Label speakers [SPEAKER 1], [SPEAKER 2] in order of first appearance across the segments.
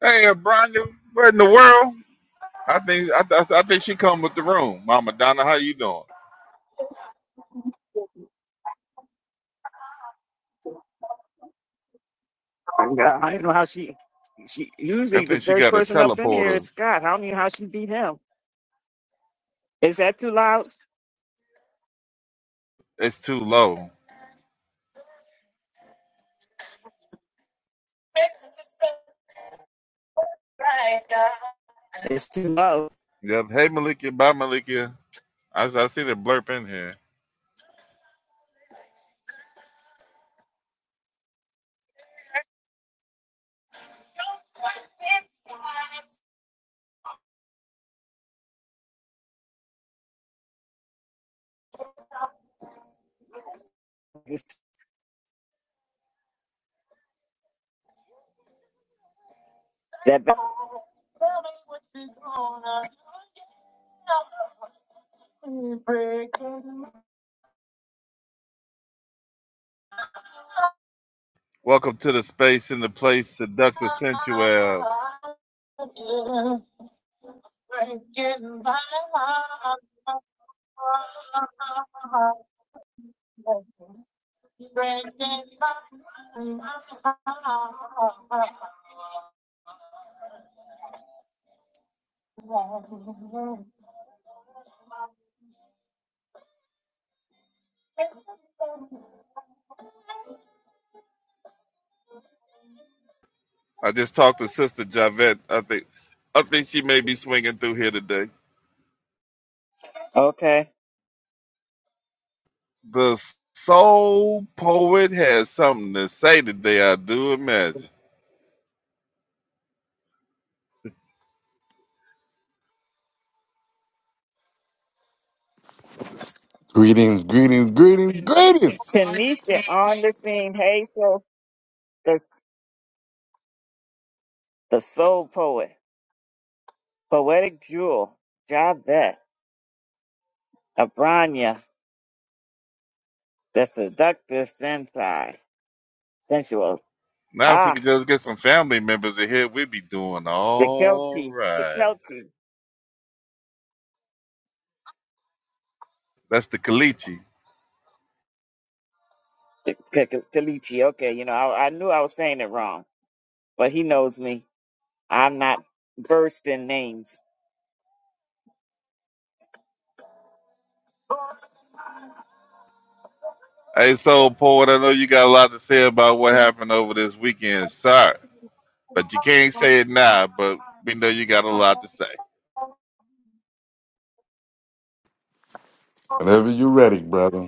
[SPEAKER 1] Hey, uh, Bronya, what in the world? I think I, th- I think she come with the room. Mama Donna, how you doing?
[SPEAKER 2] God, I don't know how she. She
[SPEAKER 1] I
[SPEAKER 2] usually the
[SPEAKER 1] think she
[SPEAKER 2] first
[SPEAKER 1] got a
[SPEAKER 2] person up in here is
[SPEAKER 1] teleporter.
[SPEAKER 2] Scott. I don't know how she beat him. Is that too loud?
[SPEAKER 1] It's too low.
[SPEAKER 2] It's too low.
[SPEAKER 1] Yep. Hey, Malikia. Bye, Malikia. I I see the blurp in here.
[SPEAKER 2] It's that
[SPEAKER 1] Welcome to the space and the place, seductive sensual. I just talked to Sister Javette. I think I think she may be swinging through here today.
[SPEAKER 2] okay?
[SPEAKER 1] The soul poet has something to say today. I do imagine.
[SPEAKER 3] Greetings, greetings, greetings, greetings.
[SPEAKER 2] Tanisha on the scene. Hazel, the the soul poet, poetic jewel, Javette, Abranya, the seductive sensei, sensual.
[SPEAKER 1] Now, if we
[SPEAKER 2] Ah,
[SPEAKER 1] could just get some family members in here, we'd be doing
[SPEAKER 2] the
[SPEAKER 1] all
[SPEAKER 2] Kelty, the
[SPEAKER 1] right.
[SPEAKER 2] Kelty,
[SPEAKER 1] That's the Kalichi.
[SPEAKER 2] the Kelty. Okay, you know I, I knew I was saying it wrong, but he knows me. I'm not versed in names.
[SPEAKER 1] Hey, so Poet, I know you got a lot to say about what happened over this weekend, sir, but you can't say it now, but we know you got a lot to say.
[SPEAKER 3] Whenever you're ready, brother.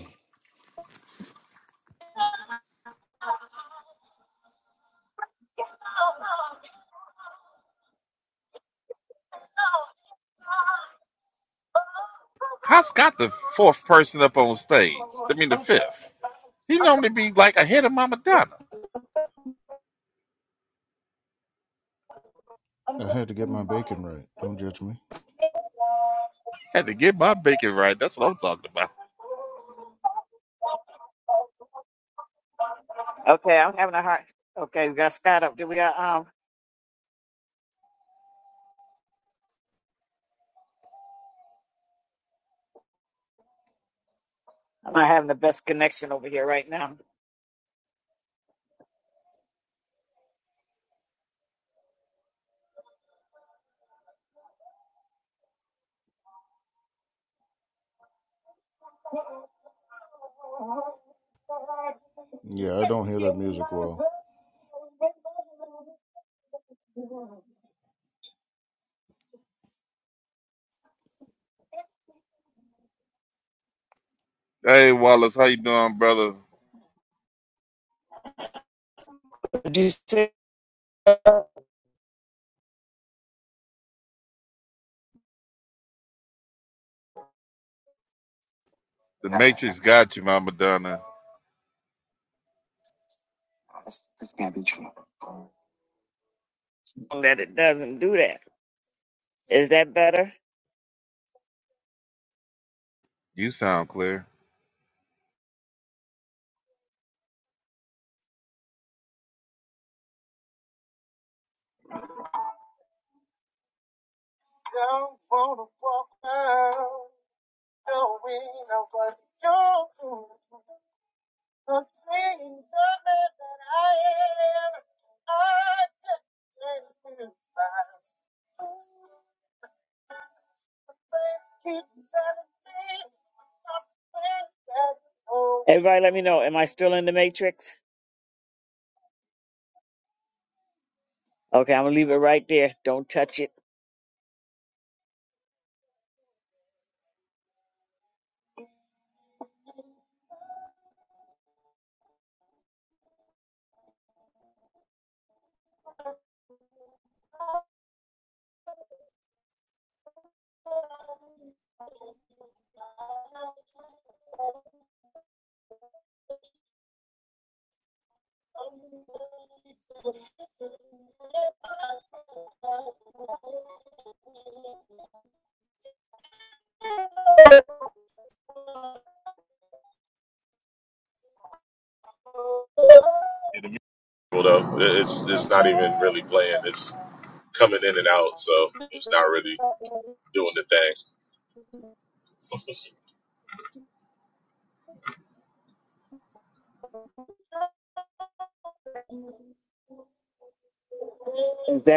[SPEAKER 1] How's got the fourth person up on stage? I mean, the fifth. He normally be like ahead of Mama Donna.
[SPEAKER 4] I had to get my bacon right. Don't judge me.
[SPEAKER 1] Had to get my bacon right. That's what I'm talking about.
[SPEAKER 2] Okay, I'm having a hard. Okay, we got Scott up. Do we got um? I'm not having the best connection over here right now.
[SPEAKER 4] Yeah, I don't hear that music well.
[SPEAKER 1] Hey, Wallace, how you doing, brother?
[SPEAKER 2] Did you say
[SPEAKER 1] The Matrix got you, Mama Donna.
[SPEAKER 2] that it doesn't do that? Is that better?
[SPEAKER 1] You sound clear.
[SPEAKER 2] Everybody, let me know. Am I still in the matrix? Okay, I'm gonna leave it right there. Don't touch it.
[SPEAKER 5] Yeah, the music, though, it's it's not even really playing. It's coming in and out, so it's not really doing the thing.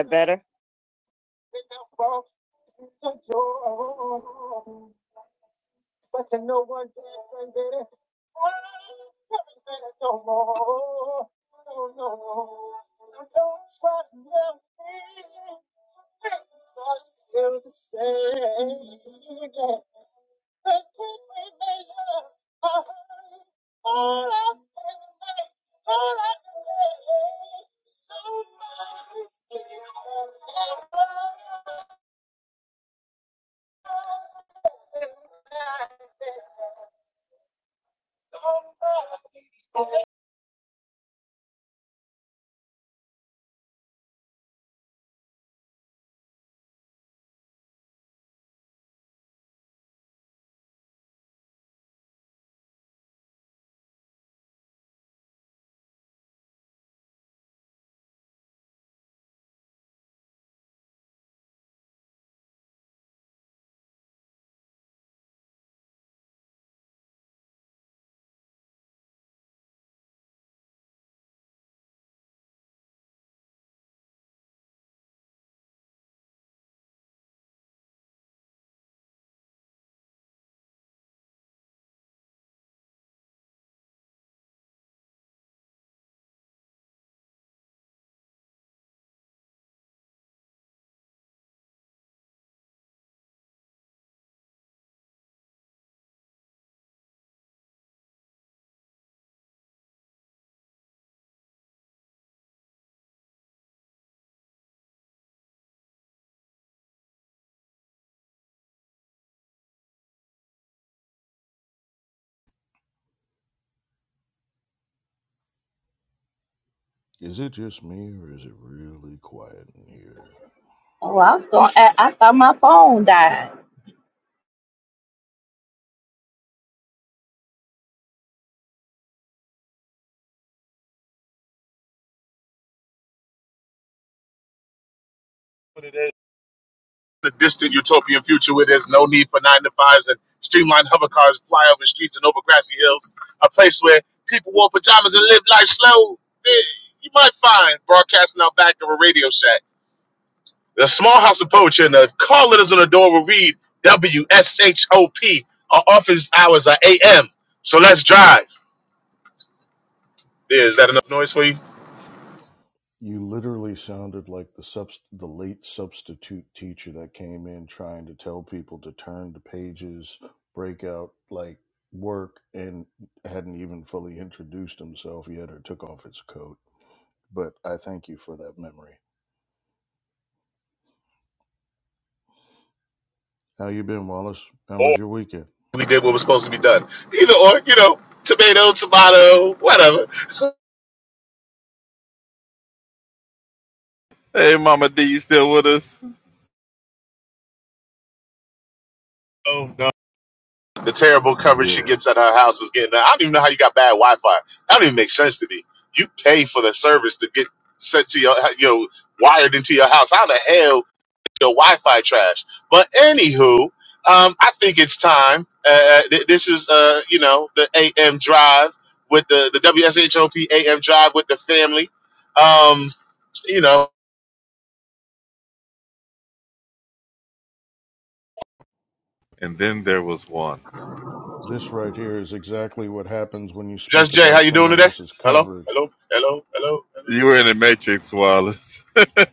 [SPEAKER 2] Better.
[SPEAKER 4] Is it just me or is it really quiet in here?
[SPEAKER 6] Oh, I was going. I, I thought my phone died.
[SPEAKER 5] But it is the distant utopian future where there's no need for nine to fives and streamlined hover cars fly over streets and over grassy hills. A place where people wore pajamas and live life slow. Eh, You might find broadcasting out back of a radio shack. The small house of poetry and the call letters on the door will read W S H O P. Our office hours are AM. So let's drive. Yeah, is that enough noise for you?
[SPEAKER 4] You literally sounded like the subst- the late substitute teacher that came in trying to tell people to turn to pages, break out like work, and hadn't even fully introduced himself yet or took off his coat. But I thank you for that memory. How you been, Wallace? How was your weekend?
[SPEAKER 5] we did what was supposed to be done. Either or, you know, tomato, tomato, whatever.
[SPEAKER 1] Hey, Mama D, you still with us?
[SPEAKER 5] Oh no. The terrible coverage she
[SPEAKER 1] Yeah.
[SPEAKER 5] gets at her house is getting. I don't even know how you got bad Wi-Fi. That don't even make sense to me. You pay for the service to get sent to your, you know, wired into your house. How the hell your Wi-Fi trash? But anywho, um, I think it's time. Uh, uh, th- this is, uh, you know, the AM drive with the the WSHOP AM drive with the family. Um, you know.
[SPEAKER 1] And then there was one.
[SPEAKER 4] This right here is exactly what happens when you speak
[SPEAKER 5] Just Jay, how
[SPEAKER 4] about
[SPEAKER 5] you doing
[SPEAKER 4] someone
[SPEAKER 5] today?
[SPEAKER 4] else's
[SPEAKER 5] Hello,
[SPEAKER 4] coverage.
[SPEAKER 5] hello, hello, hello, hello.
[SPEAKER 1] You were in the Matrix, Wallace. hey,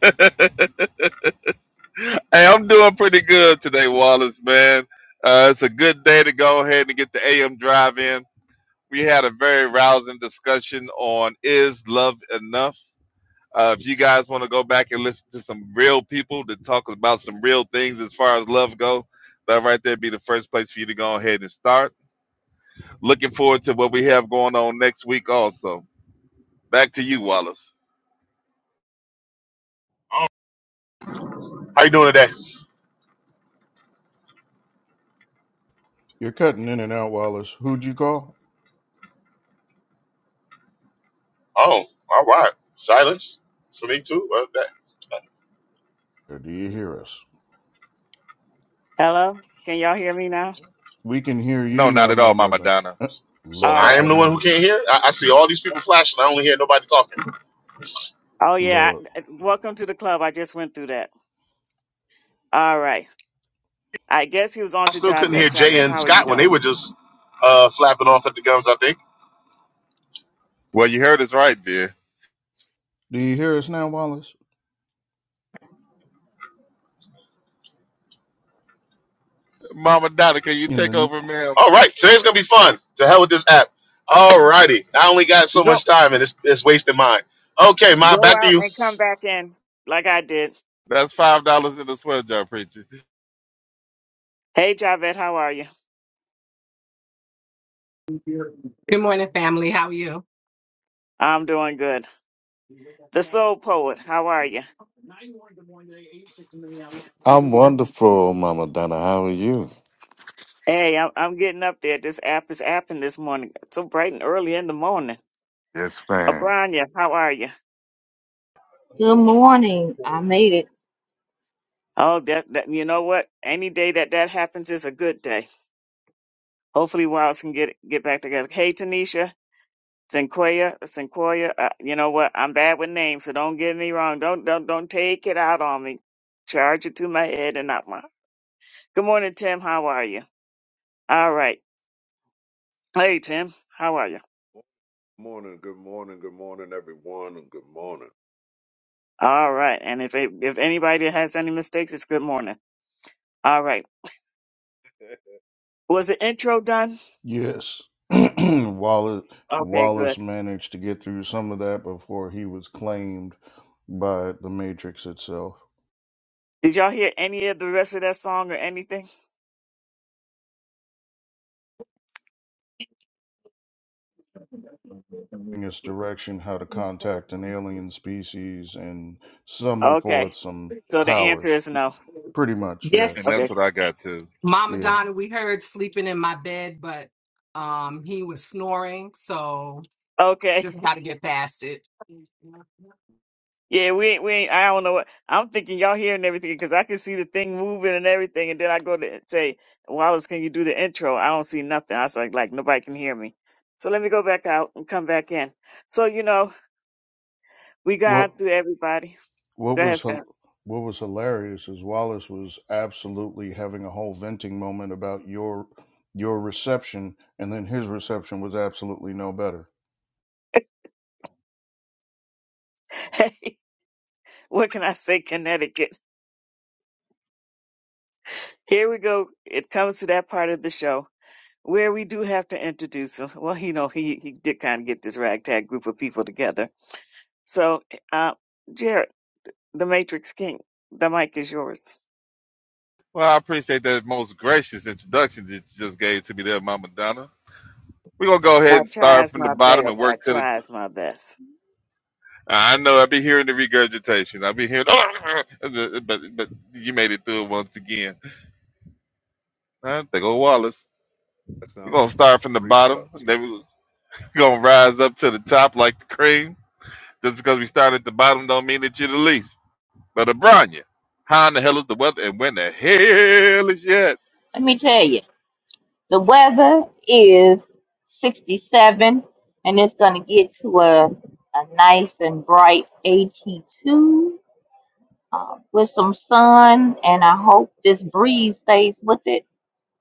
[SPEAKER 1] I'm doing pretty good today, Wallace, man. Uh, it's a good day to go ahead and get the AM drive in. We had a very rousing discussion on is love enough? Uh, if you guys want to go back and listen to some real people that talk about some real things as far as love go, that right there be the first place for you to go ahead and start. Looking forward to what we have going on next week also. Back to you, Wallace.
[SPEAKER 5] How you doing today?
[SPEAKER 4] You're cutting in and out, Wallace. Who'd you call?
[SPEAKER 5] Oh, all right. Silence for me too. Well, that.
[SPEAKER 4] Or do you hear us?
[SPEAKER 2] Hello. Can y'all hear me now?
[SPEAKER 4] We can hear you
[SPEAKER 1] No, not
[SPEAKER 4] now,
[SPEAKER 1] at all,
[SPEAKER 4] my
[SPEAKER 1] Mama
[SPEAKER 4] mother.
[SPEAKER 1] Donna.
[SPEAKER 5] So
[SPEAKER 2] All
[SPEAKER 5] I
[SPEAKER 4] Lord
[SPEAKER 5] am
[SPEAKER 2] right.
[SPEAKER 4] have
[SPEAKER 5] the one who
[SPEAKER 4] mercy.
[SPEAKER 5] can't hear. I, I see all these people flashing. I only hear nobody talking.
[SPEAKER 2] Oh yeah.
[SPEAKER 4] Lord.
[SPEAKER 2] I, uh, welcome to the club. I just went through that. All right. I guess he was on
[SPEAKER 5] I
[SPEAKER 2] to
[SPEAKER 5] still couldn't
[SPEAKER 2] Javette.
[SPEAKER 5] hear Jay
[SPEAKER 2] Javette,
[SPEAKER 5] and
[SPEAKER 2] how are you
[SPEAKER 5] Scott when they
[SPEAKER 2] doing?
[SPEAKER 5] were just uh, flapping off at the gums. I think.
[SPEAKER 1] Well, you heard us right, dear.
[SPEAKER 4] Do you hear us now, Wallace?
[SPEAKER 1] Mama Donna, can you
[SPEAKER 4] In the.
[SPEAKER 1] take
[SPEAKER 4] n-
[SPEAKER 1] over, ma'am?
[SPEAKER 5] All right, today's gonna be fun. To hell with this app. All righty, I only got so
[SPEAKER 2] Go
[SPEAKER 5] much time and it's it's wasting mine. Okay, Ma,
[SPEAKER 2] go
[SPEAKER 5] back to
[SPEAKER 2] out
[SPEAKER 5] you.
[SPEAKER 2] and come back in like I did.
[SPEAKER 1] That's five dollars in the sweat jar, preacher,
[SPEAKER 2] Hey, Javed, how are you? I'm doing good. The Soul Poet, how are you?
[SPEAKER 3] I'm wonderful, Mama Donna. How are you?
[SPEAKER 2] Hey, I'm, I'm getting up there. This app is apping this morning, It's so bright and early in the morning.
[SPEAKER 3] Yes, man.
[SPEAKER 2] Abranya, how are you?
[SPEAKER 6] Good morning. I made it.
[SPEAKER 2] Oh, that, that you know what? Any day that that happens is a good day. Hopefully, Wilds can get get back together. Hey, Tanisha, Sinquia, Sinquia. Uh, you know what? I'm bad with names, so don't get me wrong. Don't don't don't take it out on me. Charge it to my head and not mine. Good morning, Tim. How are you? All right. Hey, Tim. How are you?
[SPEAKER 7] morning, good morning, good morning, everyone, and good morning.
[SPEAKER 2] All right. And if it, if anybody has any mistakes, it's good morning. All right. Was the intro done?
[SPEAKER 4] Yes. Wallace.
[SPEAKER 2] Okay,
[SPEAKER 4] Wallace
[SPEAKER 2] good.
[SPEAKER 4] managed to get through some of that before he was claimed by the Matrix itself.
[SPEAKER 2] Did y'all hear any of the rest of that song or anything?
[SPEAKER 4] In its direction, how to contact an alien species and summon forth
[SPEAKER 2] Okay.
[SPEAKER 4] some
[SPEAKER 2] So the answer
[SPEAKER 4] powers.
[SPEAKER 2] is no.
[SPEAKER 4] Pretty much, yeah,
[SPEAKER 1] and
[SPEAKER 8] Yes,
[SPEAKER 1] that's
[SPEAKER 2] Okay.
[SPEAKER 1] what I got too.
[SPEAKER 8] Mama
[SPEAKER 4] yeah.
[SPEAKER 8] Donna, we heard sleeping in my bed, but um, he was snoring, so
[SPEAKER 2] Okay.
[SPEAKER 8] just got to get past it.
[SPEAKER 2] Yeah, we ain't, we ain't, I don't know what, I'm thinking y'all hearing everything because I can see the thing moving and everything. And then I go to say, Wallace, can you do the intro? I don't see nothing. I was like, like nobody can hear me. So let me go back out and come back in. So, you know, we
[SPEAKER 4] What
[SPEAKER 2] got through everybody.
[SPEAKER 4] what
[SPEAKER 2] Go ahead,
[SPEAKER 4] was
[SPEAKER 2] Scott.
[SPEAKER 4] hil- what was hilarious is Wallace was absolutely having a whole venting moment about your your reception, and then his reception was absolutely no better.
[SPEAKER 2] what can I say, Connecticut? Here we go. It comes to that part of the show where we do have to introduce him. Well, you know, he, he did kind of get this ragtag group of people together. So, uh, Jared, the Matrix King, the mic is yours.
[SPEAKER 1] Well, I appreciate that most gracious introduction that you just gave to me there, Mama Donna. We're gonna go ahead
[SPEAKER 2] I
[SPEAKER 1] and start
[SPEAKER 2] tries
[SPEAKER 1] from the
[SPEAKER 2] my
[SPEAKER 1] bottom and
[SPEAKER 2] best. I
[SPEAKER 1] work to the.
[SPEAKER 2] tries my best.
[SPEAKER 1] I know I'll be hearing the regurgitation. I'll be hearing, but but you made it through it once again. Uh, they go Wallace.
[SPEAKER 7] That
[SPEAKER 1] We're
[SPEAKER 7] sounds
[SPEAKER 1] gonna start from the
[SPEAKER 7] like
[SPEAKER 1] bottom,
[SPEAKER 7] reflux.
[SPEAKER 1] and then we're gonna rise up to the top like the cream Just because we start at the bottom don't mean that you're the least. But Abranya, how in the hell is the weather and when the hell is yet?
[SPEAKER 6] Let me tell you, the weather is 67, and it's going to get to a a nice and bright 82 uh, with some sun, and I hope this breeze stays with it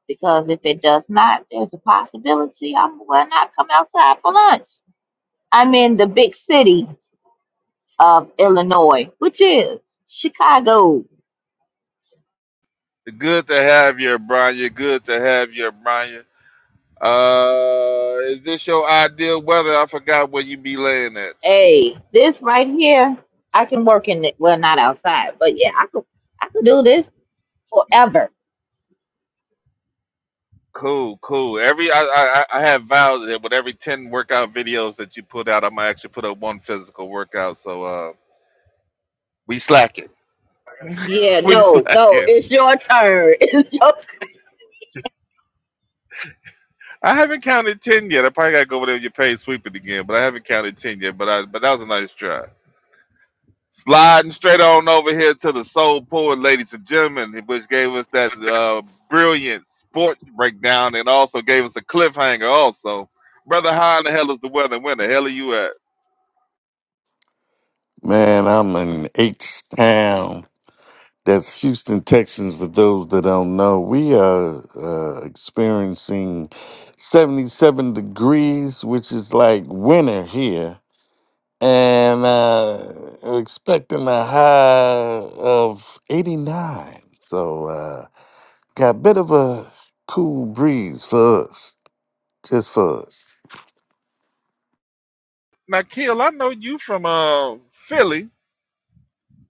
[SPEAKER 6] because if it does not, there's a possibility I will not come outside for lunch. I'm in the big city of Illinois, which is Chicago.
[SPEAKER 1] Good to have you, Abranya. Good to have you, Abranya. Uh, is this your ideal weather? I forgot where you be laying at.
[SPEAKER 6] Hey, this right here, I can work in it. Well, not outside, but yeah, I could I could do this forever.
[SPEAKER 1] Cool, cool. Every I, I I I have vowed that with every ten workout videos that you put out, I'm gonna actually put up one physical workout. So uh, we slacking.
[SPEAKER 6] Yeah,
[SPEAKER 1] We
[SPEAKER 6] no, no,
[SPEAKER 1] slacking.
[SPEAKER 6] it's your turn. It's your turn.
[SPEAKER 1] I haven't counted ten yet. I probably gotta go over there with your paid sweep it again, but I haven't counted ten yet. But I but that was a nice try. Sliding straight on over here to the soul poet, ladies and gentlemen, which gave us that uh, brilliant sport breakdown and also gave us a cliffhanger. Also, brother, how in the hell is the weather? Where the hell are you at?
[SPEAKER 3] Man, I'm in H Town. That's Houston, Texans. For those that don't know, we are uh, experiencing 77 degrees, which is like winter here. And uh, we're expecting a high of 89. So, uh, Got a bit of a cool breeze for us, just for us.
[SPEAKER 1] Now, Kill, I know you from uh, Philly.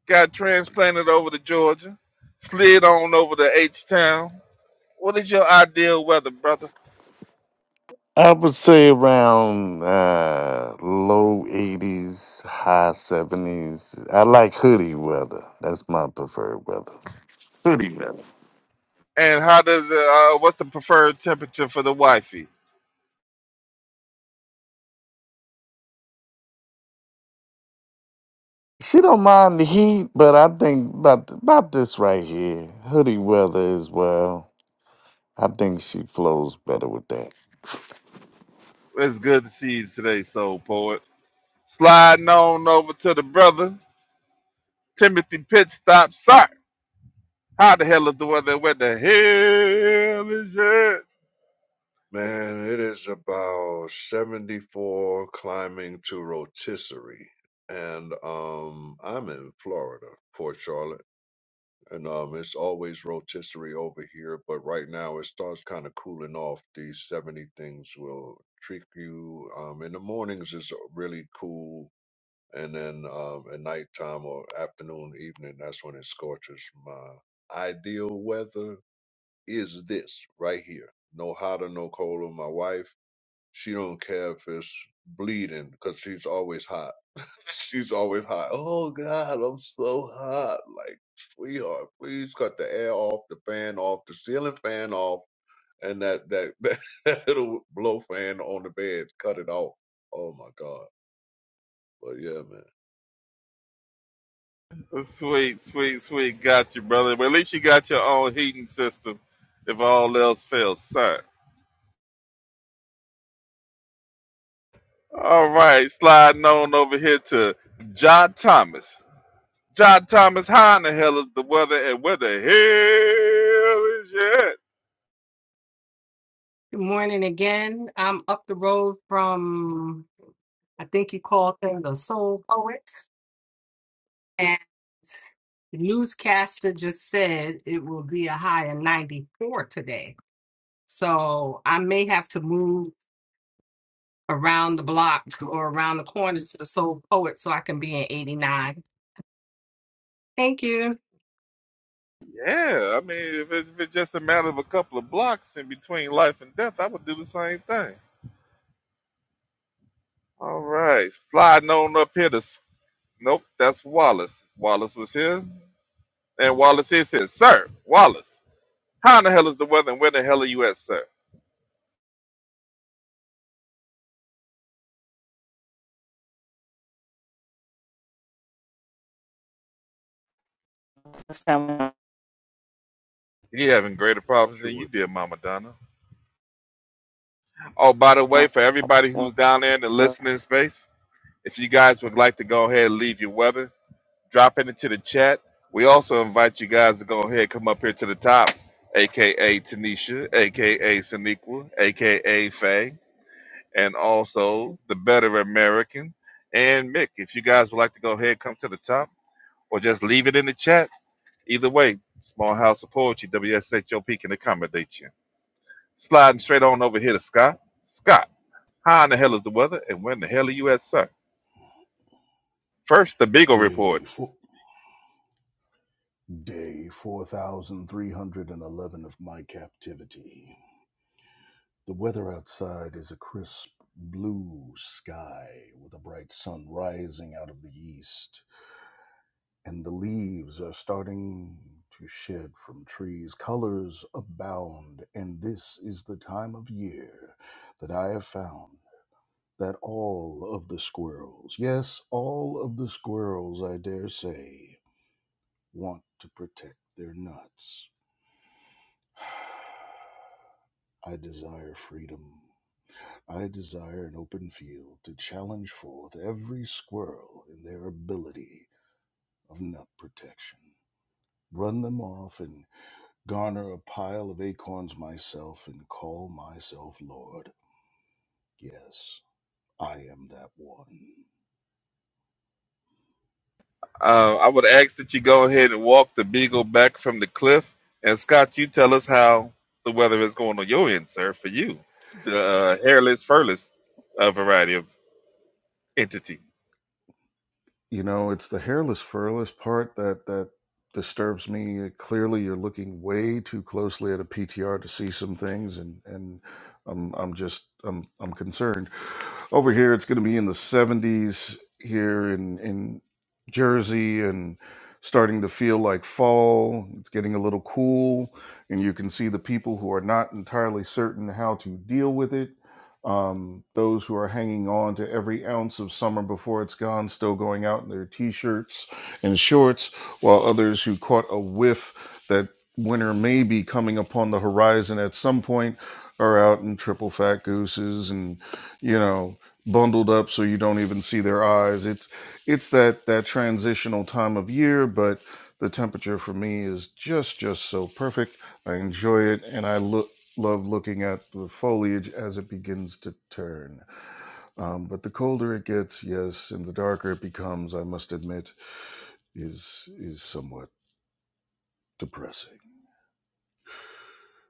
[SPEAKER 1] Got transplanted over to Georgia, slid on over to H Town. What is your ideal weather, brother?
[SPEAKER 3] I would say around uh, low 80s, high 70s. I like hoodie weather. That's my preferred weather. Hoodie weather.
[SPEAKER 1] And how does it, uh, what's the preferred temperature for the wifey?
[SPEAKER 3] She don't mind the heat, but I think about about this right here, hoodie weather as well. I think she flows better with that.
[SPEAKER 1] It's good to see you today, soul poet. Sliding on over to the brother, Timothy pit Stop Sock. How the hell is the weather? Where the hell is it?
[SPEAKER 7] Man, it is about 74 climbing to rotisserie. And um I'm in Florida, Port Charlotte. And um it's always rotisserie over here, but right now it starts kind of cooling off. These 70 things will trick you. Um in the mornings it's really cool and then um, at nighttime or afternoon, evening, that's when it scorches. My ideal weather is this right here: no hotter, no colder. My wife, she don't care if it's bleeding because she's always hot. she's always hot. Oh God, I'm so hot! Like sweetheart, please cut the air off, the fan off, the ceiling fan off, and that that that little blow fan on the bed, cut it off. Oh my God! But yeah, man, that
[SPEAKER 1] Sweet, sweet, sweet. Got you, brother. Well, at least you got your own heating system if all else fails, sir. All right, sliding on over here to John Thomas. John Thomas, how in the hell is the weather and where the hell is it?
[SPEAKER 8] Good morning again. I'm up the road from, I think you call thing the Soul Poet, and the newscaster just said it will be a high of 94 today. So I may have to move around the block or around the corner to the Soul Poet so I can be in 89. Thank you.
[SPEAKER 1] Yeah, I mean, if, it, if it's just a matter of a couple of blocks in between life and death, I would do the same thing. All right, sliding on up here to. s- Nope, that's Wallace. Wallace was here, and Wallace is here. Sir, Wallace, how in the hell is the weather, and where the hell are you at, sir?
[SPEAKER 2] That's how I-
[SPEAKER 1] You having
[SPEAKER 7] matrix
[SPEAKER 1] greater
[SPEAKER 7] is
[SPEAKER 1] problems than
[SPEAKER 7] chewing.
[SPEAKER 1] you did, Mama Donna. Oh, by the way, for everybody who's down there in the listening space, if you guys would like to go ahead and leave your weather. drop it into the chat. We also invite you guys to go ahead and come up here to the top, aka Tanisha, aka Saniqua, aka Faye, and also the Better American and Mick. If you guys would like to go ahead and come to the top or just leave it in the chat, either way, Small House of Poetry, WSHOP can accommodate you. Sliding straight on over here to Scott. Scott, how in the hell is the weather and when the hell are you at, sir? First, the Beagle Report.
[SPEAKER 4] Day four, day four thousand three hundred and eleven of my captivity. The weather outside is a crisp blue sky with a bright sun rising out of the east. and the leaves are starting to shed from trees. Colors abound, and this is the time of year that I have found that all of the squirrels, yes, all of the squirrels, I dare say, want to protect their nuts. I desire freedom. I desire an open field to challenge forth every squirrel in their ability of nut protection. Run them off and garner a pile of acorns myself and call myself Lord. Yes, I am that one.
[SPEAKER 1] Uh, I would ask that you go ahead and walk the beagle back from the cliff. And Scott, you tell us how the weather is going on your end, sir, for you, the uh, hairless, furless uh, variety of entity.
[SPEAKER 4] you know it's the hairless furless part that that disturbs me Uh, clearly you're looking way too closely at a ptr to see some things and and i'm i'm just i'm i'm concerned over here it's going to be in the 70s here in in jersey and starting to feel like fall it's getting a little cool and you can see the people who are not entirely certain how to deal with it um, those who are hanging on to every ounce of summer before it's gone, still going out in their t shirts and shorts, while others who caught a whiff that winter may be coming upon the horizon at some point are out in triple fat gooses and, you know, bundled up so you don't even see their eyes. It's it's that that transitional time of year, but the temperature for me is just just so perfect. I enjoy it and I look love looking at the foliage as it begins to turn. Um, but the colder it gets, yes, and the darker it becomes, I must admit, is is somewhat depressing.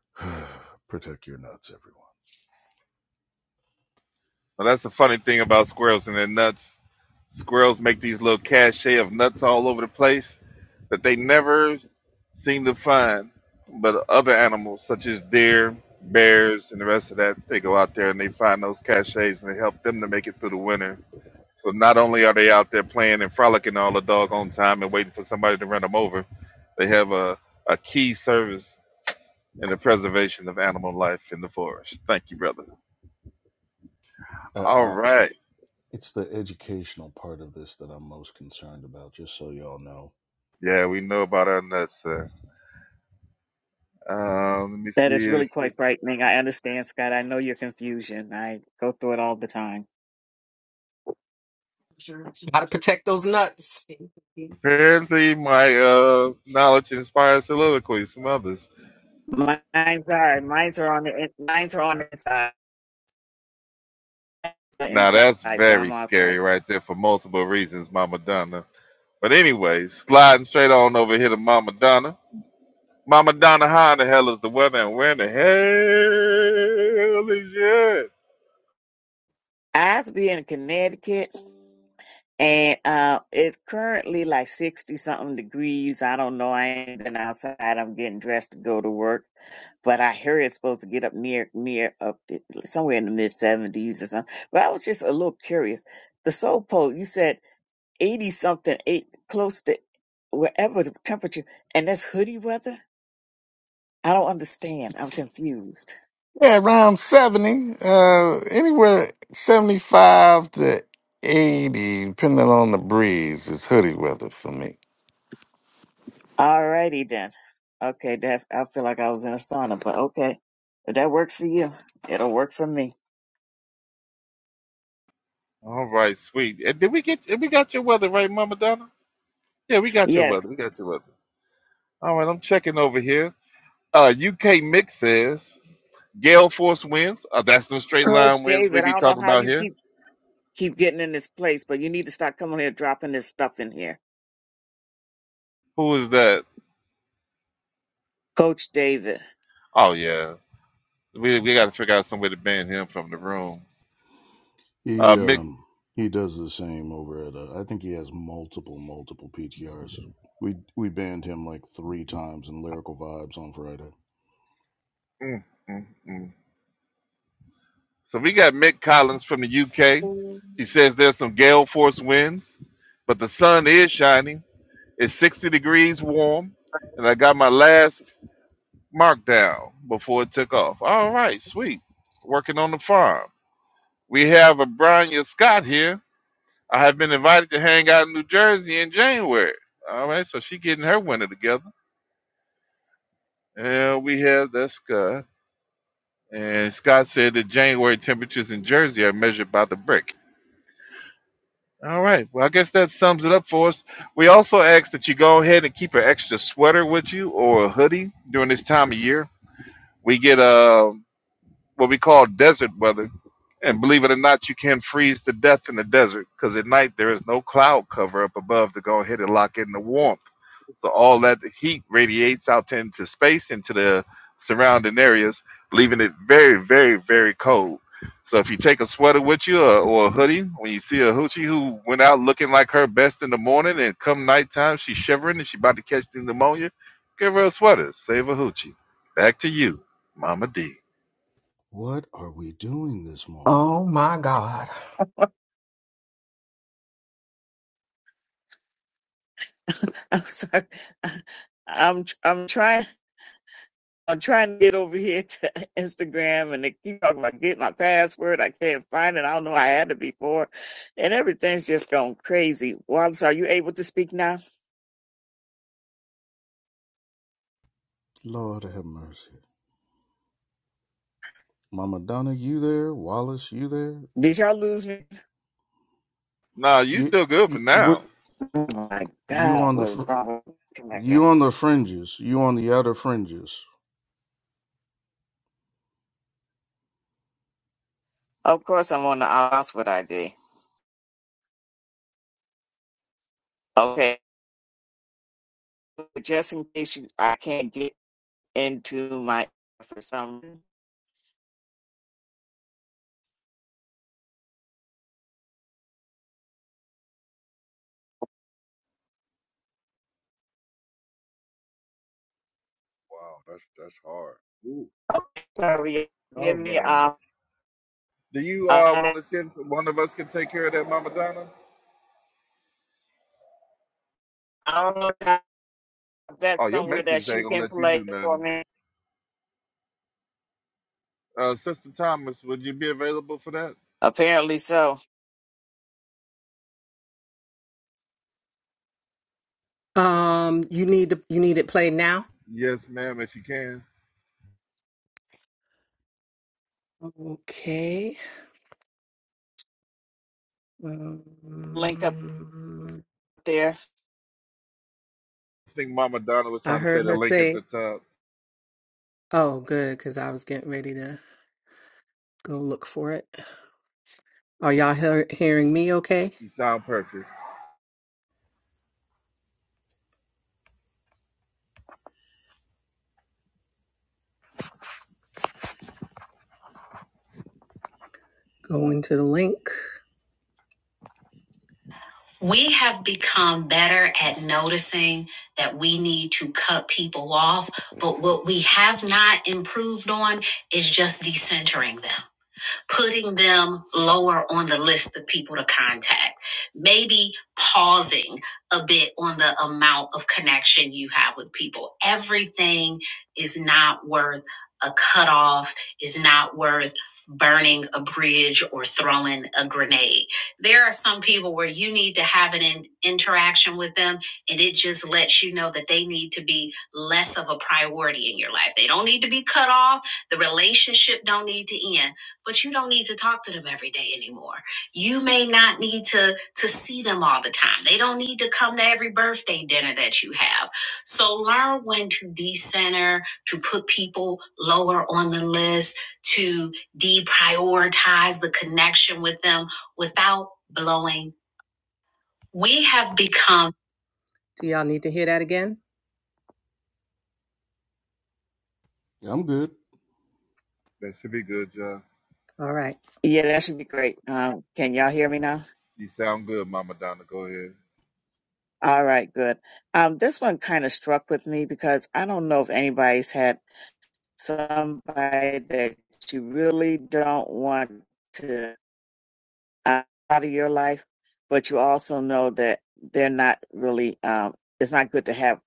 [SPEAKER 4] Protect your nuts, everyone.
[SPEAKER 1] Well, that's the funny thing about squirrels and their nuts. Squirrels make these little cachet of nuts all over the place that they never seem to find. But other animals, such as deer, bears, and the rest of that, they go out there and they find those cachets and they help them to make it through the winter So not only are they out there playing and frolicking all the doggone time and waiting for somebody to run them over, they have a, a key service in the preservation of animal life in the forest. Thank you, brother. All
[SPEAKER 4] Uh, uh,
[SPEAKER 1] right.
[SPEAKER 4] it's the educational part of this that I'm most concerned about. Just so y'all know,
[SPEAKER 1] Yeah, we know about our nuts. Uh, um, let me
[SPEAKER 2] That is
[SPEAKER 1] see.
[SPEAKER 2] really quite frightening. I understand, Scott. I know your confusion. I go through it all the time.
[SPEAKER 8] protect those nuts.
[SPEAKER 1] Apparently, my uh, knowledge inspires soliloquies from others.
[SPEAKER 2] Mine's all right. Mine's are on the in- mine's are on the inside, the
[SPEAKER 1] Now,
[SPEAKER 2] inside,
[SPEAKER 1] that's
[SPEAKER 2] so I'm
[SPEAKER 1] very
[SPEAKER 2] all right.
[SPEAKER 1] scary right there for multiple reasons, Mama Donna. But, anyways, sliding straight on over here to Mama Donna. Mama Donna, how in the hell is the weather and where in the hell is it?
[SPEAKER 2] I have to be in Connecticut, and uh, it's currently like sixty something degrees. I don't know. I ain't been outside. I'm getting dressed to go to work, but I hear it's supposed to get up near near up to, somewhere in the mid seventies or something. But I was just a little curious. The soul poke you said 80 something, eight close to wherever the temperature, and that's hoodie weather? I don't understand. I'm confused.
[SPEAKER 3] Yeah, around 70, uh, anywhere 75 to 80, depending on the breeze, is hoodie weather for me.
[SPEAKER 2] Alrighty then. Okay, that I feel like I was in a sauna, but okay. If that works for you, it'll work for me.
[SPEAKER 1] All right, sweet. And did we get and we got your weather right, Mama Donna? Yeah, we got your weather.
[SPEAKER 2] Yes.
[SPEAKER 1] We got your weather. All right, I'm checking over here. Uh UK Mix says Gale Force winds. Uh, that's the straight
[SPEAKER 2] Coach
[SPEAKER 1] line winds
[SPEAKER 2] David,
[SPEAKER 1] we
[SPEAKER 2] I
[SPEAKER 1] be
[SPEAKER 2] don't know
[SPEAKER 1] talking
[SPEAKER 2] how
[SPEAKER 1] about
[SPEAKER 2] you
[SPEAKER 1] here.
[SPEAKER 2] keep keep getting in this place, but you need to start coming here dropping this stuff in here.
[SPEAKER 1] Who is that?
[SPEAKER 2] Coach David.
[SPEAKER 1] Oh yeah. We we gotta figure out some way to ban him from the room. Uh
[SPEAKER 4] he
[SPEAKER 1] Mick
[SPEAKER 4] um, he does the same over at. Uh, I think he has multiple multiple PTRs. We we banned him like three times in lyrical vibes on Friday.
[SPEAKER 1] mm, mm, mm. So we got Mick Collins from the UK. He says there's some gale force winds, but the sun is shining. It's 60 degrees warm, and I got my last markdown before it took off. All right, sweet. Working on the farm. We have a Brian Scott here. I have been invited to hang out in New Jersey in January. All right, so she getting her winter together. And we have that's Scott. And Scott said that January temperatures in Jersey are measured by the brick. All right. Well, I guess that sums it up for us. We also ask that you go ahead and keep an extra sweater with you or a hoodie during this time of year. We get uh, what we call desert weather. And believe it or not, you can freeze to death in the desert because at night there is no cloud cover up above to go ahead and lock in the warmth. So all that heat radiates out into space into the surrounding areas, leaving it very, very, very cold. So if you take a sweater with you or, or a hoodie, when you see a hoochie who went out looking like her best in the morning and come nighttime she's shivering and she about to catch the pneumonia, give her a sweater, save a hoochie. Back to you, Mama D.
[SPEAKER 4] What are we doing this morning?
[SPEAKER 2] I'm sorry. I'm I'm trying I'm trying to get over here to Instagram and they keep talking about get my password. I can't find it. I don't know. I had it before. And everything's just gone crazy. Wallace, are you able to speak now?
[SPEAKER 4] Lord have mercy. Mama Donna, you there? Wallace, you there?
[SPEAKER 2] Did y'all lose me?
[SPEAKER 1] Nah, you
[SPEAKER 4] You
[SPEAKER 1] still good for
[SPEAKER 4] what?
[SPEAKER 1] now.
[SPEAKER 2] Oh my
[SPEAKER 4] You
[SPEAKER 2] God,
[SPEAKER 4] on the
[SPEAKER 2] what is
[SPEAKER 4] fr-
[SPEAKER 2] wrong with the connection?
[SPEAKER 4] you on the fringes? You on the outer fringes?
[SPEAKER 2] Of course, I'm on the Oxford ID. Okay, just in case you, I can't get into my for some reason.
[SPEAKER 7] Wow, that's that's hard. Ooh.
[SPEAKER 2] Okay, sorry. Give
[SPEAKER 1] All
[SPEAKER 2] me,
[SPEAKER 1] right.
[SPEAKER 2] uh, uh,
[SPEAKER 1] Do you uh
[SPEAKER 2] I
[SPEAKER 1] want to see if one of us can take care of that, Mama Donna?
[SPEAKER 2] don't know if
[SPEAKER 1] Oh,
[SPEAKER 2] that's
[SPEAKER 1] your
[SPEAKER 2] somewhere that
[SPEAKER 1] Mexicans
[SPEAKER 2] she
[SPEAKER 1] ain't gonna
[SPEAKER 2] can
[SPEAKER 1] let you do
[SPEAKER 2] play for
[SPEAKER 1] nothing.
[SPEAKER 2] me.
[SPEAKER 1] Uh, Sister Thomas, would you be available for that?
[SPEAKER 2] Apparently so.
[SPEAKER 8] Um, you need to, you need it played now.
[SPEAKER 1] Yes, ma'am, if you can.
[SPEAKER 8] Okay.
[SPEAKER 2] link up
[SPEAKER 8] Um,
[SPEAKER 2] there.
[SPEAKER 1] I think Mama Donna was
[SPEAKER 8] I
[SPEAKER 1] trying to say
[SPEAKER 8] heard
[SPEAKER 1] the
[SPEAKER 8] her
[SPEAKER 1] link at
[SPEAKER 8] say,
[SPEAKER 1] the top.
[SPEAKER 8] "Oh, good," because I was getting ready to go look for it. Are y'all hear hearing me? Okay.
[SPEAKER 1] You sound perfect.
[SPEAKER 8] Going to the link. We have become better at noticing that we need to cut people off, but what we have not improved on is just decentering them. putting them lower on the list of people to contact, maybe pausing a bit on the amount of connection you have with people. Everything is not worth a cutoff, is not worth burning a bridge or throwing a grenade. There are some people where you need to have an in- interaction with them and it just lets you know that they need to be less of a priority in your life. They don't need to be cut off. The relationship don't need to end but you don't need to talk to them every day anymore. You may not need to to see them all the time. They don't need to come to every birthday dinner that you have. So learn when to decenter, to put people lower on the list, to deprioritize the connection with them without blowing. We have become Do y'all need to hear that again?
[SPEAKER 4] I'm good.
[SPEAKER 1] That should be good, John.
[SPEAKER 8] All right.
[SPEAKER 2] Yeah, that should be great. Um, can y'all hear me now?
[SPEAKER 1] You sound good, Mama Donna. Go ahead.
[SPEAKER 2] All right, good. Um, this one kind of struck with me because I don't know if anybody's had somebody that you really don't want to out of your life, but you also know that they're not really, um, it's not good to have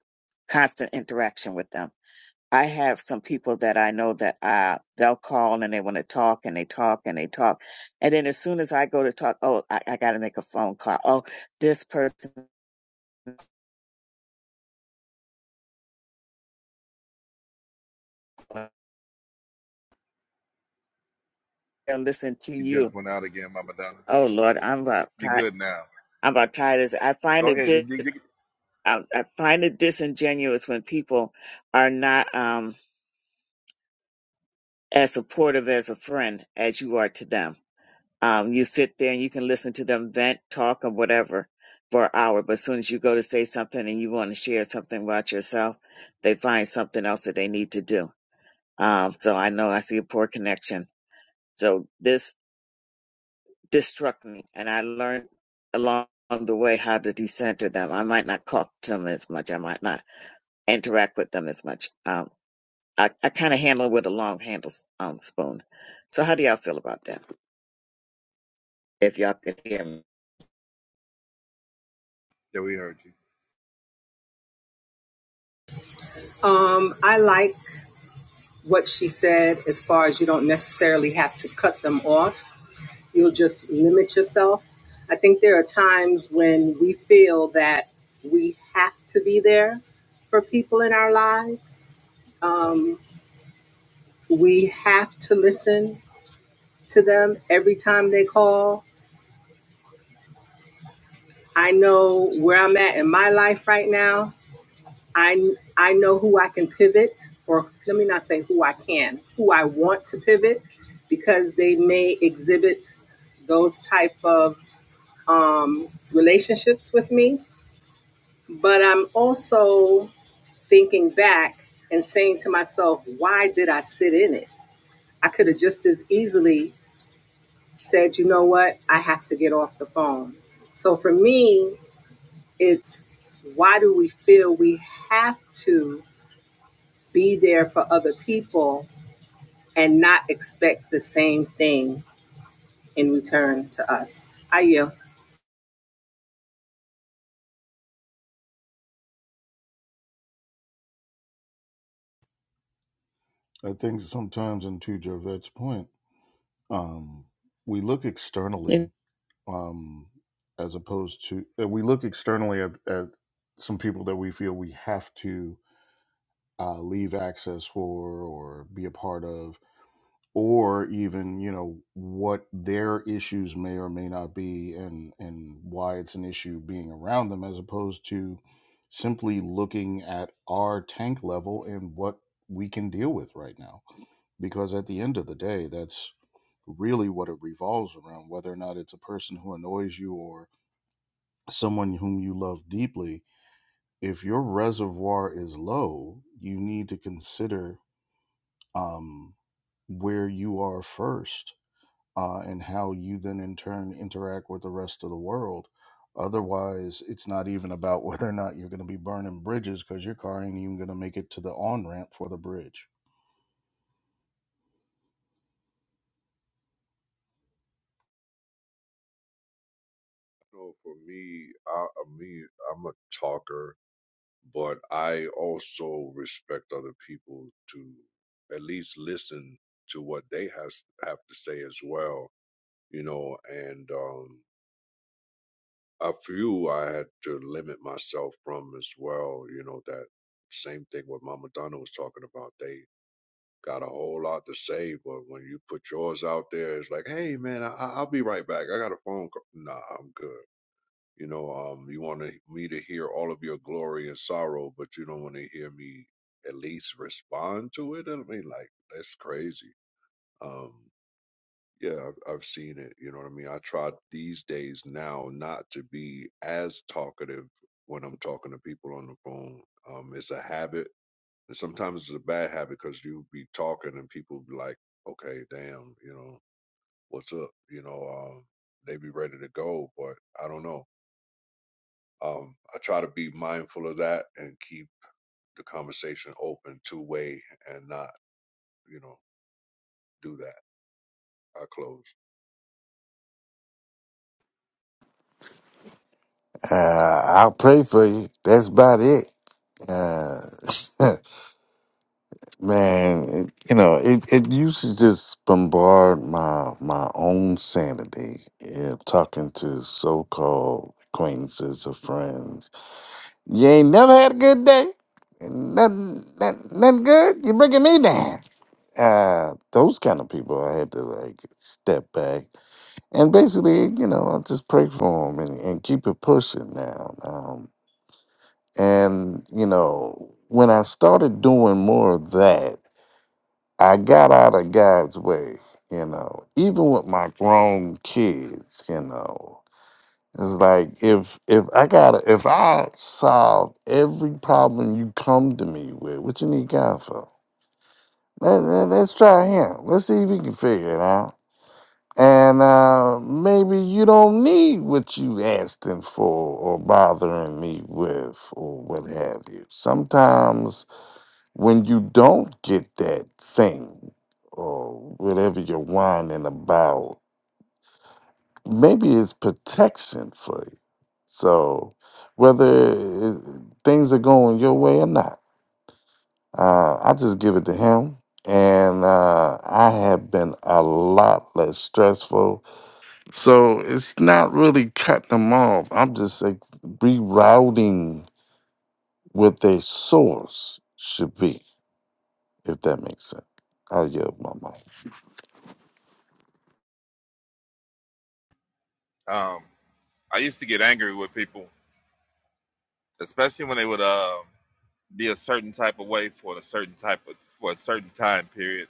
[SPEAKER 2] constant interaction with them. I have some people that I know that uh they'll call and they want to talk and they talk and they talk. And then as soon as I go to talk, oh, I, I got to make a phone call. Oh, this person they'll listen to
[SPEAKER 1] You just
[SPEAKER 2] you.
[SPEAKER 1] went out again, Mama Donna.
[SPEAKER 2] Oh Lord, I'm about
[SPEAKER 1] You're
[SPEAKER 2] tired.
[SPEAKER 1] good now.
[SPEAKER 2] I'm about tired. As I find
[SPEAKER 1] Go
[SPEAKER 2] it
[SPEAKER 1] ahead.
[SPEAKER 2] dis,
[SPEAKER 1] Did you, did
[SPEAKER 2] I, I find it disingenuous when people are not um as supportive as a friend as you are to them. Um, you sit there and you can listen to them vent, talk, or whatever for an hour. But as soon as you go to say something and you want to share something about yourself, they find something else that they need to do. Um, so I know I see a poor connection. So this this struck me, and I learned along the way how to decenter them. I might not talk to them as much. I might not interact with them as much. Um, I, I kind of handle it with a long handle um, spoon. So how do y'all feel about that? if y'all can hear me.
[SPEAKER 1] Yeah, we heard you.
[SPEAKER 8] Um I like what she said as far as you don't necessarily have to cut them off you'll just limit yourself. I think there are times when we feel that we have to be there for people in our lives. Um, we have to listen to them every time they call. I know where I'm at in my life right now. I I know who I can pivot, or let me not say who I can, who I want to pivot, because they may exhibit those type of um, relationships with me But I'm also thinking back and saying to myself, why did I sit in it? I could have just as easily said, you know what? I have to get off the phone. So for me, it's why do we feel we have to be there for other people and not expect the same thing in return to us? I you.
[SPEAKER 4] I think sometimes, and to Jovette's point, um, we look externally, um, as opposed to uh, we look externally at, at some people that we feel we have to uh, leave access for or be a part of or even you know what their issues may or may not be and and why it's an issue being around them as opposed to simply looking at our tank level and what we can deal with right now because at the end of the day that's really what it revolves around whether or not it's a person who annoys you or someone whom you love deeply if your reservoir is low you need to consider um where you are first uh, and how you then in turn interact with the rest of the world. Otherwise, it's not even about whether or not you're going to be burning bridges because your car ain't even going to make it to the on ramp for the bridge.
[SPEAKER 7] So for me, I, I mean, I'm a talker, but I also respect other people to at least listen to what they has have to say as well, you know. And um, a few I had to limit myself from as well, you know. That same thing what Mama Donna was talking about. They got a whole lot to say, but when you put yours out there, it's like, hey man, I, I- I'll be right back. I got a phone call. Nah, I'm good. You know, um, you want to, me to hear all of your glory and sorrow, but you don't want to hear me at least respond to it. I mean, like that's crazy. Um, yeah, I've, I've seen it. You know what I mean? I try these days now not to be as talkative when I'm talking to people on the phone. Um, it's a habit, and sometimes it's a bad habit because you be talking and people be like, "Okay, damn, you know, what's up?" You know, um, they be ready to go, but I don't know um, I try to be mindful of that and keep the conversation open two way and not, you know, do that. I close.
[SPEAKER 3] Uh, I'll pray for you. That's about it. Uh, man, it, you know, it, it used to just bombard my, my own sanity, yeah, talking to so-called acquaintances or friends. You ain't never had a good day. Nothing, nothing, nothing good. You're bringing me down. uh, those kind of people I had to like step back and basically, you know, I just pray for them and, and keep it pushing now. Um, and you know, when I started doing more of that, I got out of God's way. You know, even with my grown kids, you know, it's like if if I got if I solve every problem you come to me with, what you need God for? let, let's try him. Let's see if he can figure it out And uh, maybe you don't need what you asking for or bothering me with or what have you. Sometimes when you don't get that thing or whatever you're whining about, maybe it's protection for you. So whether it, things are going your way or not, uh, I just give it to him. And uh, I have been a lot less stressful So it's not really cutting them off. I'm just like rerouting what their source should be, if that makes sense. I'll yield my mind.
[SPEAKER 1] Um, I used to get angry with people, especially when they would um be a certain type of way for a certain type of for a certain time period.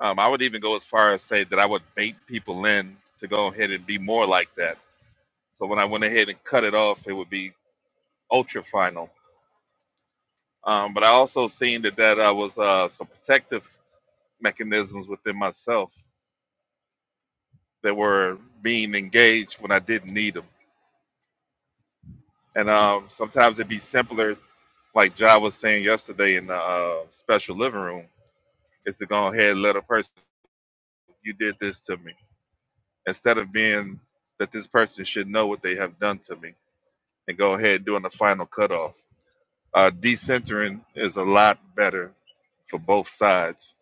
[SPEAKER 1] Um, I would even go as far as say that I would bait people in to go ahead and be more like that So when I went ahead and cut it off, it would be ultra final. Um, but I also seen that that I was uh, some protective mechanisms within myself that were being engaged when I didn't need them. And um, sometimes it'd be simpler, like John was saying yesterday in the uh, special living room, is to go ahead and let a person, you did this to me, instead of being that this person should know what they have done to me, and go ahead and doing the final cutoff. Uh, decentering is a lot better for both sides.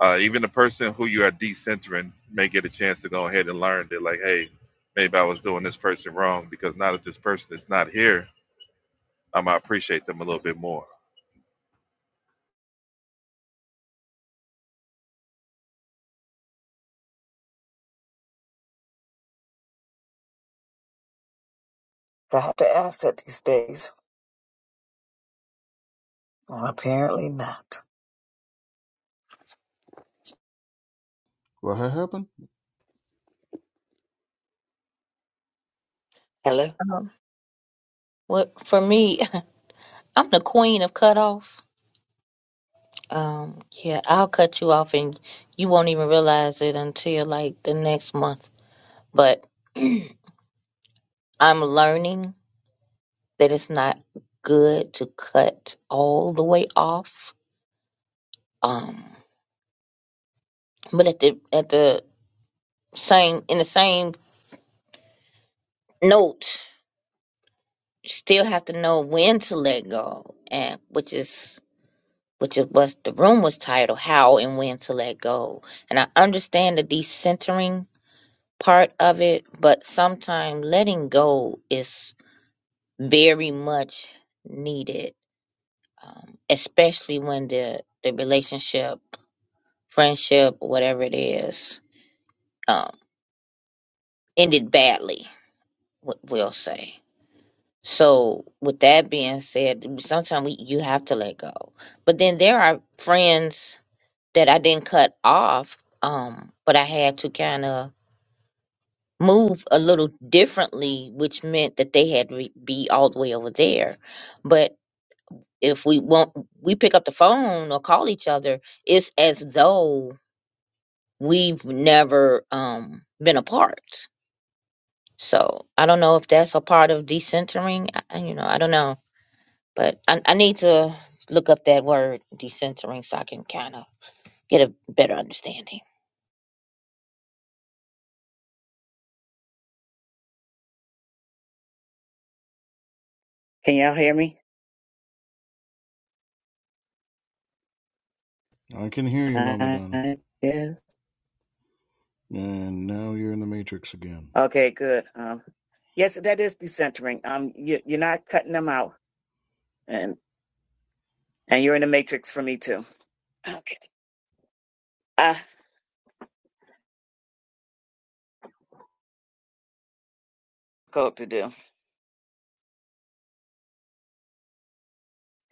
[SPEAKER 1] Uh, even the person who you are decentering may get a chance to go ahead and learn that, like, hey, maybe I was doing this person wrong because now that this person is not here, I'm gonna appreciate them a little bit more.
[SPEAKER 2] Got to asset these days. Well, apparently not.
[SPEAKER 4] What ha- happened?
[SPEAKER 2] Hello?
[SPEAKER 6] Um, well, for me, I'm the queen of cutoff. Um, yeah, I'll cut you off and you won't even realize it until like the next month. But I'm learning that it's not good to cut all the way off. Um, but at the at the same in the same note you still have to know when to let go and which is which is what the room was titled how and when to let go and i understand the decentering part of it but sometimes letting go is very much needed um, especially when the the relationship friendship whatever it is um, ended badly we- we'll say So, with that being said, sometimes we, you have to let go. But then there are friends that I didn't cut off, um, but I had to kind of move a little differently, which meant that they had to re- be all the way over there. But if we won't, we pick up the phone or call each other, it's as though we've never um, been apart. So I don't know if that's a part of decentering. I, I- you know, I don't know But I, I need to look up that word decentering so I can kind of get a better understanding.
[SPEAKER 2] Can y'all hear me?
[SPEAKER 4] I can hear you, Mama
[SPEAKER 2] Uh,
[SPEAKER 4] Donna.
[SPEAKER 2] yes.
[SPEAKER 4] And now you're in the Matrix again.
[SPEAKER 2] Okay, good. Um, yes, that is decentering. Um, you, you're not cutting them out, and and you're in the matrix for me too. Okay. Uh, code to do.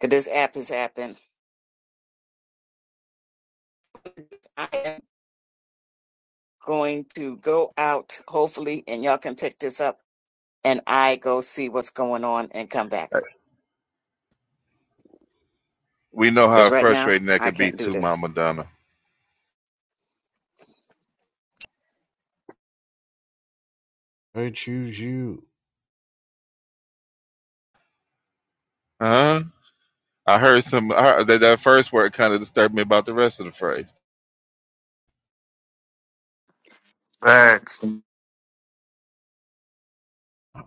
[SPEAKER 2] Cause this app is happening. I am going to go out, hopefully, and y'all can pick this up, and I go see what's going on and come back.
[SPEAKER 1] Uh, We know
[SPEAKER 2] Because
[SPEAKER 1] how
[SPEAKER 2] right now,
[SPEAKER 1] frustrating that
[SPEAKER 2] I
[SPEAKER 1] could be
[SPEAKER 2] can't do
[SPEAKER 1] too,
[SPEAKER 2] this.
[SPEAKER 1] Mama Donna.
[SPEAKER 4] I choose you.
[SPEAKER 1] Huh? I heard some I heard that, that first word kind of disturbed me about the rest of the phrase.
[SPEAKER 3] Facts.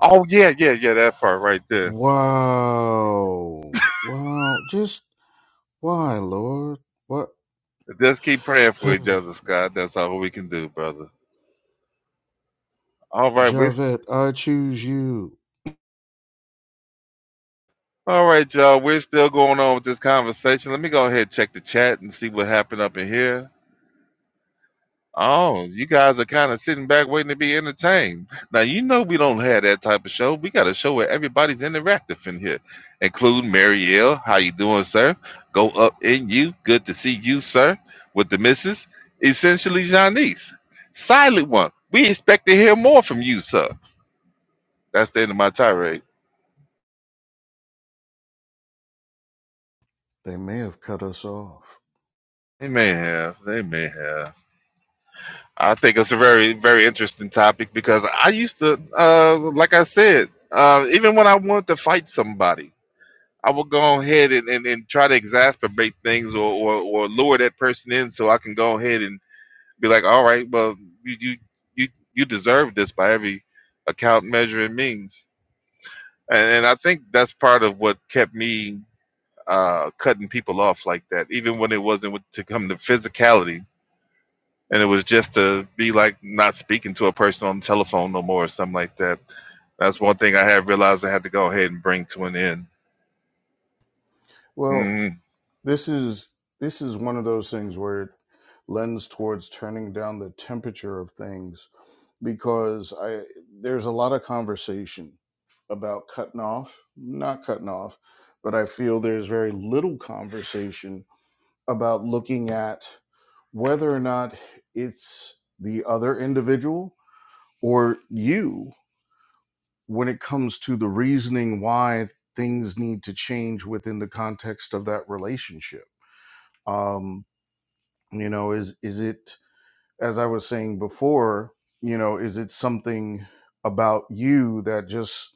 [SPEAKER 1] Oh yeah, yeah, yeah, that part right there.
[SPEAKER 4] Wow. Wow. Just why, Lord? What?
[SPEAKER 1] Just keep praying for each other, Scott. That's all we can do, brother. All right, right, we're.
[SPEAKER 4] Javette, I choose you.
[SPEAKER 1] All right, y'all. We're still going on with this conversation. Let me go ahead and check the chat and see what happened up in here. Oh, you guys are kind of sitting back waiting to be entertained. Now, you know we don't have that type of show. We got a show where everybody's interactive in here, including Mary L. How you doing, sir? Go up in you. Good to see you, sir. With the missus, essentially Janice. Silent one. We expect to hear more from you, sir. That's the end of my tirade.
[SPEAKER 4] They may have cut us off.
[SPEAKER 1] They may have. They may have. I think it's a very, very interesting topic because I used to, uh, like I said, uh, even when I wanted to fight somebody, I would go ahead and, and, and try to exasperate things or, or, or lure that person in so I can go ahead and be like, all right, well, you, you, you, you deserve this by every account, measure, and means. And, and I think that's part of what kept me uh, cutting people off like that, even when it wasn't with- to come to physicality and it was just to be like not speaking to a person on the telephone no more or something like that. That's one thing I had realized I had to go ahead and bring to an end.
[SPEAKER 4] Well,
[SPEAKER 1] Mm.
[SPEAKER 4] This is this is one of those things where it lends towards turning down the temperature of things because I there's a lot of conversation about cutting off, not cutting off, but I feel there's very little conversation about looking at whether or not it's the other individual or you when it comes to the reasoning why things need to change within the context of that relationship. Um, you know is is it as i was saying before you know is it something about you that just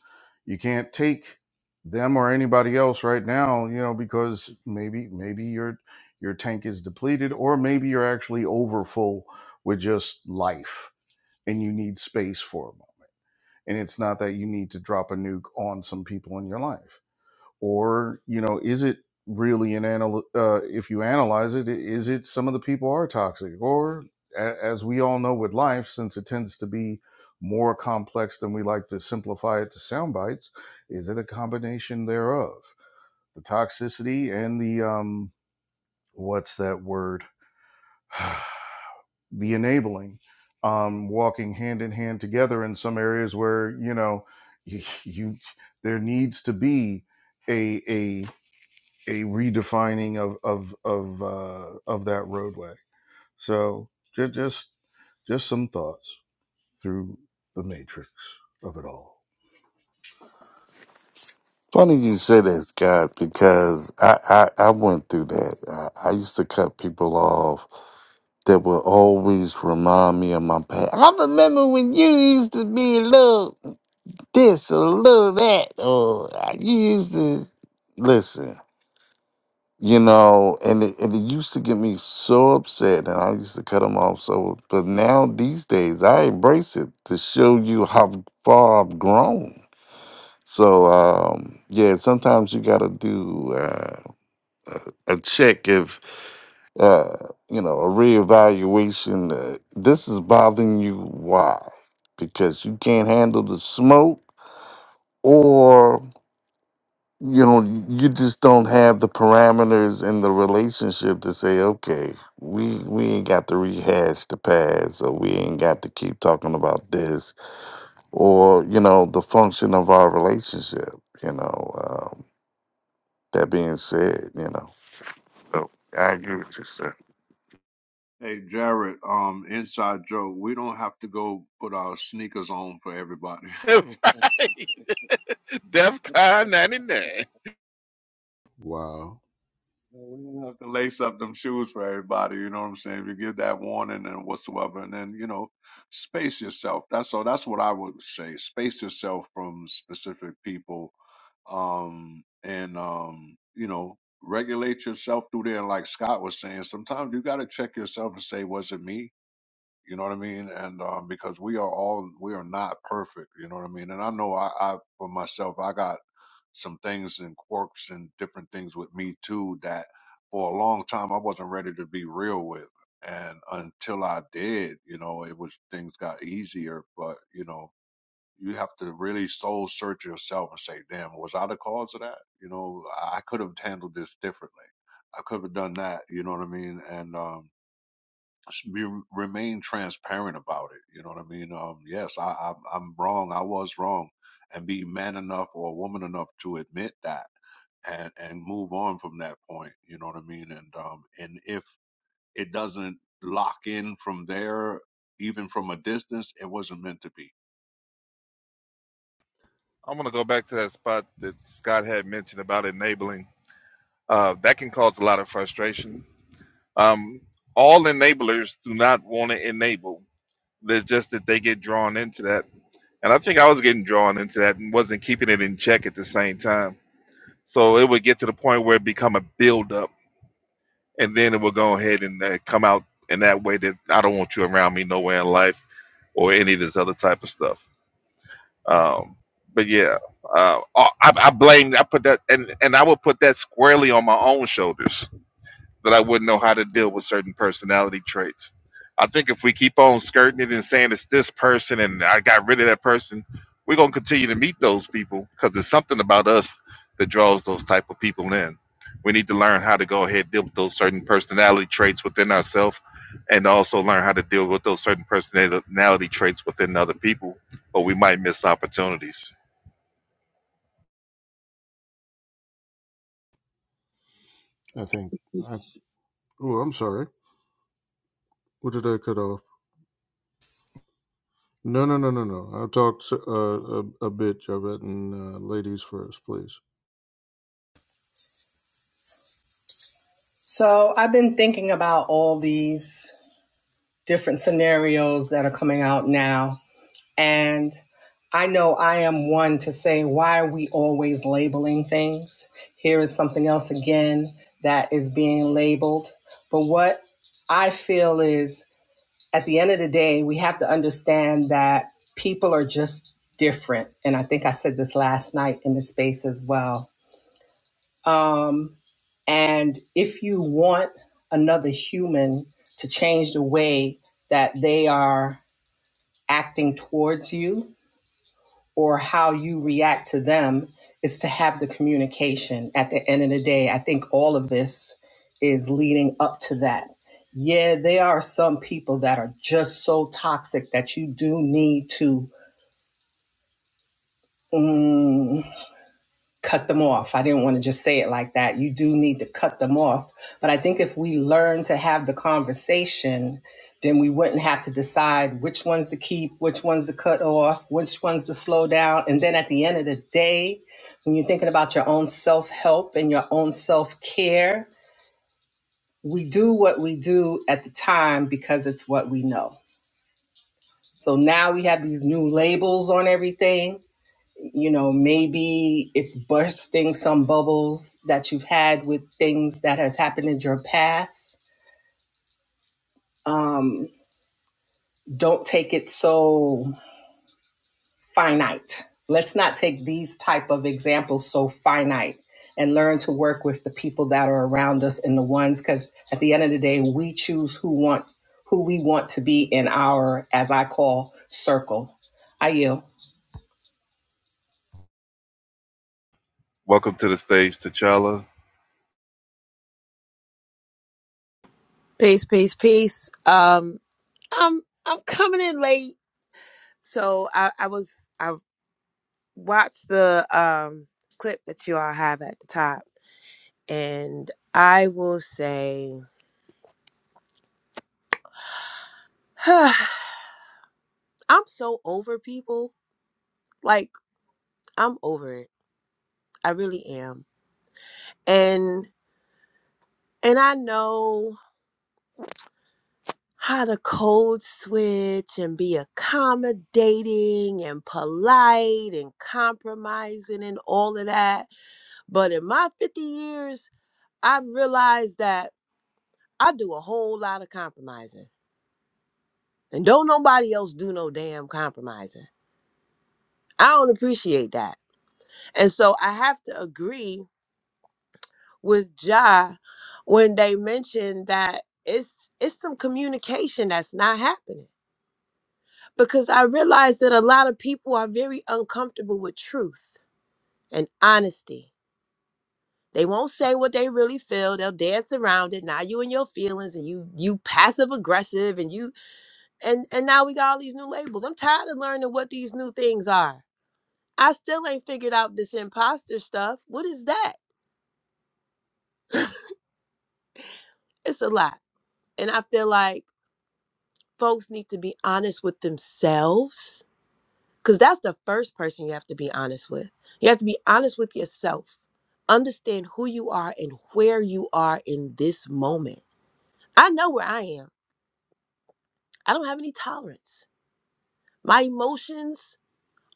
[SPEAKER 4] you can't take them or anybody else right now you know because maybe maybe your your tank is depleted or maybe you're actually over full with just life and you need space for them and it's not that you need to drop a nuke on some people in your life or you know is it really an anal- uh, if you analyze it, is it some of the people are toxic or a- as we all know with life since it tends to be more complex than we like to simplify it to sound bites is it a combination thereof the toxicity and the um what's that word the enabling um walking hand in hand together in some areas where you know you, there needs to be a a a redefining of of of uh, of that roadway. So just just just some thoughts through the matrix of it all.
[SPEAKER 3] Funny you say that, Scott, because I, I, I went through that. I, I used to cut people off that would always remind me of my past. I remember when you used to be a little this or a little that, or uh, you used to listen. you know, and it, and it used to get me so upset, and I used to cut them off. So, but now these days, I embrace it to show you how far I've grown. So, um, yeah, sometimes you got to do uh, a, a check if uh, you know a reevaluation. Uh, this is bothering you. Why? Because you can't handle the smoke, or you know you just don't have the parameters in the relationship to say okay we we ain't got to rehash the past or we ain't got to keep talking about this or you know the function of our relationship you know um, that being said you know so i agree with you sir
[SPEAKER 7] Hey Jared, um, inside joke. We don't have to go put our sneakers on for everybody.
[SPEAKER 1] Right. DEFCON 99.
[SPEAKER 4] Wow.
[SPEAKER 7] we don't have to lace up them shoes for everybody. You know what I'm saying? You give that warning and whatsoever, and then you know, space yourself. That's all. That's what I would say. Space yourself from specific people um, and um, you know, regulate yourself through there. And like Scott was saying, sometimes you got to check yourself and say, was it me? You know what I mean? And um, because we are all, we are not perfect. You know what I mean? And I know I, I for myself, I got some things and quirks and different things with me too that for a long time I wasn't ready to be real with. And until I did, you know, it was things got easier. But you know, you have to really soul search yourself and say, damn, was I the cause of that? You know, I could have handled this differently. I could have done that. You know what I mean? And, um, s- be, remain transparent about it. You know what I mean? Um, yes, I, I, I'm wrong. I was wrong and be man enough or woman enough to admit that and, and move on from that point. You know what I mean? And, um, and if it doesn't lock in from there, even from a distance, it wasn't meant to be.
[SPEAKER 1] I'm going to go back to that spot that Scott had mentioned about enabling. Uh, that can cause a lot of frustration. Um, all enablers do not want to enable. It's just that they get drawn into that. And I think I was getting drawn into that and wasn't keeping it in check at the same time So it would get to the point where it become a buildup, and then it would go ahead and uh, come out in that way that I don't want you around me nowhere in life or any of this other type of stuff. Um, but yeah, uh, I, I blame I put that and and I would put that squarely on my own shoulders that I wouldn't know how to deal with certain personality traits. I think if we keep on skirting it and saying it's this person and I got rid of that person, we're gonna continue to meet those people because there's something about us that draws those type of people in. We need to learn how to go ahead and deal with those certain personality traits within ourselves, and also learn how to deal with those certain personality traits within other people, or we might miss opportunities.
[SPEAKER 4] I think. I, oh, I'm sorry. What did I cut off? No, no, no, no, no. I talked uh, a, a bit, Javed, and uh, ladies first, please.
[SPEAKER 8] So I've been thinking about all these different scenarios that are coming out now And I know I am one to say, why are we always labeling things? Here is something else again that is being labeled. But what I feel is at the end of the day, we have to understand that people are just different. And I think I said this last night in the space as well. Um, and if you want another human to change the way that they are acting towards you, or how you react to them is to have the communication at the end of the day i think all of this is leading up to that yeah there are some people that are just so toxic that you do need to um, cut them off. I didn't want to just say it like that. You do need to cut them off. But I think if we learn to have the conversation, then we wouldn't have to decide which ones to keep, which ones to cut off, which ones to slow down. And then at the end of the day, when you're thinking about your own self help and your own self care, we do what we do at the time because it's what we know. So now we have these new labels on everything you know maybe it's bursting some bubbles that you've had with things that has happened in your past um, don't take it so finite let's not take these type of examples so finite and learn to work with the people that are around us and the ones because at the end of the day we choose who want who we want to be in our as i call circle i yield
[SPEAKER 1] Welcome to the stage, T'Challa.
[SPEAKER 9] Peace, peace, peace. Um, I'm I'm coming in late, so I I was I watched the um clip that you all have at the top, and I will say, I'm so over people. Like I'm over it. I really am. And and I know how to code switch and be accommodating and polite and compromising and all of that. But in my 50 years I've realized that I do a whole lot of compromising. And don't nobody else do no damn compromising. I don't appreciate that. And so I have to agree with Ja when they mention that it's it's some communication that's not happening. Because I realize that a lot of people are very uncomfortable with truth and honesty. They won't say what they really feel. They'll dance around it. Now you and your feelings and you you passive aggressive and you and and now we got all these new labels. I'm tired of learning what these new things are. I still ain't figured out this imposter stuff. What is that? it's a lot. And I feel like folks need to be honest with themselves because that's the first person you have to be honest with. You have to be honest with yourself. Understand who you are and where you are in this moment. I know where I am. I don't have any tolerance. My emotions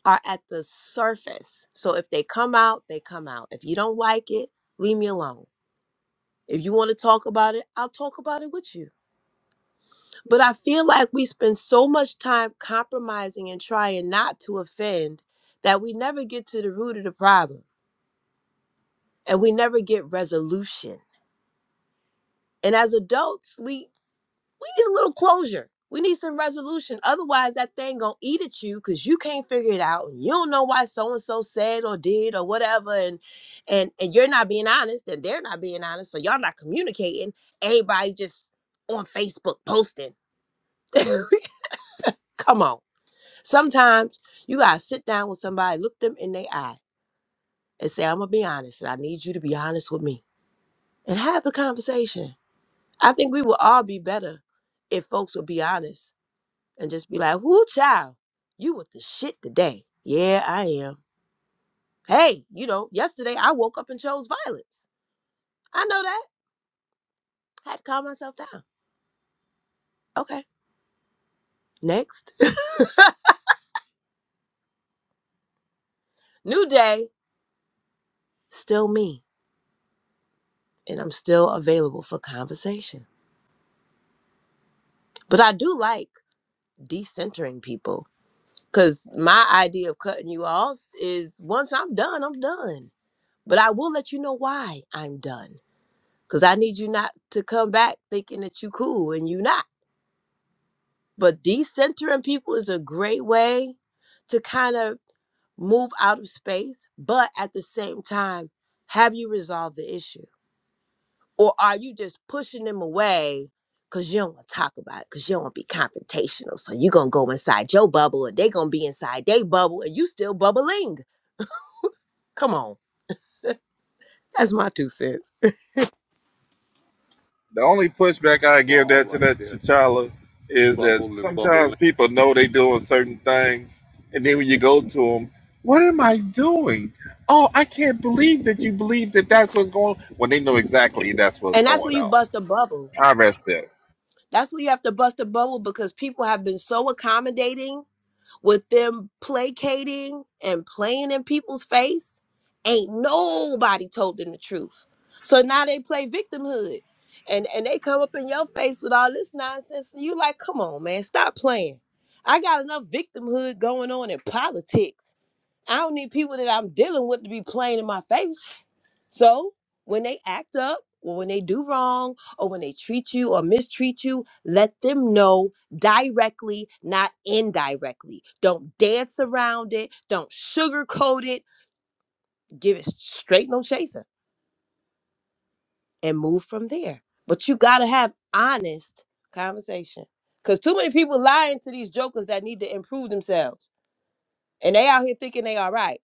[SPEAKER 9] are at the surface. So if they come out, they come out. If you don't like it, leave me alone. If you want to talk about it, I'll talk about it with you. But I feel like we spend so much time compromising and trying not to offend that we never get to the root of the problem and we never get resolution. And as adults, we we need a little closure. We need some resolution. Otherwise, that thing gonna eat at you because you can't figure it out. You don't know why so and so said or did or whatever, and and and you're not being honest, and they're not being honest, so y'all not communicating. Everybody just on Facebook posting. Come on. Sometimes you gotta sit down with somebody, look them in their eye, and say, "I'm gonna be honest, and I need you to be honest with me," and have the conversation. I think we would all be better if folks would be honest and just be like, whoo, child, you with the shit today. Yeah, I am. Hey, you know, yesterday I woke up and chose violence. I know that. had to calm myself down. Okay, next. New day, still me. And I'm still available for conversation. But I do like decentering people because my idea of cutting you off is once I'm done, I'm done. But I will let you know why I'm done because I need you not to come back thinking that you cool and you not. But decentering people is a great way to kind of move out of space. But at the same time, have you resolved the issue? Or are you just pushing them away because you don't want to talk about it, because you don't want to be confrontational? So you're going to go inside your bubble and they're going to be inside their bubble and you still bubbling. Come on. That's my two cents.
[SPEAKER 1] The only pushback I give
[SPEAKER 7] Bar
[SPEAKER 1] that to
[SPEAKER 7] right
[SPEAKER 1] that
[SPEAKER 7] there
[SPEAKER 1] T'Challa is that
[SPEAKER 7] Bubble and bubble.
[SPEAKER 1] sometimes people know they doing certain things, and then when you go to them, what am I doing? Oh, I can't believe that you believe that that's what's going. on. When they know exactly that's what's
[SPEAKER 9] And that's where
[SPEAKER 1] going
[SPEAKER 9] you
[SPEAKER 1] on.
[SPEAKER 9] bust a bubble.
[SPEAKER 1] I rest there.
[SPEAKER 9] That's where you have to bust a bubble because people have been so accommodating with them placating and playing in people's face, ain't nobody told them the truth. So now they play victimhood. And and they come up in your face with all this nonsense. And you like, come on, man, stop playing. I got enough victimhood going on in politics I don't need people that I'm dealing with to be playing in my face. So when they act up, or when they do wrong, or when they treat you or mistreat you, let them know directly, not indirectly. Don't dance around it. Don't sugarcoat it. Give it straight no chaser and move from there. But you gotta have honest conversation. Cause too many people lying to these jokers that need to improve themselves. And they out here thinking they all right.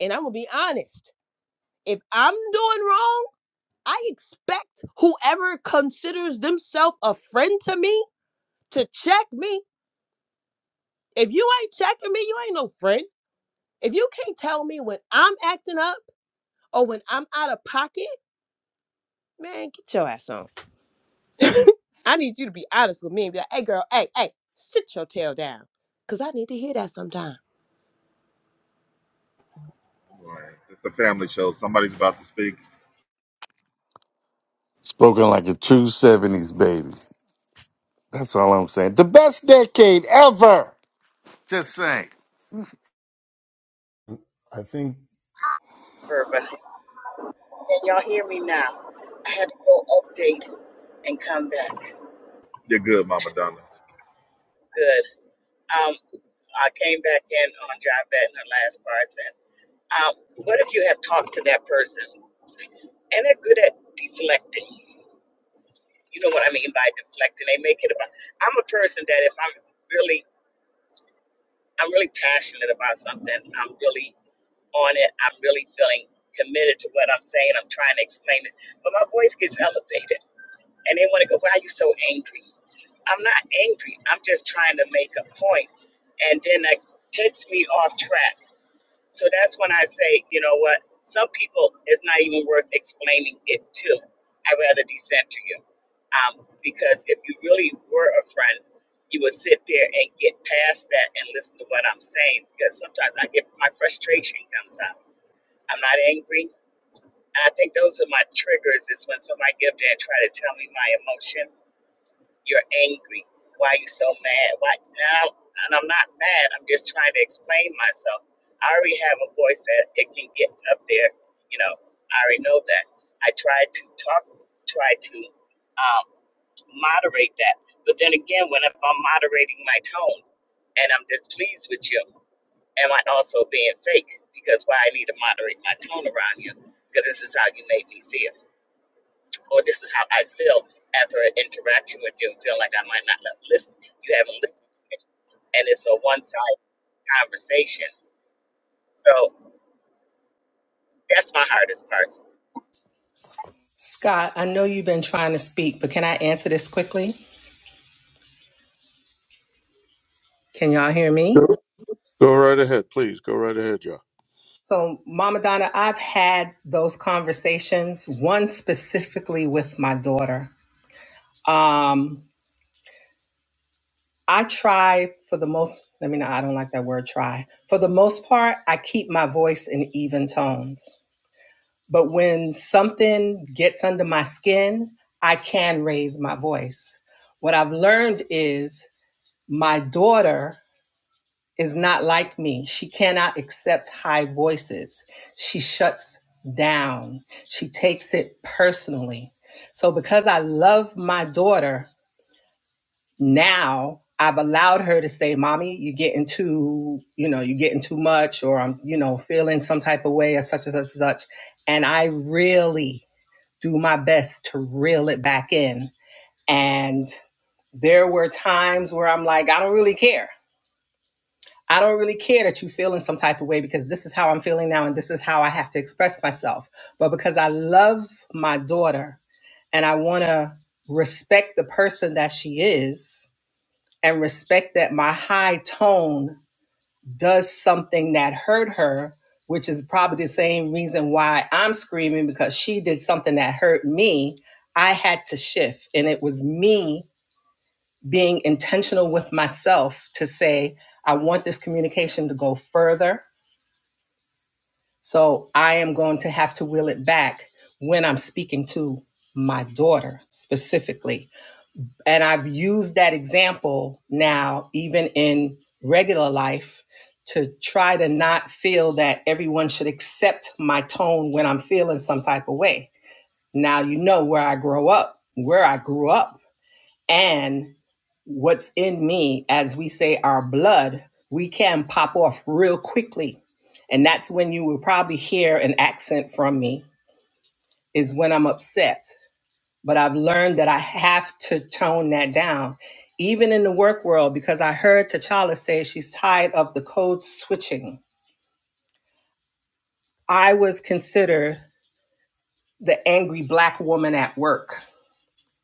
[SPEAKER 9] And I'm gonna be honest. If I'm doing wrong, I expect whoever considers themselves a friend to me to check me. If you ain't checking me, you ain't no friend. If you can't tell me when I'm acting up or when I'm out of pocket, man, get your ass on. I need you to be honest with me and be like, hey, girl, hey, hey, sit your tail down. Because I need to hear that sometime.
[SPEAKER 1] All right. It's a family show. Somebody's about to speak.
[SPEAKER 3] spoken like a true 70s baby that's all i'm saying the best decade ever just saying
[SPEAKER 4] I think.
[SPEAKER 2] Sure. Can y'all hear me now? I had to go update and come back.
[SPEAKER 1] You're good, Mama Donna.
[SPEAKER 2] Good. Um, I came back in on Javette in the last parts. And um, what if you have talked to that person and they're good at deflecting? You know what I mean by deflecting. They make it about. I'm a person that if I'm really, I'm really passionate about something. I'm really on it. I'm really feeling committed to what I'm saying. I'm trying to explain it, but my voice gets elevated, and they want to go, "Why are you so angry?" I'm not angry. I'm just trying to make a point, and then that takes me off track. So that's when I say, you know what? Some people, it's not even worth explaining it to. I'd rather decenter you, um, because if you really were a friend, you would sit there and get past that and listen to what I'm saying. Because sometimes I get my frustration comes out I'm not angry. And I think those are my triggers is when somebody get up there and try to tell me my emotion. You're angry. Why are you so mad? Why now? And I'm not mad. I'm just trying to explain myself. I already have a voice that it can get up there. You know, I already know that. I try to talk, try to um, moderate that. But then again, when if I'm moderating my tone and I'm displeased with you. Am I also being fake? Because why I need to moderate my tone around you? Because this is how you made me feel, or this is how I feel after an interaction with you, feeling like I might not have listened. You haven't listened, and it's a one-sided conversation. So that's my hardest part.
[SPEAKER 8] scott i know you've been trying to speak but can i answer this quickly can y'all hear me
[SPEAKER 4] Go, go right ahead, please. Go right ahead, y'all.
[SPEAKER 8] So, Mama Donna, I've had those conversations, one specifically with my daughter. Um, I try for the most, I mean, I don't like that word try. For the most part, I keep my voice in even tones. But when something gets under my skin, I can raise my voice. What I've learned is my daughter is not like me. She cannot accept high voices. She shuts down. She takes it personally. So, because I love my daughter now, I've allowed her to say, Mommy, you're getting too, you know, you're getting too much, or I'm, you know, feeling some type of way, or such and such and such. And I really do my best to reel it back in. And there were times where I'm like, I don't really care. I don't really care that you feel in some type of way because this is how I'm feeling now and this is how I have to express myself. But because I love my daughter and I want to respect the person that she is and respect that my high tone does something that hurt her, which is probably the same reason why I'm screaming because she did something that hurt me. I had to shift and it was me being intentional with myself to say, I want this communication to go further. So I am going to have to will it back when I'm speaking to my daughter specifically. And I've used that example now, even in regular life, to try to not feel that everyone should accept my tone when I'm feeling some type of way. Now you know where I grow up, where I grew up and what's in me, as we say, our blood, we can pop off real quickly. And that's when you will probably hear an accent from me, is when I'm upset. But I've learned that I have to tone that down, even in the work world, because I heard T'Challa say she's tired of the code switching. I was considered the angry black woman at work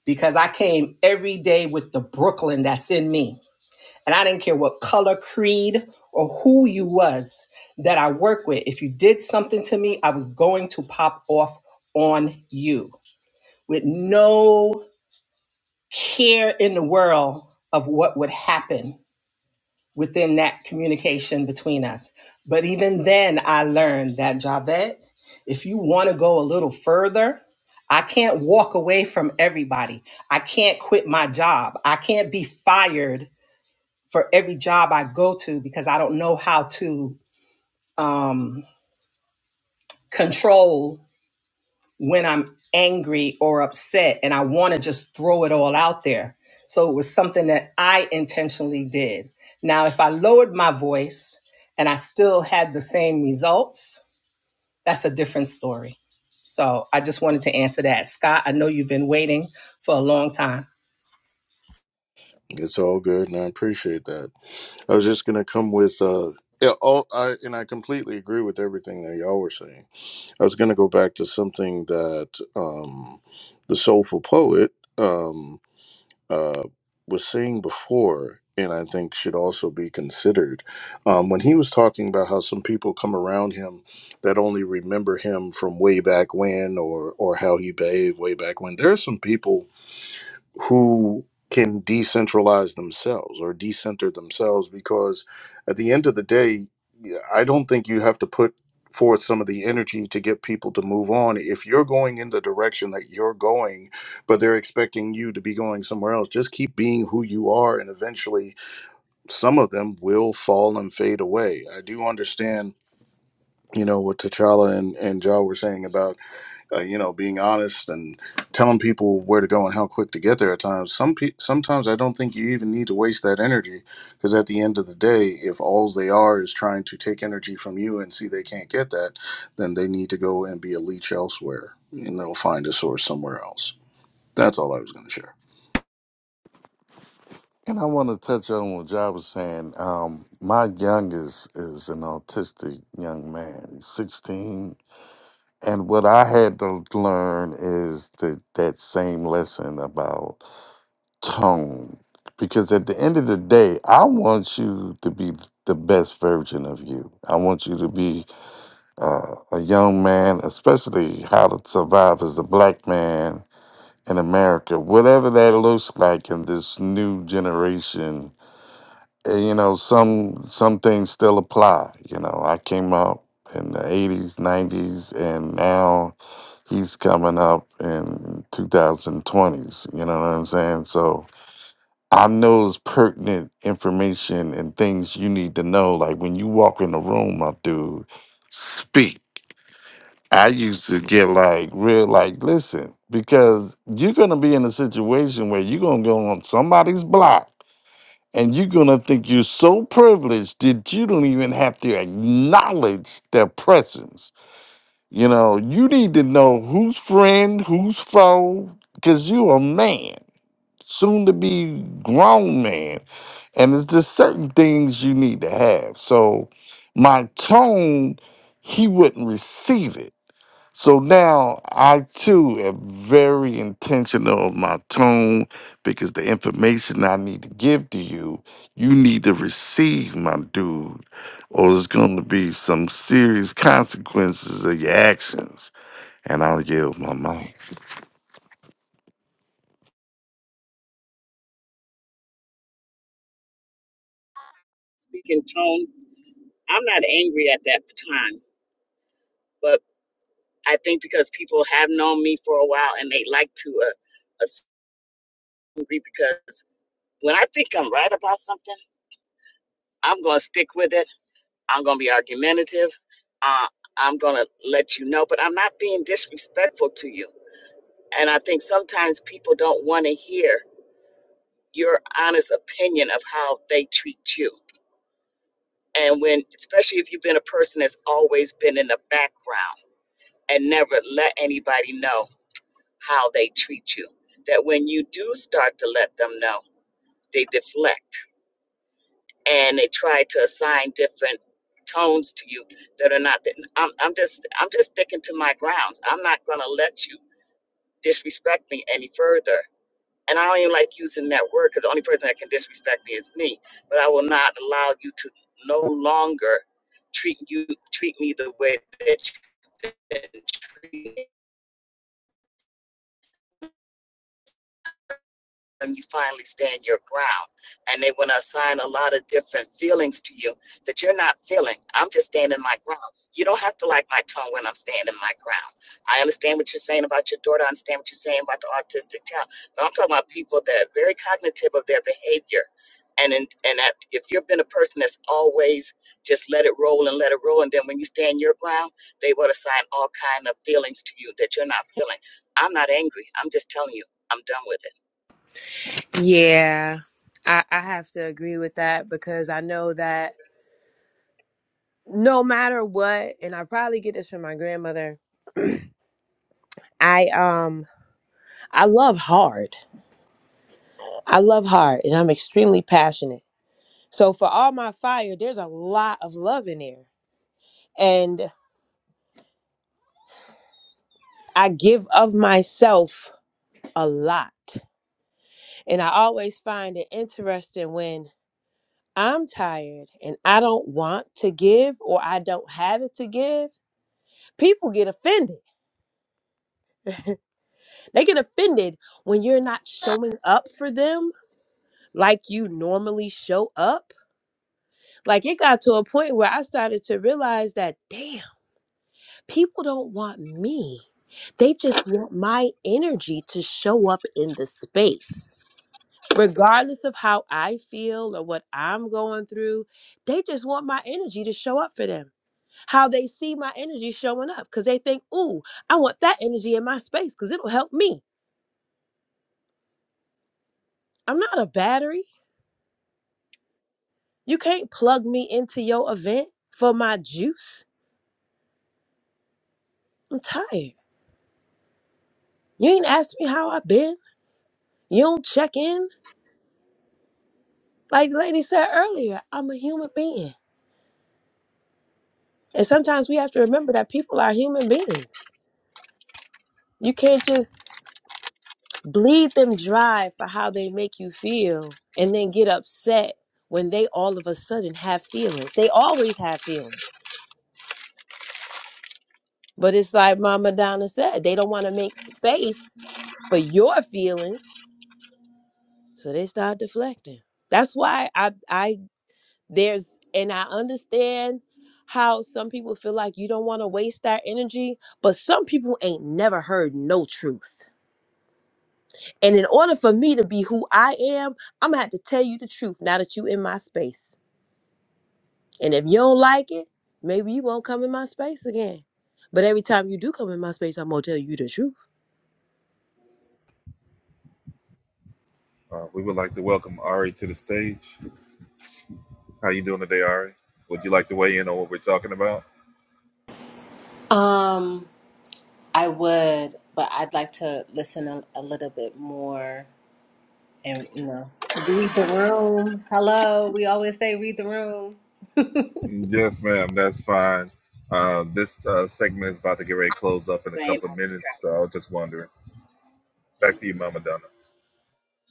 [SPEAKER 8] because I came every day with the Brooklyn that's in me And I didn't care what color, creed, or who you was that I work with. If you did something to me, I was going to pop off on you with no care in the world of what would happen within that communication between us. But even then, I learned that Javette, if you want to go a little further, I can't walk away from everybody. I can't quit my job. I can't be fired for every job I go to because I don't know how to um, control when I'm angry or upset and I want to just throw it all out there. So it was something that I intentionally did. Now, if I lowered my voice and I still had the same results, that's a different story. So I just wanted to answer that. Scott, I know you've been waiting for a long time.
[SPEAKER 4] It's all good, and I appreciate that. I was just gonna come with uh yeah, all I and I completely agree with everything that y'all were saying. I was gonna go back to something that um the soulful poet um uh was saying before and I think should also be considered. Um when he was talking about how some people come around him that only remember him from way back when or or how he behaved way back when. There are some people who can decentralize themselves or decenter themselves because at the end of the day yeah, i don't think you have to put forth some of the energy to get people to move on if you're going in the direction that you're going but they're expecting you to be going somewhere else just keep being who you are and eventually some of them will fall and fade away i do understand you know what T'Challa and, and Ja were saying about uh, you know, being honest and telling people where to go and how quick to get there at times. Some pe- sometimes I don't think you even need to waste that energy because at the end of the day, if all they are is trying to take energy from you and see they can't get that, then they need to go and be a leech elsewhere, and they'll find a source somewhere else. That's all I was going to share.
[SPEAKER 3] And I want to touch on what Jai was saying. Um, my youngest is an autistic young man, he's 16. And what I had to learn is that that same lesson about tone. Because at the end of the day, I want you to be the best version of you. I want you to be uh, a young man, especially how to survive as a black man in America, whatever that looks like in this new generation uh, you know some some things still apply you know i came up in the 80s 90s and now he's coming up in 2020s you know what i'm saying so i know it's pertinent information and things you need to know like when you walk in the room my dude speak i used to get like real like listen because you're gonna be in a situation where you're gonna go on somebody's block and you're gonna think you're so privileged that you don't even have to acknowledge their presence. You know, you need to know who's friend, who's foe, because you a man, soon to be grown man, and it's just certain things you need to have. So, my tone, he wouldn't receive it so now I too am very intentional of my tone because the information I need to give to you, you need to receive, my dude, or there's going to be some serious consequences of your actions. And I'll yield my mic.
[SPEAKER 2] Speaking tone, I'm not angry at that time, but I think because people have known me for a while and they like to uh, assume because when I think I'm right about something, I'm gonna stick with it I'm going to be argumentative. Uh, I'm going to let you know, but I'm not being disrespectful to you. And I think sometimes people don't want to hear your honest opinion of how they treat you. And when, especially if you've been a person that's always been in the background and never let anybody know how they treat you, that when you do start to let them know, they deflect and they try to assign different tones to you that are not that I'm, I'm just i'm just sticking to my grounds i'm not going to let you disrespect me any further and i don't even like using that word because the only person that can disrespect me is me but i will not allow you to no longer treat you treat me the way that you treat when you finally stand your ground. And they want to assign a lot of different feelings to you that you're not feeling. I'm just standing my ground. You don't have to like my tone when I'm standing my ground. I understand what you're saying about your daughter. I understand what you're saying about the autistic child. But I'm talking about people that are very cognitive of their behavior. And in, and that if you've been a person that's always just let it roll and let it roll, and then when you stand your ground, they will assign all kind of feelings to you that you're not feeling. I'm not angry. I'm just telling you, I'm done with it.
[SPEAKER 9] Yeah, I, I have to agree with that because I know that no matter what, and I probably get this from my grandmother. I um I love hard. I love hard and I'm extremely passionate. So for all my fire, there's a lot of love in there. And I give of myself a lot. And I always find it interesting when I'm tired and I don't want to give or I don't have it to give. People get offended. They get offended when you're not showing up for them like you normally show up. Like it got to a point where I started to realize that, damn. people don't want me. They just want my energy to show up in the space. Regardless of how I feel or what I'm going through, they just want my energy to show up for them. How they see my energy showing up because they think, ooh, I want that energy in my space because it'll help me. I'm not a battery. You can't plug me into your event for my juice. I'm tired. You ain't asked me how I've been. You don't check in. Like the lady said earlier, I'm a human being. And sometimes we have to remember that people are human beings. You can't just bleed them dry for how they make you feel and then get upset when they all of a sudden have feelings. They always have feelings. But it's like Mama Donna said, they don't want to make space for your feelings. So they start deflecting. That's why I I there's and I understand how some people feel like you don't want to waste that energy, but some people ain't never heard no truth. And in order for me to be who I am, I'm gonna have to tell you the truth now that you in my space. And if you don't like it, maybe you won't come in my space again. But every time you do come in my space, I'm gonna tell you the truth.
[SPEAKER 1] Uh, we would like to welcome Ari to the stage. How you doing today, Ari? Would you like to weigh in on what we're talking about?
[SPEAKER 10] Um, I would, but I'd like to listen a, a little bit more and, you know, read the room. Hello, we always say read the room.
[SPEAKER 1] Yes, ma'am. That's fine. Uh, this uh, segment is about to get ready to close up in a
[SPEAKER 2] Saying
[SPEAKER 1] couple of minutes. So I was just wondering. Back to you, Mama Donna.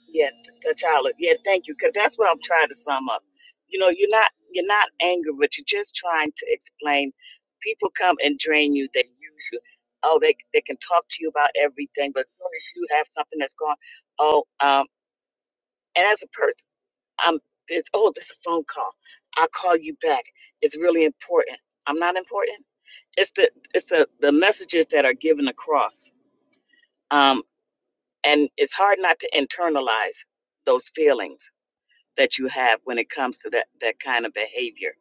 [SPEAKER 2] Yeah, t- a child. Yeah, thank you. Cause that's what I'm trying to sum up. You know, you're not you're not angry, but you're just trying to explain. People come and drain you. They use you. Oh, they they can talk to you about everything, but as soon as you have something that's gone, oh, um, and as a person, I'm it's oh, this is a phone call. I'll call you back. It's really important. I'm not important. It's the it's the the messages that are given across. Um, and it's hard not to internalize those feelings that you have when it comes to that, that kind of behavior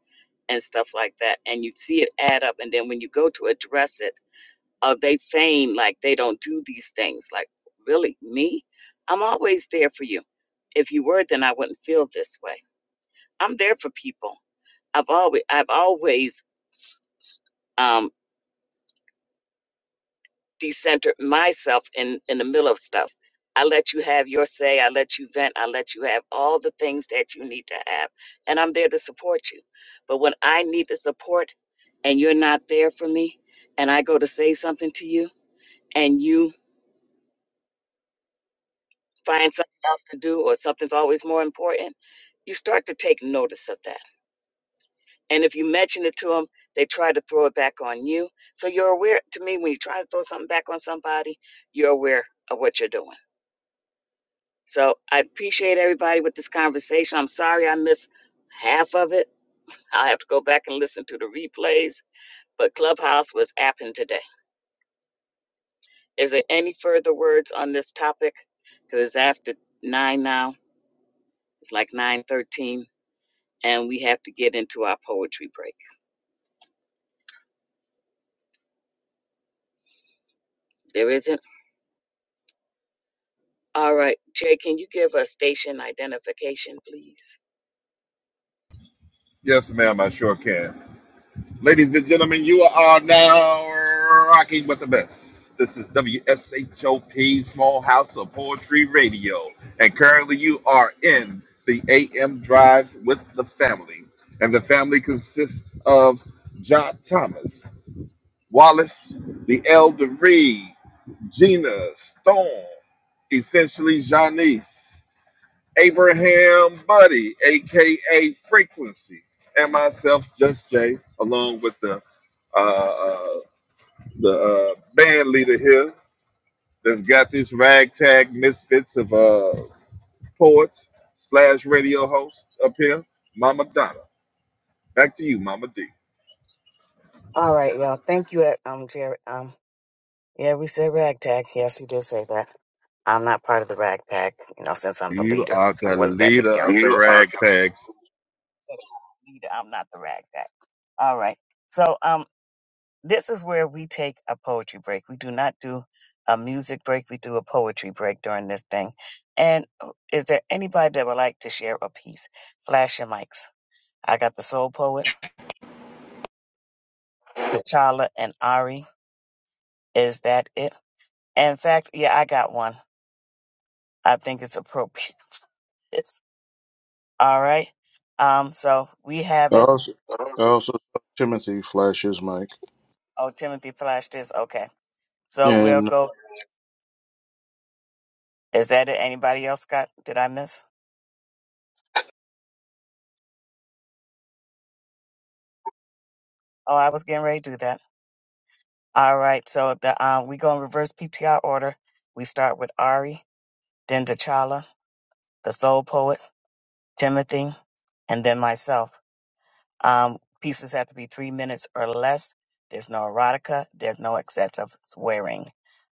[SPEAKER 2] and stuff like that. And you see it add up. And then when you go to address it, uh, they feign like they don't do these things. Like, really, me? I'm always there for you. If you were, then I wouldn't feel this way. I'm there for people. I've always, I've always um, decentered myself in, in the middle of stuff. I let you have your say. I let you vent. I let you have all the things that you need to have. And I'm there to support you. But when I need the support, and you're not there for me and I go to say something to you and you find something else to do or something's always more important, you start to take notice of that. And if you mention it to them, they try to throw it back on you. So you're aware, to me, when you try to throw something back on somebody, you're aware of what you're doing. So I appreciate everybody with this conversation. I'm sorry I missed half of it. I'll have to go back and listen to the replays, but Clubhouse was apping today. Is there any further words on this topic? Because it's after nine now. It's like nine thirteen, and we have to get into our poetry break. There isn't. All right, Jay, can you give us station identification, please?
[SPEAKER 1] Yes, ma'am. I sure can. Ladies and gentlemen, you are now rocking with the best. This is WSHOP Small House of Poetry Radio, and currently you are in the AM drive with the family, and the family consists of John Thomas. Wallace, the elder Reed, Gina, Storm, essentially Janice, Abraham Buddy, aka Frequency, and myself, Just Jay, along with the uh, uh, the uh, band leader here that's got this ragtag misfits of uh, poets slash radio host up here, Mama Donna. Back to you, Mama D.
[SPEAKER 2] All right, y'all. Thank you, uh, um, Jerry. Um, yeah, we said ragtag. Yes, he did say that. I'm not part of the rag pack, you know, since I'm the
[SPEAKER 1] You
[SPEAKER 2] leader.
[SPEAKER 1] are
[SPEAKER 2] So
[SPEAKER 1] the
[SPEAKER 2] what does that make
[SPEAKER 1] leader
[SPEAKER 2] y'all?
[SPEAKER 1] of the ragtag
[SPEAKER 2] Leader, I'm not the rag pack. All right. So, um, This is where we take a poetry break. We do not do a music break. We do a poetry break during this thing. And uh, is there anybody that would like to share a piece? Flash your mics. I got the soul poet, T'Challa and Ari. Is that it? In fact, yeah, I got one. I think it's appropriate. It's all right. Um, so we have
[SPEAKER 4] I
[SPEAKER 2] it.
[SPEAKER 4] also, I also saw Timothy flashes Mike.
[SPEAKER 2] Oh, Timothy flashed this. Okay. So we'll
[SPEAKER 4] And
[SPEAKER 2] go. Is that it? Anybody else got? Did I miss? Oh, I was getting ready to do that. All right, so the um, we go in reverse PTR order. We start with Ari, then T'Challa, the Soul Poet, Timothy, and then myself. Um, pieces have to be three minutes or less. There's no erotica. There's no excessive swearing.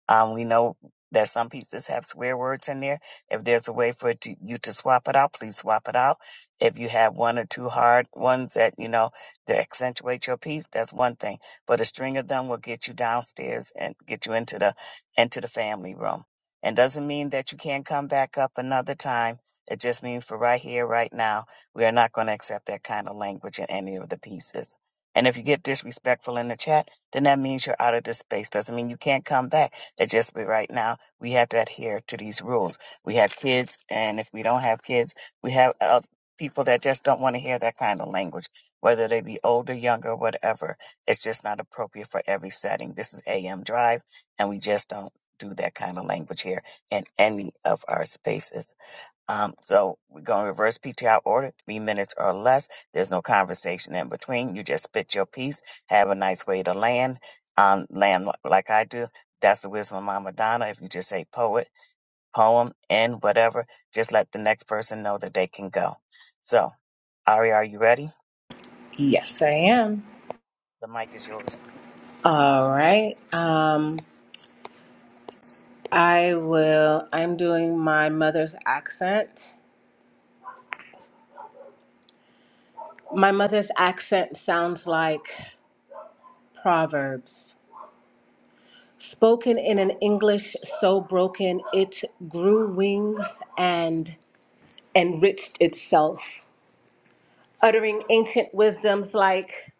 [SPEAKER 2] Um, we know that some pizzas have swear words in there. If there's a way for it to, you to swap it out, please swap it out. If you have one or two hard ones that, you know, that accentuate your piece, that's one thing. But a string of them will get you downstairs and get you into the, into the family room. And doesn't mean that you can't come back up another time. It just means for right here, right now, we are not going to accept that kind of language in any of the pieces. And if you get disrespectful in the chat, then that means you're out of this space. Doesn't mean you can't come back that just be right now we have to adhere to these rules. We have kids, and if we don't have kids, we have uh, people that just don't want to hear that kind of language, whether they be older, younger, whatever. It's just not appropriate for every setting. This is AM Drive, and we just don't do that kind of language here in any of our spaces. Um, so we're going to reverse PTI order, three minutes or less. There's no conversation in between. You just spit your piece, have a nice way to land, um, land li- like I do. That's the wisdom of Mama Donna. If you just say poet, poem, and whatever, just let the next person know that they can go. So, Ari, are you ready?
[SPEAKER 10] Yes, I am.
[SPEAKER 2] The mic is yours.
[SPEAKER 10] All right. Um, I will, I'm doing my mother's accent. My mother's accent sounds like Proverbs. Spoken in an English so broken it grew wings and enriched itself uttering ancient wisdoms like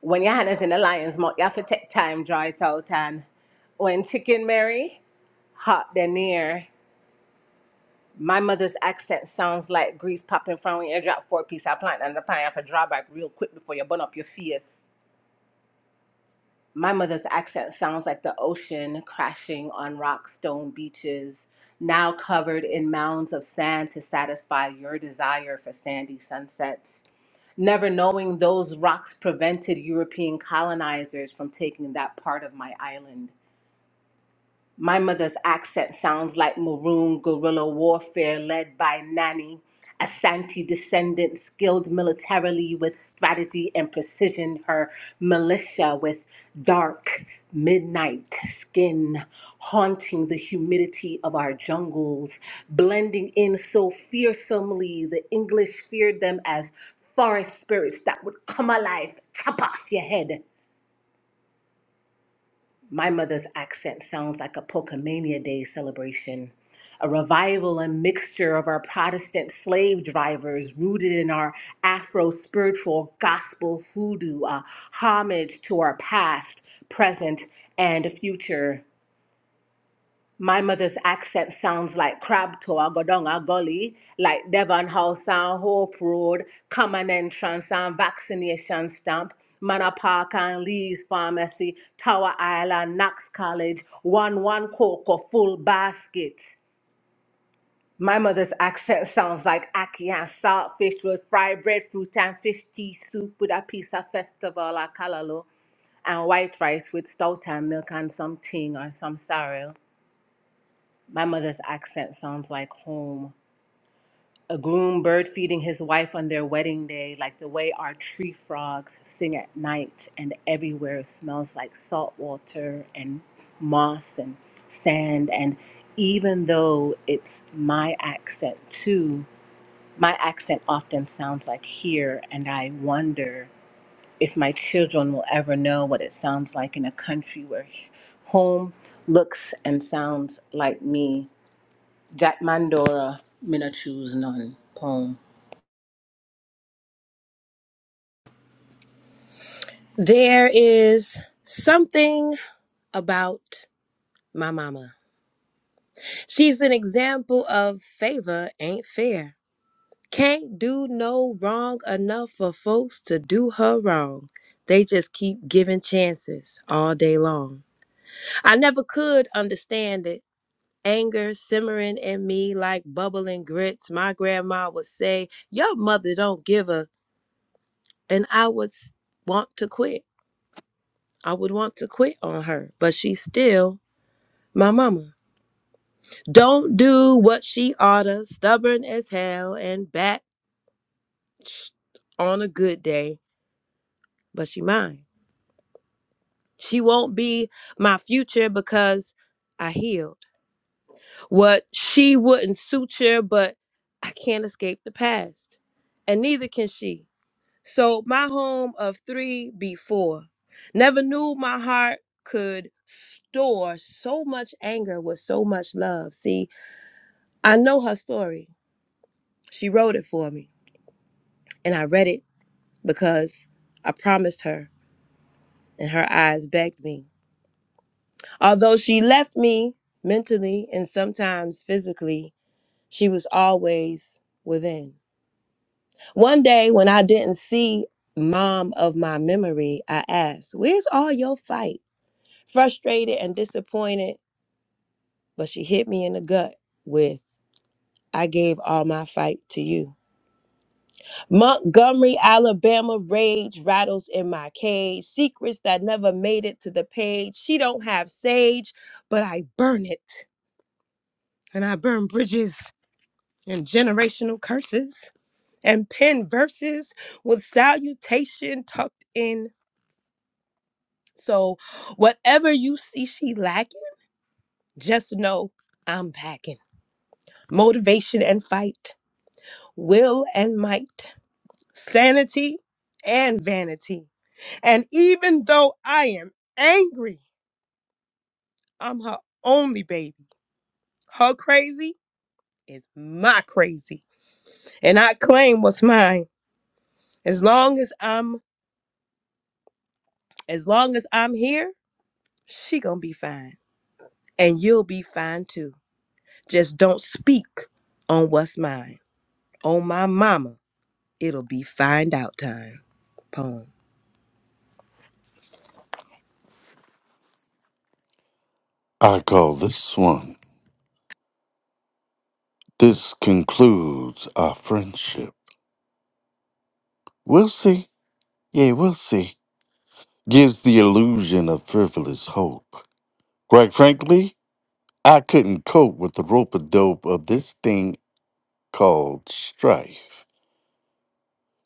[SPEAKER 10] when your hand is in the lion's mouth, you have to take time, draw it out. And when chicken Mary, hot the near, my mother's accent sounds like grease popping from when you drop four piece of plant and the plant you have to draw back real quick before you burn up your face. My mother's accent sounds like the ocean crashing on rock stone beaches, now covered in mounds of sand to satisfy your desire for sandy sunsets. never knowing those rocks prevented European colonizers from taking that part of my island. My mother's accent sounds like maroon guerrilla warfare led by Nani, a Santi descendant skilled militarily with strategy and precision, her militia with dark midnight skin, haunting the humidity of our jungles, blending in so fearsomely the English feared them as forest spirits that would come alive, chop off your head. My mother's accent sounds like a Pokemania Day celebration, a revival and mixture of our Protestant slave drivers rooted in our Afro spiritual gospel hoodoo, a homage to our past, present, and future. My mother's accent sounds like Crabtoe, Godonga, Gully, like Devon House and Hope Road, Common Entrance and Vaccination Stamp, Manor Park and Lee's Pharmacy, Tower Island, Knox College, 1 1 Cocoa, Full Basket. My mother's accent sounds like ackee and saltfish with fried breadfruit and fish tea soup with a piece of festival or kalalo and white rice with stout and milk and some ting or some sorrel. My mother's accent sounds like home. A groom bird feeding his wife on their wedding day, like the way our tree frogs sing at night, and everywhere smells like salt water and moss and sand. And even though it's my accent too, my accent often sounds like here, and I wonder if my children will ever know what it sounds like in a country where home looks and sounds like me. That Mandora Minna Choose None poem.
[SPEAKER 9] There is something about my mama. She's an example of favor ain't fair. Can't do no wrong enough for folks to do her wrong. They just keep giving chances all day long. I never could understand it anger simmering in me like bubbling grits. My grandma would say, Your mother don't give a. And I would s- want to quit. I would want to quit on her, but she's still my mama. Don't do what she oughta, stubborn as hell and back on a good day, but she mine. She won't be my future because I healed. What she wouldn't suture, but I can't escape the past. And neither can she. So my home of three be four. Never knew my heart could store so much anger with so much love. See, I know her story. She wrote it for me, and I read it because I promised her, and her eyes begged me. Although she left me mentally and sometimes physically, she was always within. One day when I didn't see mom of my memory, I asked, Where's all your fight? frustrated and disappointed, but she hit me in the gut with, I gave all my fight to you. Montgomery, Alabama rage rattles in my cage. Secrets that never made it to the page. She don't have sage, but I burn it. And I burn bridges and generational curses and pen verses with salutation tucked in. So whatever you see she lacking, just know I'm packing. Motivation and fight. will and might, sanity and vanity. And even though I am angry, I'm her only baby. Her crazy is my crazy. And I claim what's mine. As long as I'm as long as I'm here, she gonna be fine. And you'll be fine too. Just don't speak on what's mine. On my mama, it'll be find out time. Poem.
[SPEAKER 3] I call this one. This concludes our friendship. We'll see. Yeah, we'll see. Gives the illusion of frivolous hope. Quite frankly, I couldn't cope with the rope a dope of this thing called strife.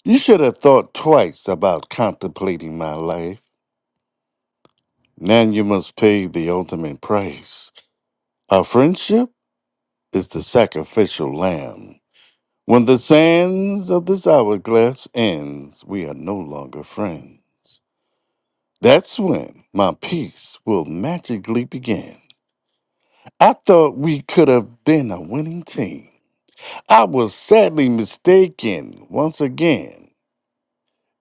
[SPEAKER 3] You should have thought twice about contemplating my life. Now you must pay the ultimate price. Our friendship is the sacrificial lamb. When the sands of this hourglass ends, we are no longer friends. That's when my peace will magically begin. I thought we could have been a winning team. I was sadly mistaken once again.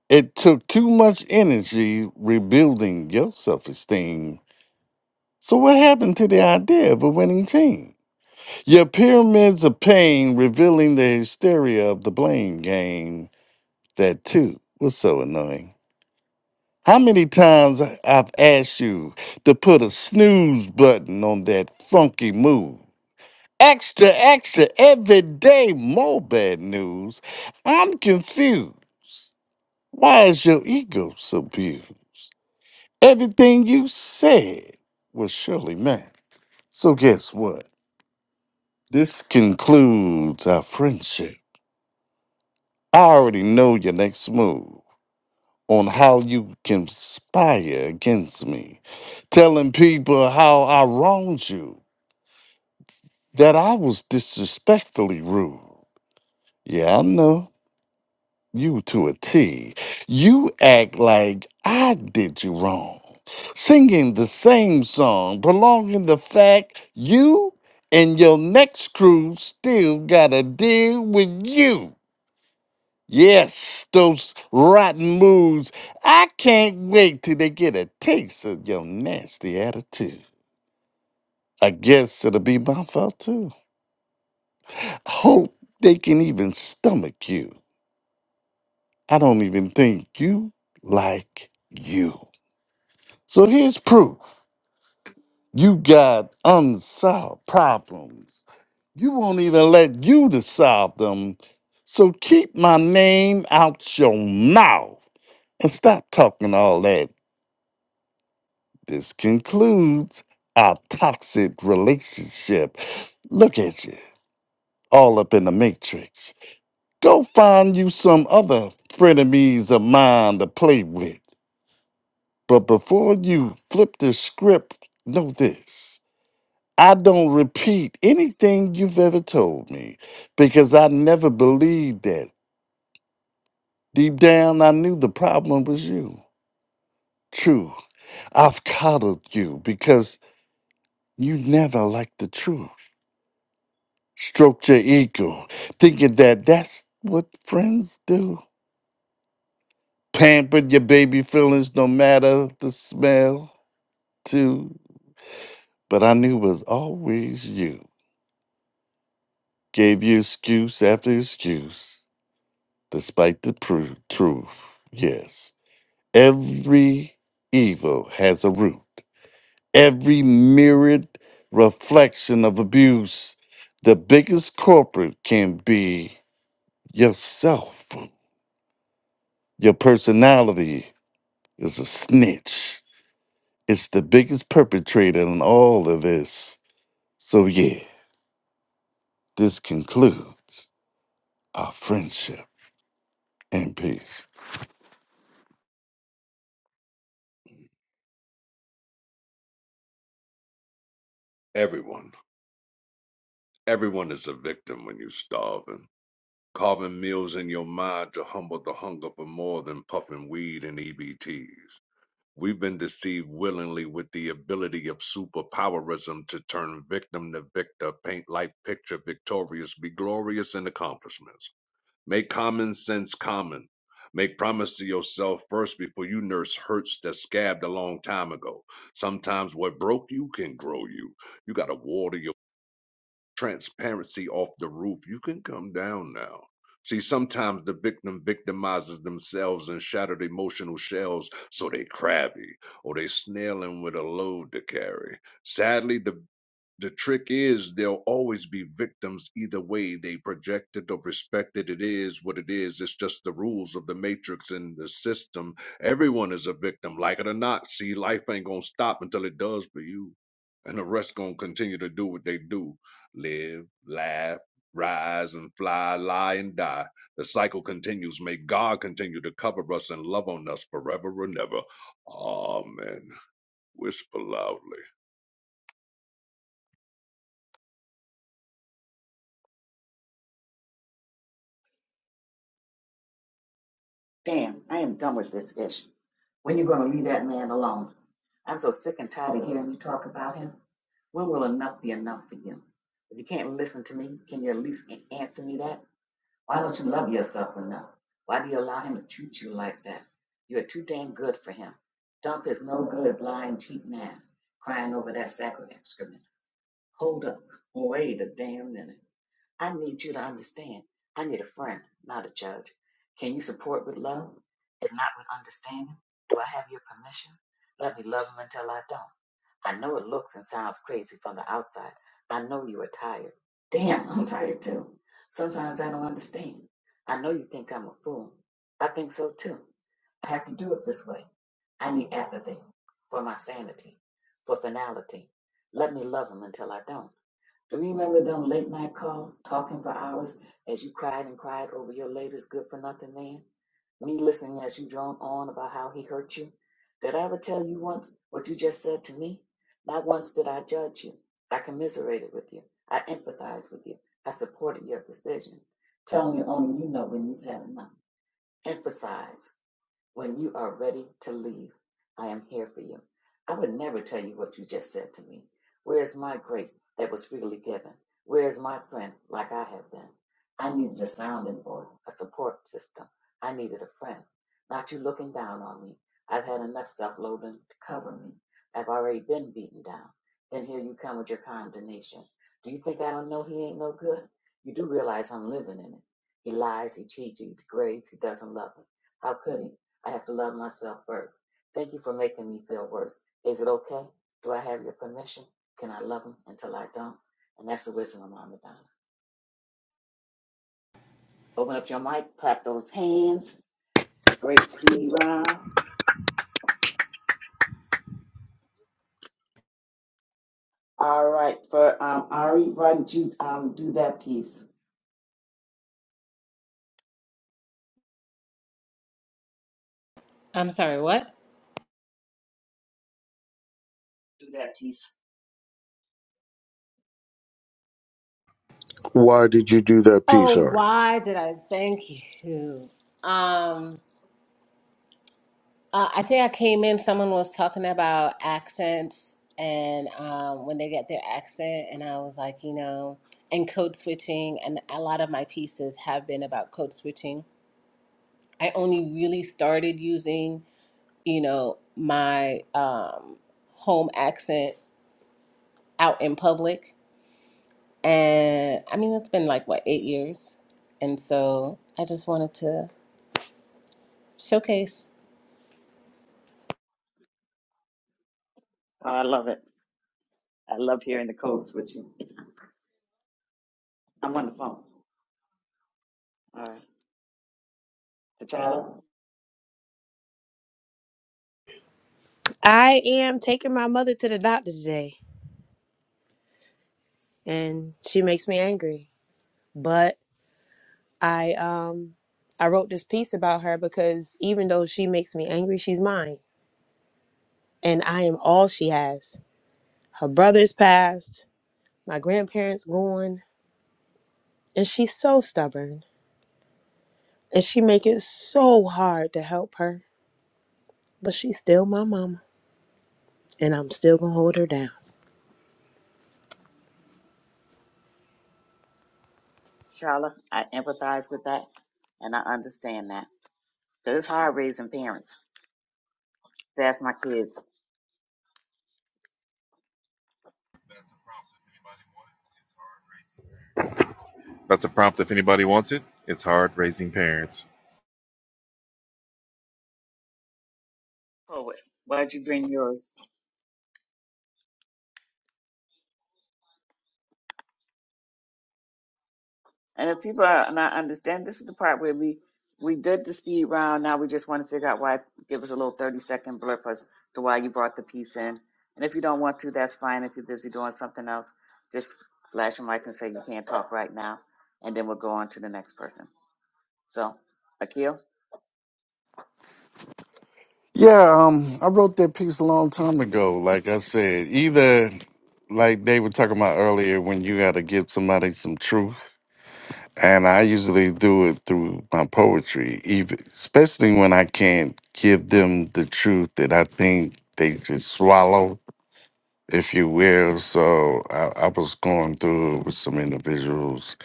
[SPEAKER 3] It took too much energy rebuilding your self esteem. So, what happened to the idea of a winning team? Your pyramids of pain revealing the hysteria of the blame game. That too was so annoying. How many times I've asked you to put a snooze button on that funky move? Extra, extra, every day more bad news. I'm confused. Why is your ego so big? Everything you said was surely meant. So guess what? This concludes our friendship. I already know your next move on how you conspire against me, telling people how I wronged you, that I was disrespectfully rude. Yeah, I know. You to a T. You act like I did you wrong. Singing the same song, prolonging the fact you and your next crew still gotta deal with you. Yes, those rotten moves. I can't wait till they get a taste of your nasty attitude. I guess it'll be my fault too. Hope they can even stomach you. I don't even think you like you. So here's proof you got unsolved problems. You won't even let you to solve them. So keep my name out your mouth and stop talking all that. This concludes our toxic relationship. Look at you, all up in the matrix. Go find you some other frenemies of mine to play with. But before you flip the script, know this. I don't repeat anything you've ever told me because I never believed that. Deep down, I knew the problem was you. True. I've coddled you because you never liked the truth. Stroked your ego, thinking that that's what friends do. Pampered your baby feelings no matter the smell, too. But I knew it was always you. Gave you excuse after excuse, despite the pru- truth. Yes. Every evil has a root. Every mirrored reflection of abuse, the biggest culprit can be yourself. Your personality is a snitch. It's the biggest perpetrator in all of this. So, yeah, this concludes our friendship and peace.
[SPEAKER 7] Everyone. Everyone is a victim when you starving. Carving meals in your mind to humble the hunger for more than puffing weed and EBTs. We've been deceived willingly with the ability of superpowerism to turn victim to victor, paint life picture victorious, be glorious in accomplishments. Make common sense common. Make promise to yourself first before you nurse hurts that scabbed a long time ago. Sometimes what broke you can grow you. You gotta water your transparency off the roof. You can come down now. See, sometimes the victim victimizes themselves in shattered emotional shells, so they crabby or they snailing with a load to carry. Sadly, the the trick is there'll always be victims either way they project it or respect it. It is what it is. It's just the rules of the matrix and the system. Everyone is a victim, like it or not. See, life ain't gonna stop until it does for you. And the rest gonna continue to do what they do. Live, laugh, rise and fly, lie and die. The cycle continues. May God continue to cover us and love on us forever and ever. Amen. Whisper loudly.
[SPEAKER 2] Damn, I am done with this issue. When you gonna leave that man alone? I'm so sick and tired of hearing you talk about him. When will enough be enough for you? If you can't listen to me, can you at least answer me that? Why don't you love yourself enough? Why do you allow him to treat you like that? You are too damn good for him. Dump is no good, lying, cheating ass, crying over that sack of excrement. Hold up. Wait a damn minute. I need you to understand. I need a friend, not a judge. Can you support with love and not with understanding? Do I have your permission? Let me love him until I don't. I know it looks and sounds crazy from the outside. I know you are tired. Damn, I'm tired too. Sometimes I don't understand. I know you think I'm a fool. I think so too. I have to do it this way. I need apathy for my sanity, for finality. Let me love him until I don't. Do you remember them late night calls, talking for hours as you cried and cried over your latest good for nothing man? Me listening as you drone on about how he hurt you? Did I ever tell you once what you just said to me? Not once did I judge you. I commiserated with you. I empathized with you. I supported your decision, telling you only you know when you've had enough. Emphasize. When you are ready to leave, I am here for you. I would never tell you what you just said to me. Where is my grace that was freely given? Where is my friend like I have been? I needed a sounding board, a support system. I needed a friend, not you looking down on me. I've had enough self loathing to cover me. I've already been beaten down. Then here you come with your condemnation. Do you think I don't know he ain't no good? You do realize I'm living in it. He lies, he cheats, he degrades, he doesn't love me. How could he? I have to love myself first. Thank you for making me feel worse. Is it okay? Do I have your permission? Can I love him until I don't? And that's the wisdom of Mama Donna. Open up your mic, clap those hands. Great speed round. All right, for um, Ari, why don't you um, do that piece?
[SPEAKER 10] I'm sorry, what?
[SPEAKER 2] Do that piece.
[SPEAKER 4] why did you do that
[SPEAKER 10] Oh,
[SPEAKER 4] piece, Ari?
[SPEAKER 10] why did I thank you? Um, uh, I think I came in. Someone was talking about accents and um, when they get their accent, and I was like, you know, and code switching. And a lot of my pieces have been about code switching. I only really started using, you know, my um, home accent out in public And I mean, it's been like, what, eight years? And so I just wanted to showcase
[SPEAKER 2] Oh, I love it. I love hearing the codes with you. I'm on the phone. All right. T'Challa,
[SPEAKER 9] I am taking my mother to the doctor today and she makes me angry. But I um I wrote this piece about her because even though she makes me angry, she's mine. And I am all she has. Her brother's passed, my grandparents gone, and she's so stubborn. And she make it so hard to help her. But she's still my mama. And I'm still gonna hold her down.
[SPEAKER 2] T'Challa, I empathize with that and I understand that. Because it's hard raising parents. That's my kids
[SPEAKER 1] That's a prompt if anybody wanted. It's hard raising parents. That's a prompt if anybody wants it. It's hard raising parents.
[SPEAKER 2] poet. Why'd you bring yours? And if people are not understand, this is the part where we we did the speed round. Now we just want to figure out why. Give us a little thirty second blurb as to why you brought the piece in. And if you don't want to, that's fine. If you're busy doing something else, just flash your mic and say you can't talk right now, and then we'll go on to the next person. So, Akil,
[SPEAKER 3] Yeah, um, I wrote that piece a long time ago. Like I said, either like they were talking about earlier, when you got to give somebody some truth, and I usually do it through my poetry, even especially when I can't give them the truth that I think they just swallow, if you will. So I, I was going through it with some individuals,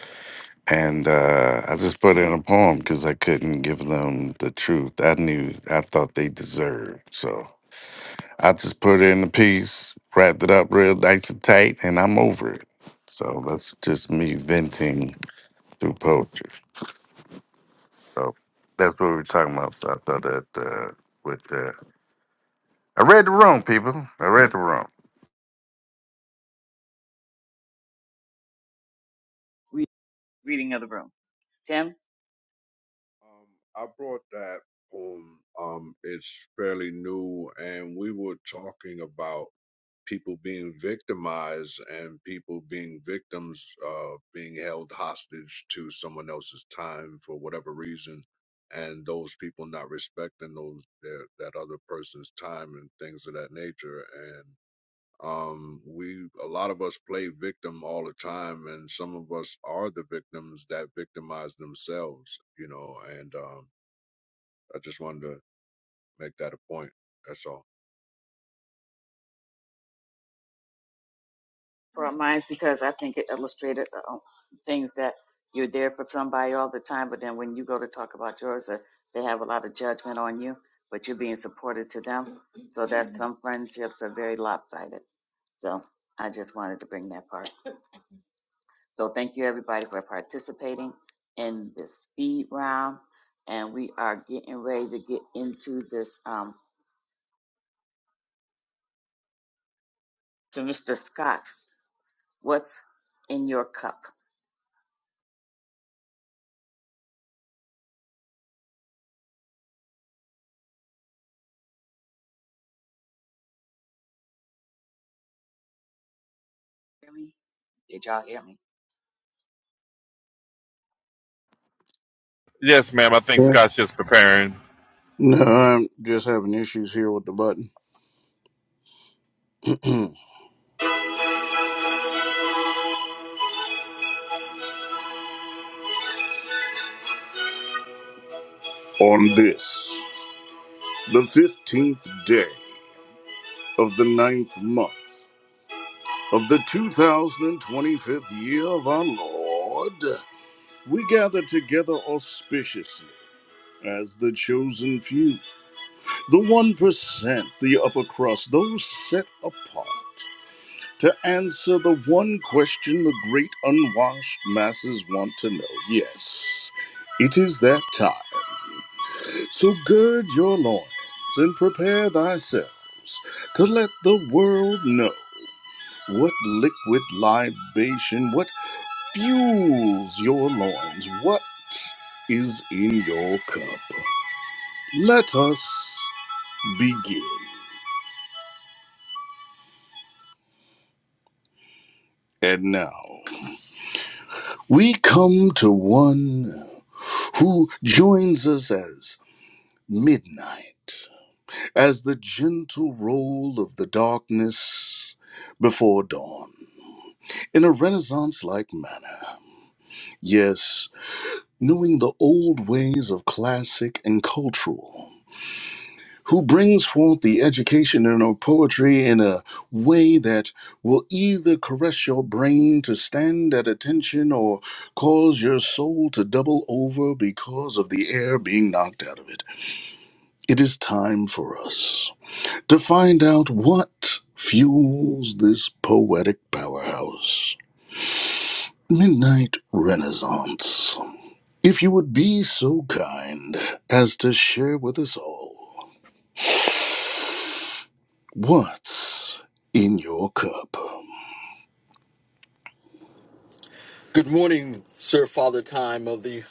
[SPEAKER 3] and uh, I just put in a poem because I couldn't give them the truth I knew I thought they deserved. So. I just put in the piece, wrapped it up real nice and tight, and I'm over it. So that's just me venting through poetry. So that's what we were talking about. So I thought that uh, with uh, I read the room, people. I read the room.
[SPEAKER 2] re- reading of the room. Tim.
[SPEAKER 7] Um, I brought that home. Um, it's fairly new, and we were talking about people being victimized and people being victims, uh, being held hostage to someone else's time for whatever reason, and those people not respecting those their, that other person's time and things of that nature. And um, we a lot of us play victim all the time, and some of us are the victims that victimize themselves, you know, and um I just wanted to make that a point. That's all.
[SPEAKER 2] for mine's because I think it illustrated uh, um, things that you're there for somebody all the time, but then when you go to talk about yours, uh, they have a lot of judgment on you, but you're being supportive to them. So that's some friendships are very lopsided. So I just wanted to bring that part. So thank you everybody for participating in this speed round, and we are getting ready to get into this. Um, to Mr. Scott, what's in your cup? Hear me? Did y'all hear me?
[SPEAKER 1] Yes, ma'am. I think
[SPEAKER 4] Yeah.
[SPEAKER 1] Scott's just preparing.
[SPEAKER 4] No, I'm just having issues here with the button on this. the fifteenth day of the ninth month of the 2025th year of our Lord, we gather together auspiciously as the chosen few, the 1%, the upper crust, those set apart to answer the one question the great unwashed masses want to know. Yes, it is that time. So gird your loins and prepare thyselves to let the world know What liquid libation? What fuels your loins? What is in your cup? Let us begin. And now we come to one who joins us as midnight, as the gentle roll of the darkness before dawn, in a Renaissance like manner. Yes, knowing the old ways of classic and cultural. who brings forth the education in her poetry in a way that will either caress your brain to stand at attention or cause your soul to double over because of the air being knocked out of it. It is time for us to find out what fuels this poetic powerhouse. Midnight Renaissance. If you would be so kind as to share with us all. What's in your cup?
[SPEAKER 11] Good morning, Sir Father Time of the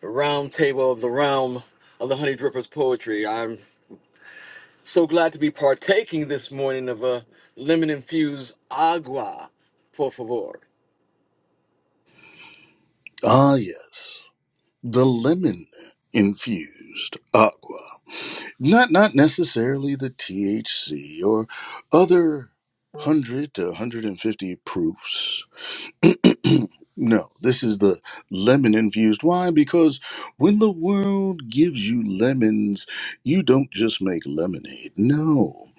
[SPEAKER 11] Round Table of the Realm of the Honey Drippers Poetry. I'm so glad to be partaking this morning of a lemon infused agua, por favor.
[SPEAKER 4] Ah, yes, the lemon infused aqua. Not not necessarily the THC or other 100 to 150 proofs. no, this is the lemon infused. Why? Because when the world gives you lemons, you don't just make lemonade. No,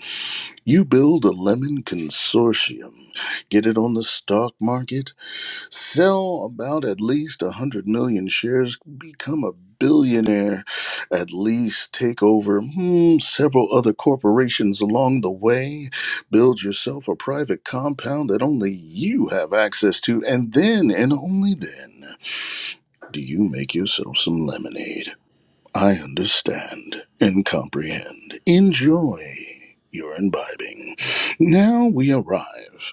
[SPEAKER 4] you build a lemon consortium. Get it on the stock market Sell about at least 100 million shares, become a billionaire, at least take over hmm, several other corporations along the way, build yourself a private compound that only you have access to, and then and only then do you make yourself some lemonade. I understand and comprehend. Enjoy your imbibing. Now we arrive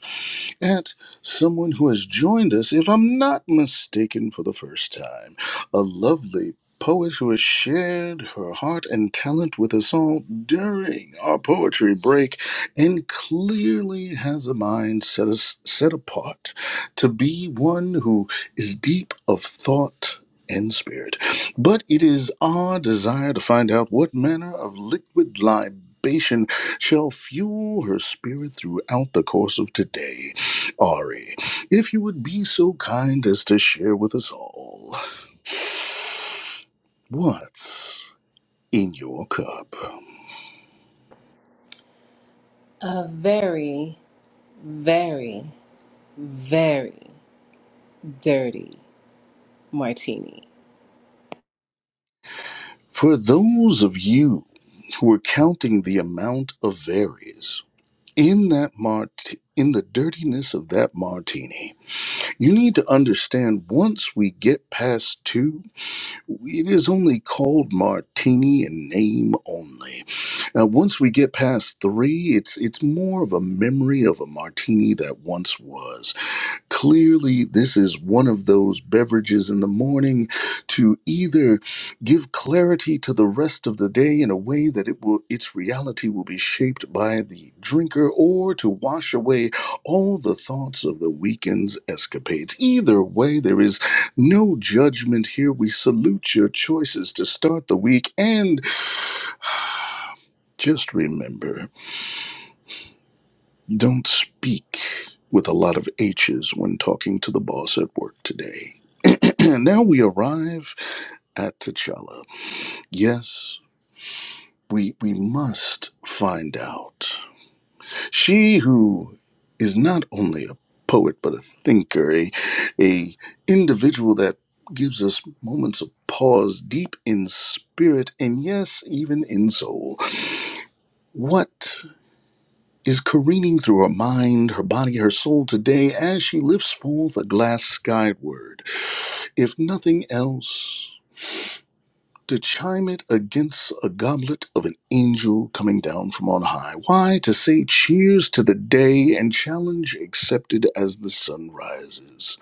[SPEAKER 4] at someone who has joined us, if I'm not mistaken, for the first time. A lovely poet who has shared her heart and talent with us all during our poetry break and clearly has a mind set, us, set apart to be one who is deep of thought and spirit. But it is our desire to find out what manner of liquid libation shall fuel her spirit throughout the course of today. Ari, if you would be so kind as to share with us all what's in your cup.
[SPEAKER 10] a very, very, very dirty martini.
[SPEAKER 4] For those of you who are counting the amount of varies in that mart in the dirtiness of that martini, you need to understand once we get past two. It is only called martini in name only. Now, once we get past three, it's it's more of a memory of a martini that once was. Clearly, this is one of those beverages in the morning to either give clarity to the rest of the day in a way that it will, its reality will be shaped by the drinker or to wash away all the thoughts of the weekend's escapades. Either way, there is no judgment here. We salute your choices to start the week and just remember don't speak with a lot of H's when talking to the boss at work today. And now we arrive at T'Challa. Yes, we, we must find out. She who is not only a poet, but a thinker, a, a individual that gives us moments of pause deep in spirit and yes, even in soul. What is careening through her mind, her body, her soul today as she lifts forth a glass skyward? If nothing else, to chime it against a goblet of an angel coming down from on high. Why? To say cheers to the day and challenge accepted as the sun rises.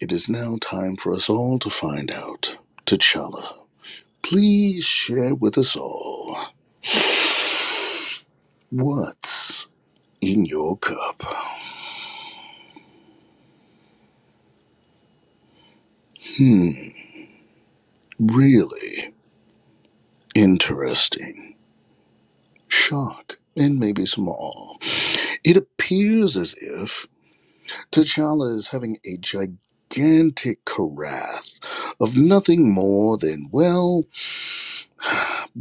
[SPEAKER 4] It is now time for us all to find out. T'Challa, please share with us all what's in your cup. Hmm, really interesting. Shock. And maybe some awe. It appears as if T'Challa is having a gigantic carafe of nothing more than, well,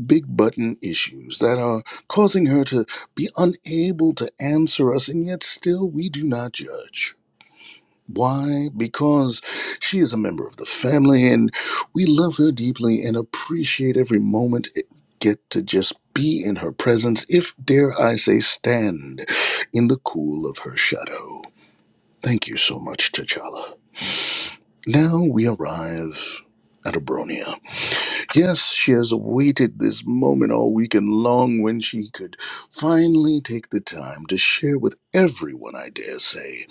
[SPEAKER 4] big button issues that are causing her to be unable to answer us, and yet still we do not judge. Why? Because she is a member of the family and we love her deeply and appreciate every moment it get to just be in her presence, if dare I say, stand in the cool of her shadow. Thank you so much, T'Challa. Now we arrive at Abronia. Yes, she has awaited this moment all weekend long when she could finally take the time to share with everyone, I dare say,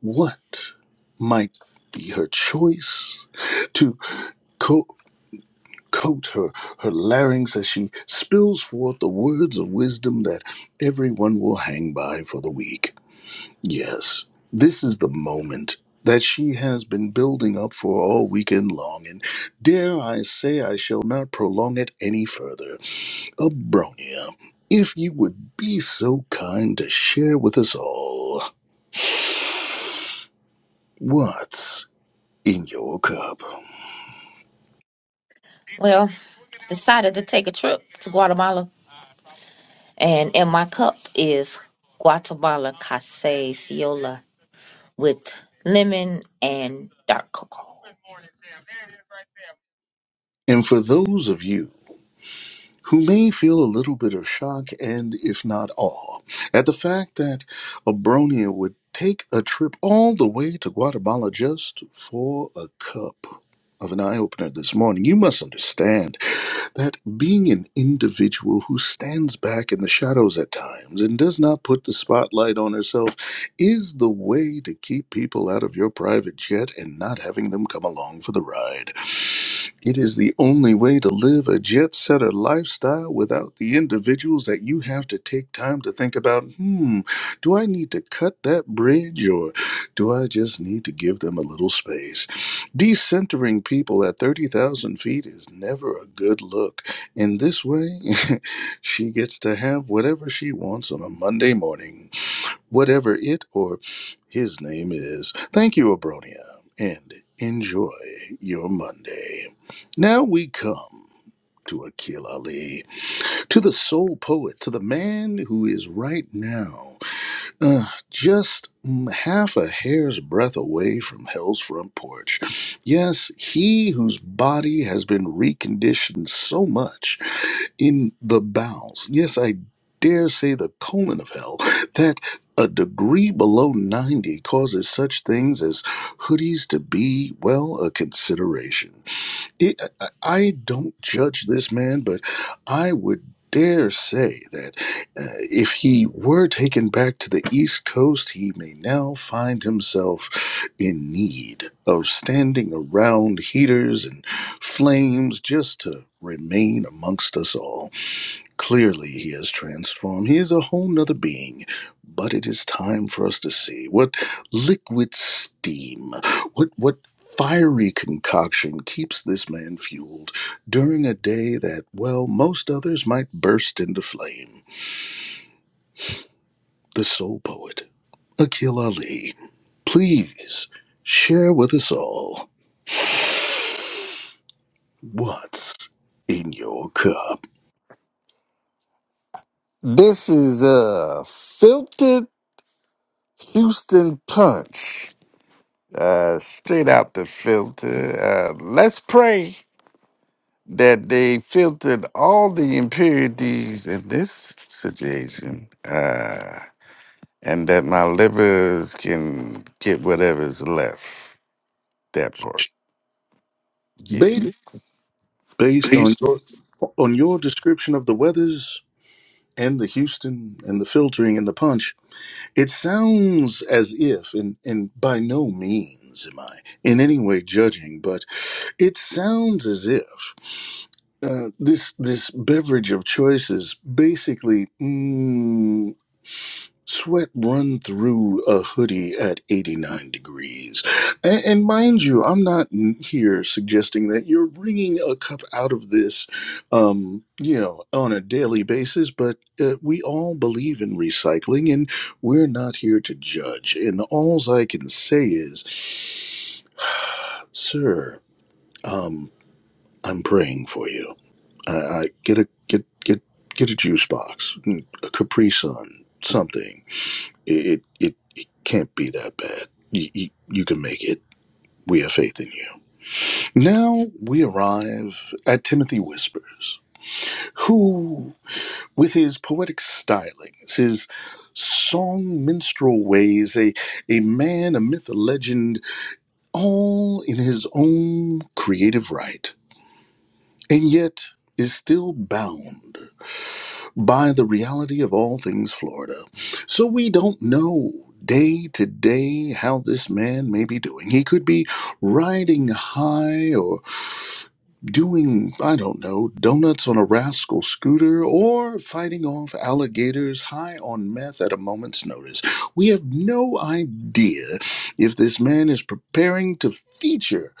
[SPEAKER 4] what might be her choice to co- coat her, her larynx as she spills forth the words of wisdom that everyone will hang by for the week. Yes, this is the moment that she has been building up for all weekend long, and dare I say I shall not prolong it any further. Abronia, if you would be so kind to share with us all what's in your cup.
[SPEAKER 6] Well, decided to take a trip to Guatemala, and in my cup is Guatemala Casey Ciola with lemon and dark cocoa.
[SPEAKER 4] And for those of you who may feel a little bit of shock and, if not awe, at the fact that a Bronia would take a trip all the way to Guatemala just for a cup of an eye opener this morning. You must understand that being an individual who stands back in the shadows at times and does not put the spotlight on herself is the way to keep people out of your private jet and not having them come along for the ride. It is the only way to live a jet setter lifestyle without the individuals that you have to take time to think about, hmm, do I need to cut that bridge or do I just need to give them a little space? Decentering people at 30,000 feet is never a good look. In this way, she gets to have whatever she wants on a Monday morning, whatever it or his name is. Thank you, Abronia, and enjoy your Monday. Now we come to Akil Ali, to the soul poet, to the man who is right now. Uh, just mm, half a hair's breadth away from hell's front porch. Yes, he whose body has been reconditioned so much in the bowels, yes, I dare say the colon of hell, that a degree below 90 causes such things as hoodies to be, well, a consideration. It, I I don't judge this man, but I would dare say that uh, if he were taken back to the East Coast, he may now find himself in need of standing around heaters and flames just to remain amongst us all. Clearly, he has transformed. He is a whole nother being. But it is time for us to see what liquid steam, what what fiery concoction keeps this man fueled during a day that, well, most others might burst into flame. The soul poet, Akil Ali, please share with us all what's in your cup.
[SPEAKER 3] This is a filtered Houston punch, uh, straight out the filter. Uh, let's pray that they filtered all the impurities in this situation. Uh, and that my livers can get whatever's left. That part.
[SPEAKER 4] Based
[SPEAKER 3] Yeah.
[SPEAKER 4] based on
[SPEAKER 3] Peace.
[SPEAKER 4] your on your description of the weathers, and the Houston and the filtering and the punch, it sounds as if, and, and by no means am I in any way judging, but it sounds as if uh, this this beverage of choice is basically mm, Sweat run through a hoodie at 89 degrees. And, and mind you, I'm not here suggesting that you're wringing a cup out of this, um, you know, on a daily basis, but uh, we all believe in recycling and we're not here to judge. And alls I can say is, sir, um, I'm praying for you. I, I get a, get, get, get a juice box, mm, a Capri Sun, something it it, it, it can't be that bad. You, you, you can make it. We have faith in you. Now we arrive at Timothy Whispers, who, with his poetic stylings, his song minstrel ways, a, a man, a myth, a legend, all in his own creative right, and yet is still bound by the reality of all things Florida. So we don't know day to day how this man may be doing. He could be riding high or doing, I don't know, donuts on a rascal scooter or fighting off alligators high on meth at a moment's notice. We have no idea if this man is preparing to feature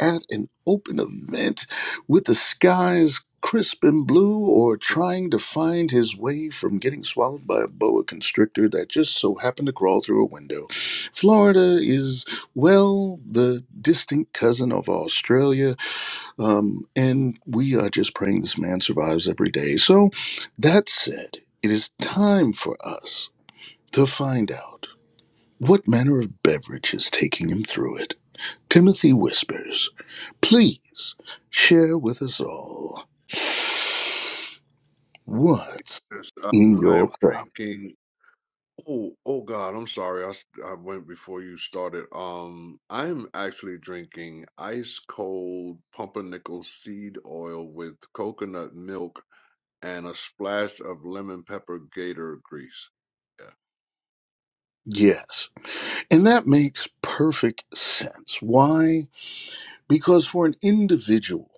[SPEAKER 4] at an open event with the skies crisp and blue or trying to find his way from getting swallowed by a boa constrictor that just so happened to crawl through a window. Florida is, well, the distant cousin of Australia, um, and we are just praying this man survives every day. So, that said, it is time for us to find out what manner of beverage is taking him through it. Timothy Whispers, please share with us all what's
[SPEAKER 7] Yes,
[SPEAKER 4] in
[SPEAKER 7] um, I
[SPEAKER 4] your
[SPEAKER 7] am
[SPEAKER 4] cup.
[SPEAKER 7] drinking. Oh, oh God, I'm sorry. I, s- I went before you started. Um, I'm actually drinking ice cold pumpernickel seed oil with coconut milk and a splash of lemon pepper gator grease. Yeah,
[SPEAKER 4] Yes. And that makes perfect sense. Why? Because for an individual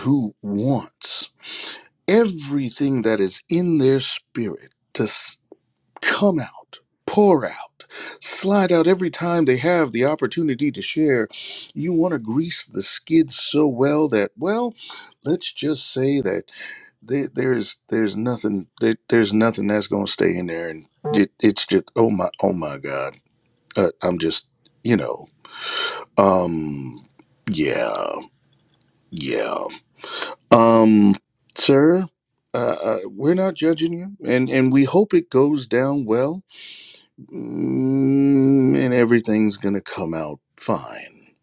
[SPEAKER 4] who wants everything that is in their spirit to. s- come out, pour out, slide out every time they have the opportunity to share. You want to grease the skids so well that, well, let's just say that there, there's there's nothing there, there's nothing that's gonna stay in there, and it, it's just oh my oh my god, uh, I'm just you know um yeah yeah um sir. Uh, uh, we're not judging you, and, and we hope it goes down well Mm, and everything's gonna come out fine,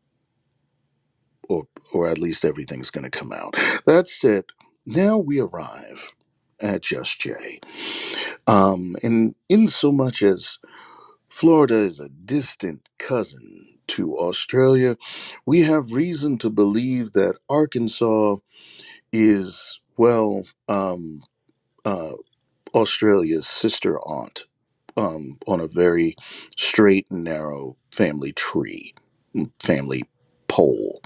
[SPEAKER 4] or or at least everything's gonna come out. That's it. Now we arrive at Just Jay. Um, and in so much as Florida is a distant cousin to Australia, we have reason to believe that Arkansas is well, um, uh, Australia's sister aunt. Um, on a very straight and narrow family tree family poll.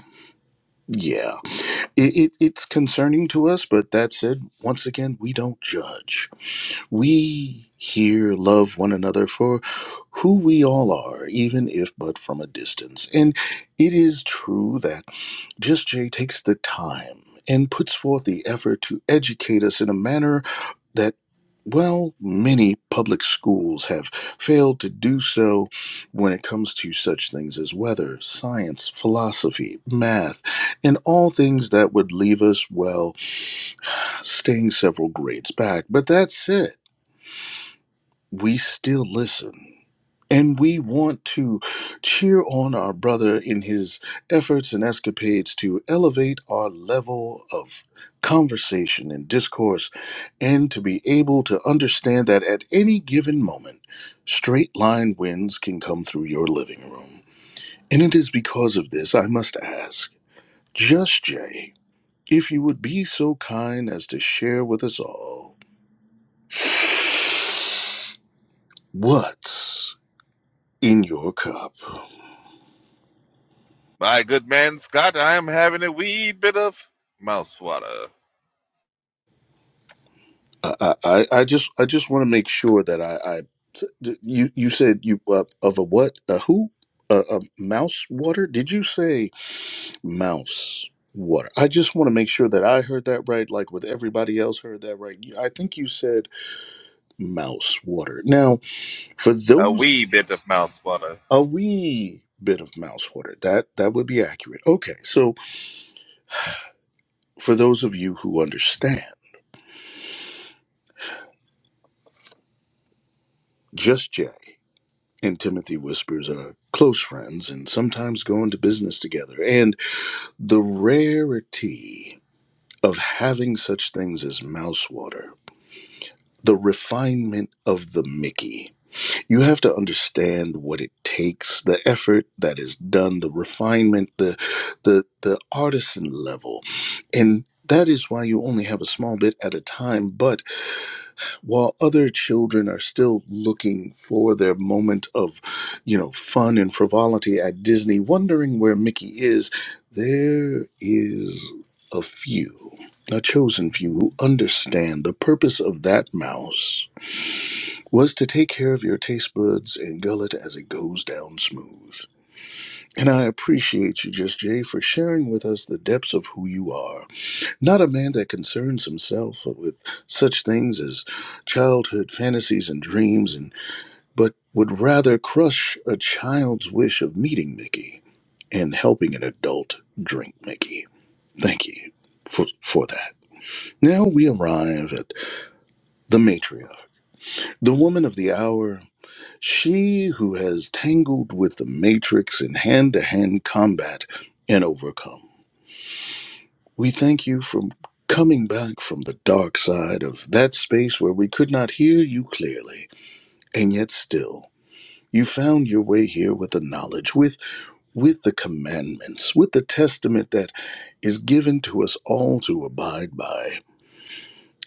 [SPEAKER 4] Yeah, it, it, it's concerning to us, but that said, once again, we don't judge. We here love one another for who we all are, even if but from a distance. And it is true that Just Jay takes the time and puts forth the effort to educate us in a manner that, well, many public schools have failed to do so when it comes to such things as weather, science, philosophy, math, and all things that would leave us, well, staying several grades back. But that's it we still listen. And we want to cheer on our brother in his efforts and escapades to elevate our level of conversation and discourse and to be able to understand that at any given moment, straight line winds can come through your living room. And it is because of this I must ask, Just Jay, if you would be so kind as to share with us all what's in your cup.
[SPEAKER 1] My good man, Scott, I am having a wee bit of mouse water.
[SPEAKER 4] I, I, I I just, I just want to make sure that I, I you, you said you uh, of a what, a who, a, a mouse water? Did you say mouse water? I just want to make sure that I heard that right. Like with everybody else heard that right. You- I think you said mouse water. Now, for
[SPEAKER 1] A
[SPEAKER 4] those
[SPEAKER 1] wee bit of mouse water.
[SPEAKER 4] a wee bit of mouse water, that that would be accurate. Okay, so for those of you who understand. Just yet. and Timothy Whispers are close friends and sometimes go into business together. And the rarity of having such things as mouse water, the refinement of the Mickey. You have to understand what it takes, the effort that is done, the refinement, the the the artisan level. And that is why you only have a small bit at a time, but while other children are still looking for their moment of, you know, fun and frivolity at Disney, wondering where Mickey is, there is a few, a chosen few, who understand the purpose of that mouse was to take care of your taste buds and gullet as it goes down smooth. And I appreciate you, Just Jay, for sharing with us the depths of who you are. Not a man that concerns himself with such things as childhood fantasies and dreams, and but would rather crush a child's wish of meeting Mickey and helping an adult drink Mickey. Thank you for, for that. Now we arrive at the matriarch, the woman of the hour, she who has tangled with the matrix in hand to hand combat and overcome. We thank you for coming back from the dark side of that space where we could not hear you clearly, and yet still you found your way here with the knowledge, with with the commandments, with the testament that is given to us all to abide by.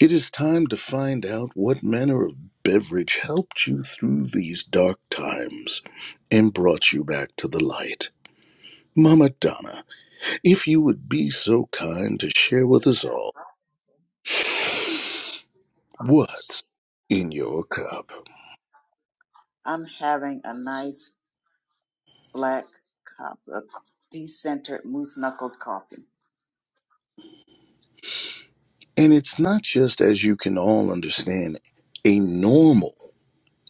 [SPEAKER 4] It is time to find out what manner of beverage helped you through these dark times and brought you back to the light. Mama Donna, if you would be so kind to share with us all what's in your cup.
[SPEAKER 2] I'm having a nice black cup of decentered moose knuckled coffee.
[SPEAKER 4] And it's not just, as you can all understand, a normal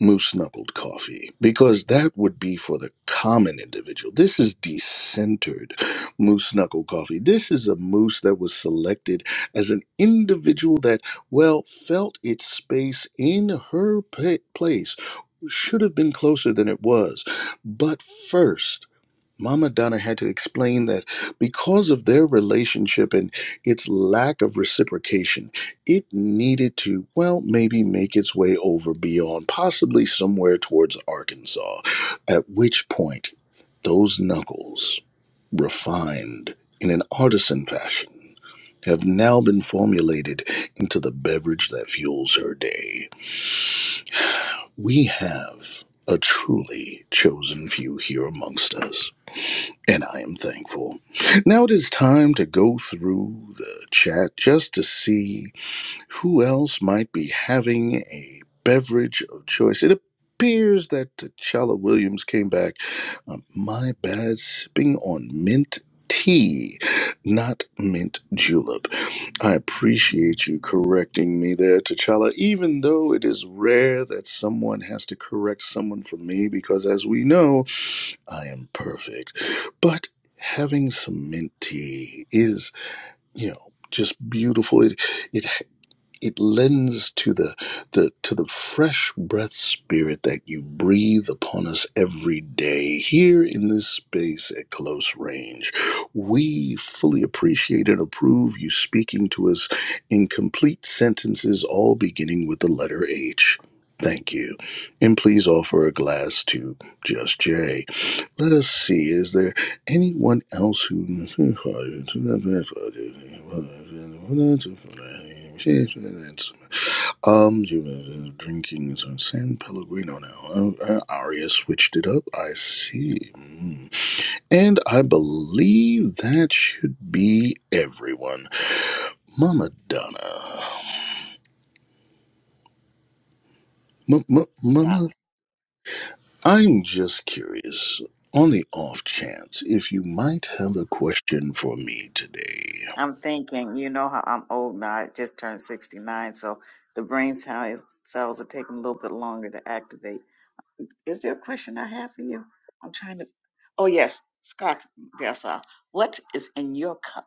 [SPEAKER 4] moose knuckled coffee, because that would be for the common individual. This is decentered moose knuckle coffee. This is a moose that was selected as an individual that, well, felt its space in her pa- place should have been closer than it was. But first, Mama Donna had to explain that because of their relationship and its lack of reciprocation, it needed to, well, maybe make its way over beyond, possibly somewhere towards Arkansas, at which point those knuckles, refined in an artisan fashion, have now been formulated into the beverage that fuels her day. We have a truly chosen few here amongst us and I am thankful. Now it is time to go through the chat just to see who else might be having a beverage of choice. It appears that T'Challa Williams came back. Um, my bad, sipping on mint tea, not mint julep. I appreciate you correcting me there, T'Challa, even though it is rare that someone has to correct someone for me, because as we know, I am perfect. But having some mint tea is, you know, just beautiful. It it it lends to the the to the fresh breath spirit that you breathe upon us every day here in this space at close range. We fully appreciate and approve you speaking to us in complete sentences, all beginning with the letter H. Thank you. And please offer a glass to just Jay. Let us see, is there anyone else who. Um, you drinking some San Pellegrino now. Uh, uh, Aria switched it up. I see. Mm. And I believe that should be everyone. Mama Donna. M- m-
[SPEAKER 2] Scott.
[SPEAKER 4] Mama, I'm just curious. On the off chance, if you might have a question for me today.
[SPEAKER 2] I'm thinking, you know how I'm old now. I just turned 69, so the brain cell- cells are taking a little bit longer to activate. Is there a question I have for you? I'm trying to. Oh, yes, Scott Dessa, what is in your cup?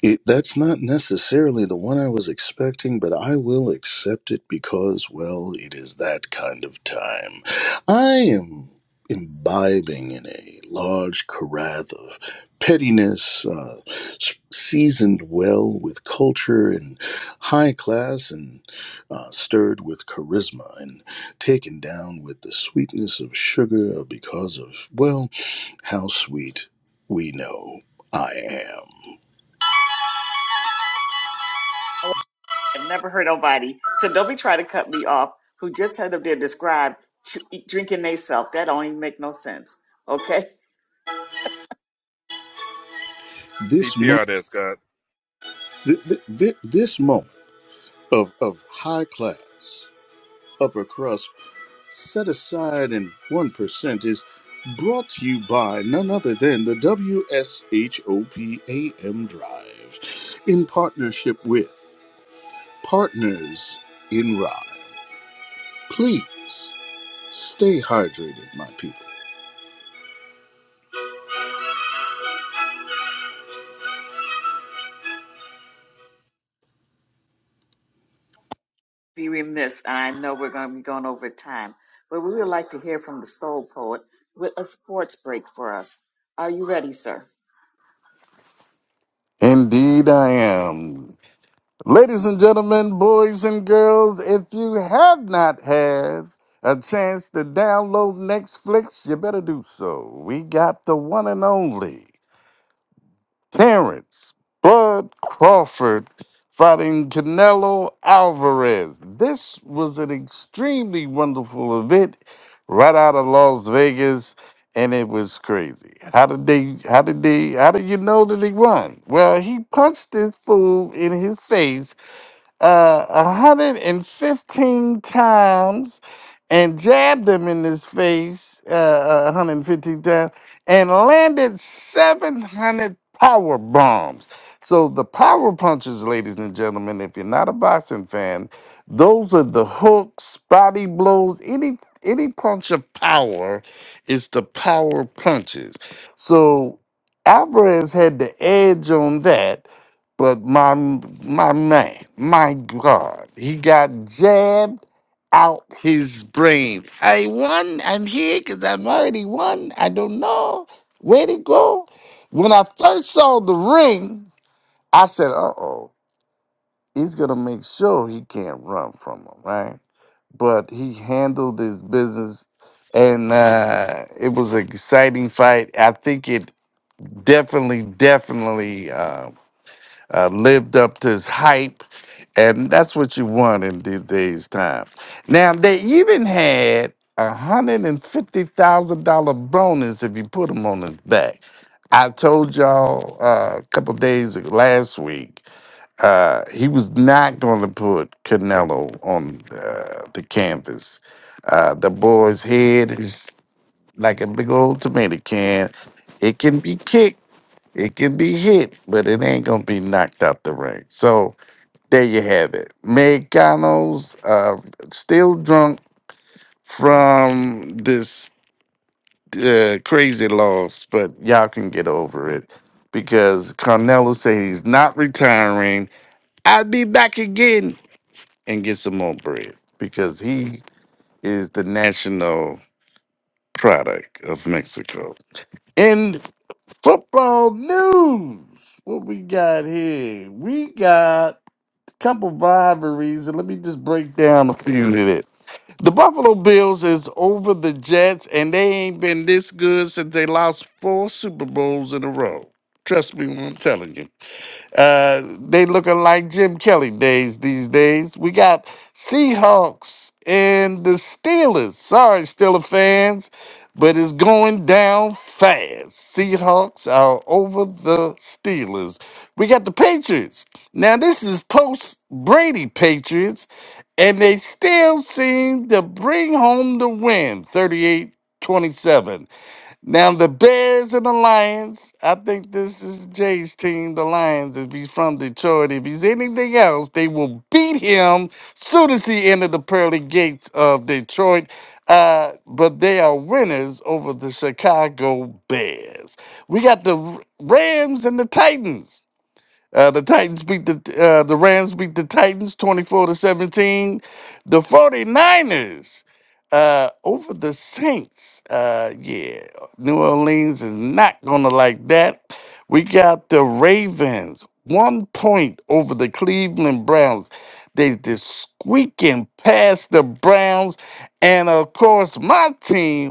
[SPEAKER 4] It, that's not necessarily the one I was expecting, but I will accept it because, well, it is that kind of time. I am imbibing in a large carafe of pettiness, uh, s- seasoned well with culture and high class, and uh, stirred with charisma, and taken down with the sweetness of sugar because of, well, how sweet we know I am.
[SPEAKER 2] Oh, I've never heard nobody, so don't be trying to cut me off, who just heard of their describe ch- drinking they self. That don't even make no sense. Okay?
[SPEAKER 4] This moment,
[SPEAKER 1] PTR there, Scott.
[SPEAKER 4] th- this moment of, of high class, upper crust, set aside in 1% is brought to you by none other than the W S H O P A M Drive in partnership with Partners in Rhyme. Please stay hydrated, my people.
[SPEAKER 2] be remiss, and I know we're going to be going over time, but we would like to hear from the soul poet with a sports break for us. Are you ready, sir?
[SPEAKER 3] Indeed, I am. Ladies and gentlemen, boys and girls, if you have not had a chance to download Netflix, you better do so. We got the one and only. Terrence Bud Crawford fighting Canelo Alvarez. This was an extremely wonderful event right out of Las Vegas, and it was crazy. How did they? How did they? How did you know that he won? Well, he punched this fool in his face uh, 115 times and jabbed him in his face uh, uh, 115 times and landed 700 power bombs. So the power punches, ladies and gentlemen, if you're not a boxing fan, those are the hooks, body blows, any any punch of power is the power punches. So Alvarez had the edge on that but my my man, my God, he got jabbed out his brain. I won. I'm here because I'm already won. I don't know where to go. When I first saw the ring, I said, "Uh oh, he's gonna make sure he can't run from him, right?" But he handled his business, and uh, it was an exciting fight. I think it definitely, definitely. Uh, uh, lived up to his hype, and that's what you want in these days' time. Now they even had a hundred and fifty thousand dollar bonus if you put him on his back. I told y'all uh, a couple days ago, last week uh, he was not going to put Canelo on uh, the canvas. Uh, the boy's head is like a big old tomato can. It can be kicked it can be hit, but it ain't gonna be knocked out the ring. So there you have it. McDonald's uh still drunk from this uh, crazy loss, but y'all can get over it because Carnello said he's not retiring. I'll be back again and get some more bread because he is the national product of Mexico. In football news, what we got here? We got couple of rivalries, and let me just break down a few of it. The Buffalo Bills is over the Jets, and they ain't been this good since they lost four Super Bowls in a row. Trust me when I'm telling you. Uh, they looking like Jim Kelly days these days. We got Seahawks and the Steelers. Sorry, Steelers fans, but it's going down fast. Seahawks are over the Steelers. We got the Patriots. Now this is post Brady Patriots, and they still seem to bring home the win, Thirty-eight twenty-seven. Now the Bears and the Lions. I think this is Jay's team, the Lions. If he's from Detroit, if he's anything else, they will beat him soon as he entered the pearly gates of Detroit. Uh, but they are winners over the Chicago Bears. We got the R- Rams and the Titans. Uh, the Titans beat the uh, the Rams beat the Titans 24 to 17. The 49ers uh, over the Saints. Uh, yeah, New Orleans is not gonna like that. We got the Ravens one point over the Cleveland Browns. They they squeaking past the Browns, and of course my team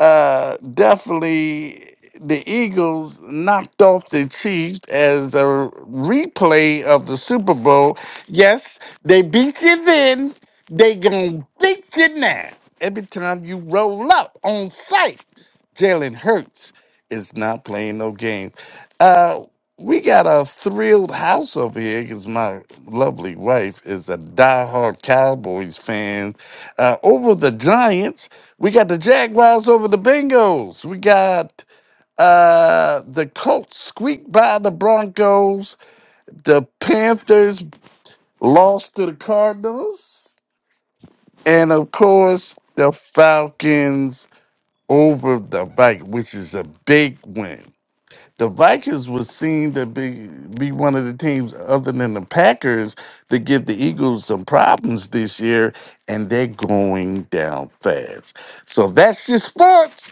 [SPEAKER 3] uh, definitely the Eagles knocked off the Chiefs as a replay of the Super Bowl. Yes, they beat you then. They gonna beat you now. Every time you roll up on site, Jalen Hurts is not playing no games. Uh, we got a thrilled house over here because my lovely wife is a diehard Cowboys fan. Uh, over the Giants, we got the Jaguars over the Bengals. We got uh, the Colts squeaked by the Broncos. The Panthers lost to the Cardinals. And of course, the Falcons over the Vikings, which is a big win the Vikings was seen to be be one of the teams other than the Packers to give the Eagles some problems this year, and they're going down fast. So that's your sports.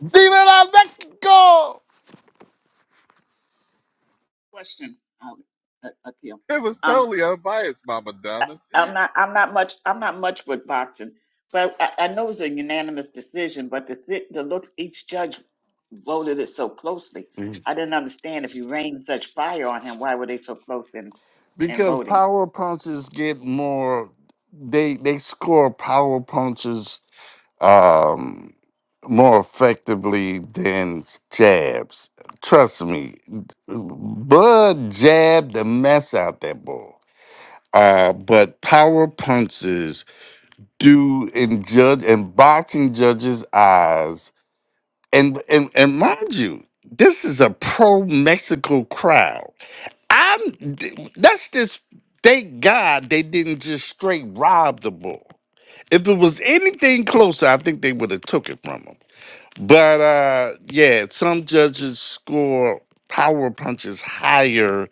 [SPEAKER 3] Viva la
[SPEAKER 2] Question, um, Akil.
[SPEAKER 1] It was
[SPEAKER 2] Um,
[SPEAKER 1] totally unbiased, Mama
[SPEAKER 2] I,
[SPEAKER 1] Donna.
[SPEAKER 2] I'm not. I'm not much. I'm not much with boxing, but I, I know it was a unanimous decision. But the si- the look each judge voted it so closely.
[SPEAKER 3] Mexico!
[SPEAKER 2] I didn't understand if you rained such fire on him. Why were they so close in in
[SPEAKER 3] Because
[SPEAKER 2] voting?
[SPEAKER 3] power punches get more they they score power punches um more effectively than jabs. Trust me, Bud jabbed the mess out that ball. Uh, but power punches do in judge and boxing judges' eyes. And and and mind you, this is a pro Mexico crowd. I'm that's just thank God they didn't just straight rob the bull. If it was anything closer, I think they would have took it from him. But uh yeah, some judges score power punches higher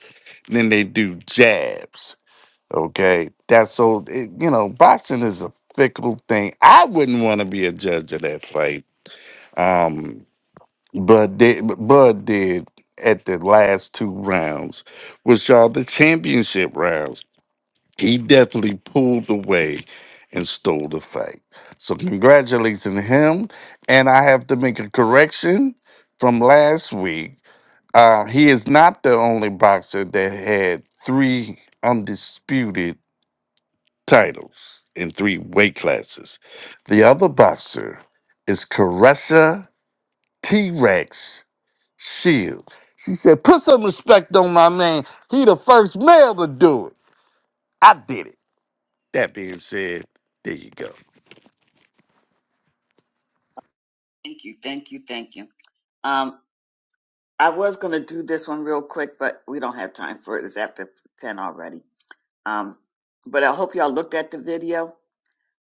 [SPEAKER 3] than they do jabs Okay, that's so it, you know, boxing is a fickle thing. I wouldn't want to be a judge of that fight. Um, but did Bud did at the last two rounds, which are the championship rounds. He definitely pulled away and stole the fight. So congratulations to him. And I have to make a correction from last week. Uh, he is not the only boxer that had three undisputed titles in three weight classes. The other boxer is Caressa T Rex Shield. She said, Put some respect on my man. He the first male to do it. I did it. That being said, there you go.
[SPEAKER 2] Thank you. Thank you. Thank you. Um, I was going to do this one real quick, but we don't have time for it. It's after ten already. Um, but I hope y'all looked at the video.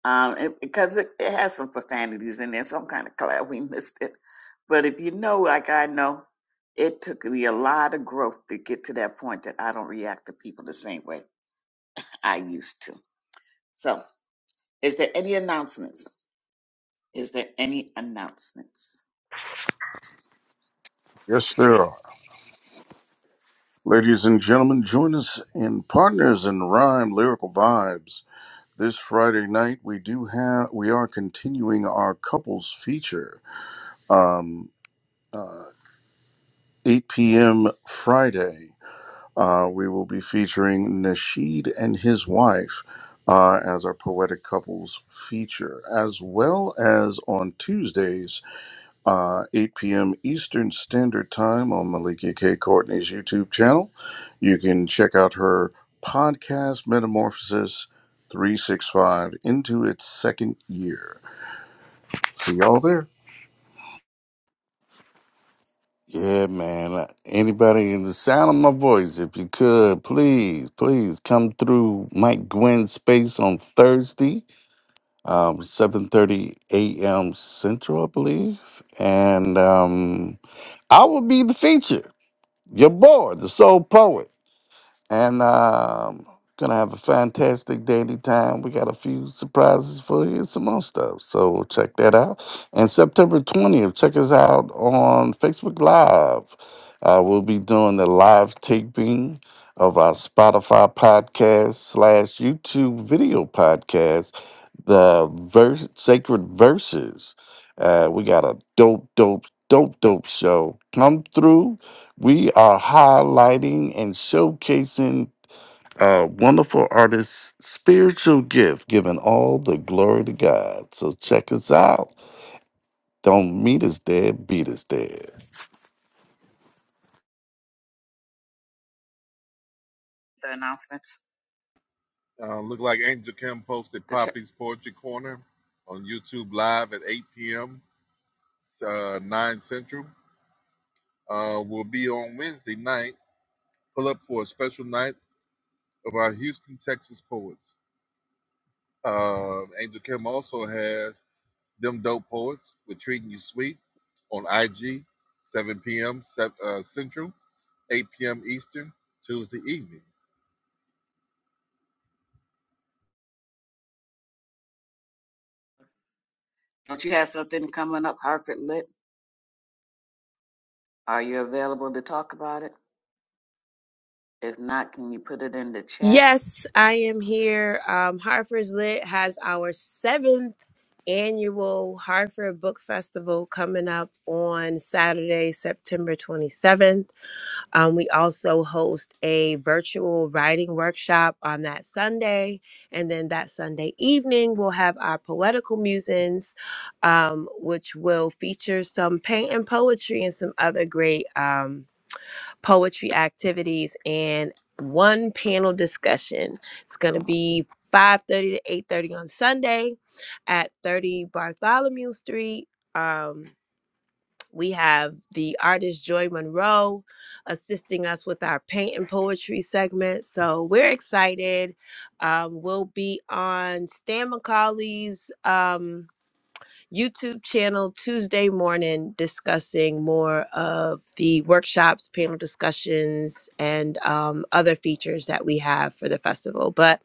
[SPEAKER 2] um, it, because it, it has some profanities in there. So I'm kind of glad we missed it. But if you know, like I know, it took me a lot of growth to get to that point that I don't react to people the same way I used to. So, is there any announcements? Is there any announcements?
[SPEAKER 4] Yes, there are. Ladies and gentlemen, join us in Partners in Rhyme Lyrical Vibes This Friday night, we do have we are continuing our couples feature. Um, uh, 8 p.m. Friday, uh, we will be featuring Nasheed and his wife uh, as our poetic couples feature, as well as on Tuesdays uh, 8 p.m. Eastern Standard Time on Malika K. Courtney's YouTube channel. You can check out her podcast, Metamorphosis 365, into its second year. See y'all there.
[SPEAKER 3] Yeah, man. Uh, Anybody in the sound of my voice, if you could, please, please come through Mike Gwynn's space on Thursday, um, 7.30 a.m. Central, I believe. And um, I will be the feature, your boy, the soul poet. And um gonna have a fantastic dandy time. We got a few surprises for you, some more stuff. So check that out. And September 20th, check us out on Facebook Live. Uh, we'll be doing the live taping of our Spotify podcast slash YouTube video podcast the verse, sacred verses. Uh, we got a dope, dope, dope, dope show come through. We are highlighting and showcasing uh, wonderful artists' spiritual gift, giving all the glory to God. So check us out. Don't meet us there, beat us there.
[SPEAKER 2] The announcements.
[SPEAKER 1] Uh, look like Angel Kim posted
[SPEAKER 2] The ch-
[SPEAKER 1] Poppy's Poetry Corner on YouTube Live at 8 p.m., uh, 9 Central. Uh, we'll be on Wednesday night. Pull up for a special night of our Houston, Texas poets. Um, Angel Kim also has Them Dope Poets with Treating You Sweet on IG, 7 p.m. Sep- uh, Central, 8 p.m. Eastern, Tuesday evening.
[SPEAKER 2] don't you have something coming up, Hartford Lit? Are you available to talk about it? If not, can you put it in the chat?
[SPEAKER 9] Yes, I am here. Um, Hartford's Lit has our seventh annual Hartford Book Festival coming up on Saturday, September 27th. Um, we also host a virtual writing workshop on that Sunday. And then that Sunday evening, we'll have our poetical musings, um, which will feature some paint and poetry and some other great. Um, poetry activities and one panel discussion. It's going to be 5:30 to 8:30 on Sunday at 30 Bartholomew Street. Um, we have the artist Joy Monroe assisting us with our paint and poetry segment. So we're excited. Um, we'll be on Stan McCauley's. Um, YouTube channel Tuesday morning discussing more of the workshops, panel discussions, and um, other features that we have for the festival. But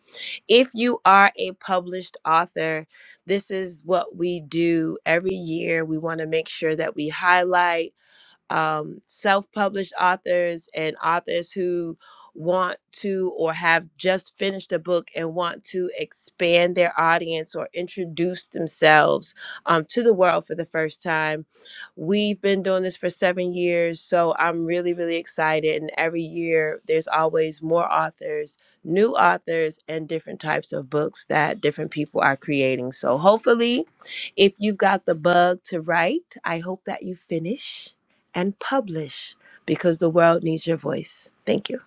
[SPEAKER 9] if you are a published author, this is what we do every year. We want to make sure that we highlight um, self published authors and authors who want to or have just finished a book and want to expand their audience or introduce themselves um, to the world for the first time. We've been doing this for seven years, so I'm really, really excited. And every year, there's always more authors, new authors, and different types of books that different people are creating. So hopefully, if you've got the bug to write, I hope that you finish and publish because the world needs your voice. Thank you.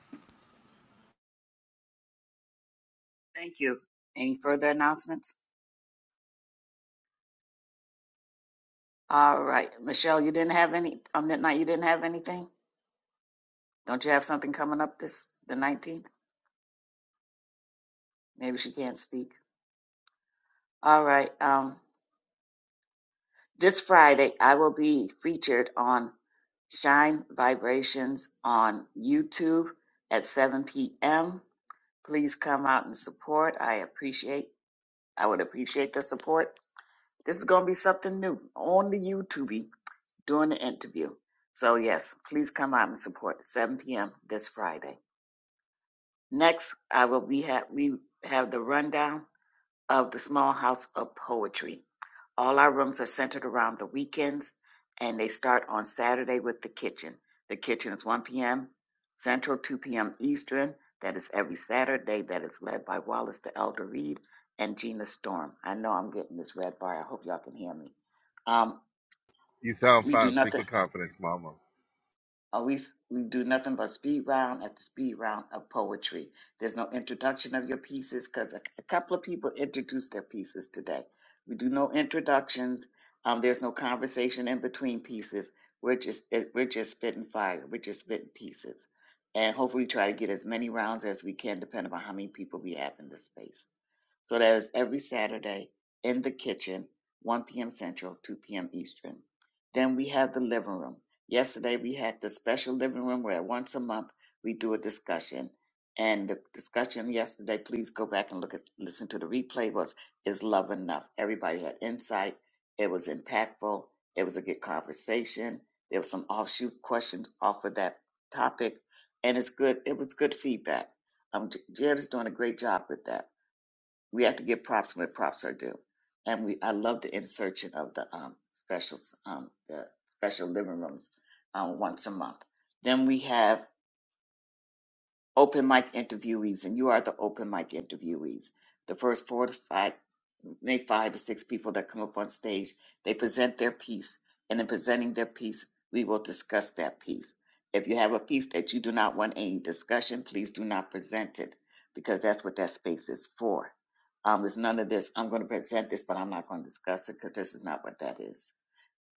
[SPEAKER 2] Thank you. Any further announcements? All right, Michelle, you didn't have any on midnight. You didn't have anything. Don't you have something coming up this the nineteenth? Maybe she can't speak. All right. Um. This Friday, I will be featured on Shine Vibrations on YouTube at 7 p.m. Please come out and support. I appreciate, I would appreciate the support. This is going to be something new on the YouTube during the interview. So yes, please come out and support 7 p.m. this Friday. Next, I will be have we have the rundown of the Small House of Poetry. All our rooms are centered around the weekends, and they start on Saturday with the kitchen. The kitchen is 1 p.m. Central, 2 p.m. Eastern. That is every Saturday. That is led by Wallace the Elder Reed and Gina Storm. I know I'm getting this red bar. I hope y'all can hear me. Um,
[SPEAKER 1] You sound
[SPEAKER 2] we do
[SPEAKER 1] fine. Speak
[SPEAKER 2] nothing
[SPEAKER 1] with confidence, Mama.
[SPEAKER 2] or we, s- we do nothing but speed round after speed round of poetry. There's no introduction of your pieces because a, a couple of people introduced their pieces today. We do no introductions. Um, there's no conversation in between pieces. We're just it, we're just spitting fire. We're just spitting pieces, and hopefully try to get as many rounds as we can, depending on how many people we have in the space. So that is every Saturday in the kitchen, 1 p.m. Central, 2 p.m. Eastern. Then we have the living room. Yesterday we had the special living room where once a month we do a discussion. And the discussion yesterday, please go back and look at listen to the replay was is love enough? Everybody had insight. It was impactful. It was a good conversation. There were some offshoot questions off of that topic. And it's good, it was good feedback. Um J- Jared is doing a great job with that we have to give props where props are due. And we, I love the insertion of the um, specials, um, the special living rooms um, once a month. Then we have open mic interviewees, and you are the open mic interviewees. The first four to five, maybe five to six people that come up on stage, they present their piece, and in presenting their piece, we will discuss that piece. If you have a piece that you do not want any discussion, please do not present it because that's what that space is for. Um, there's none of this. I'm going to present this, but I'm not going to discuss it because this is not what that is.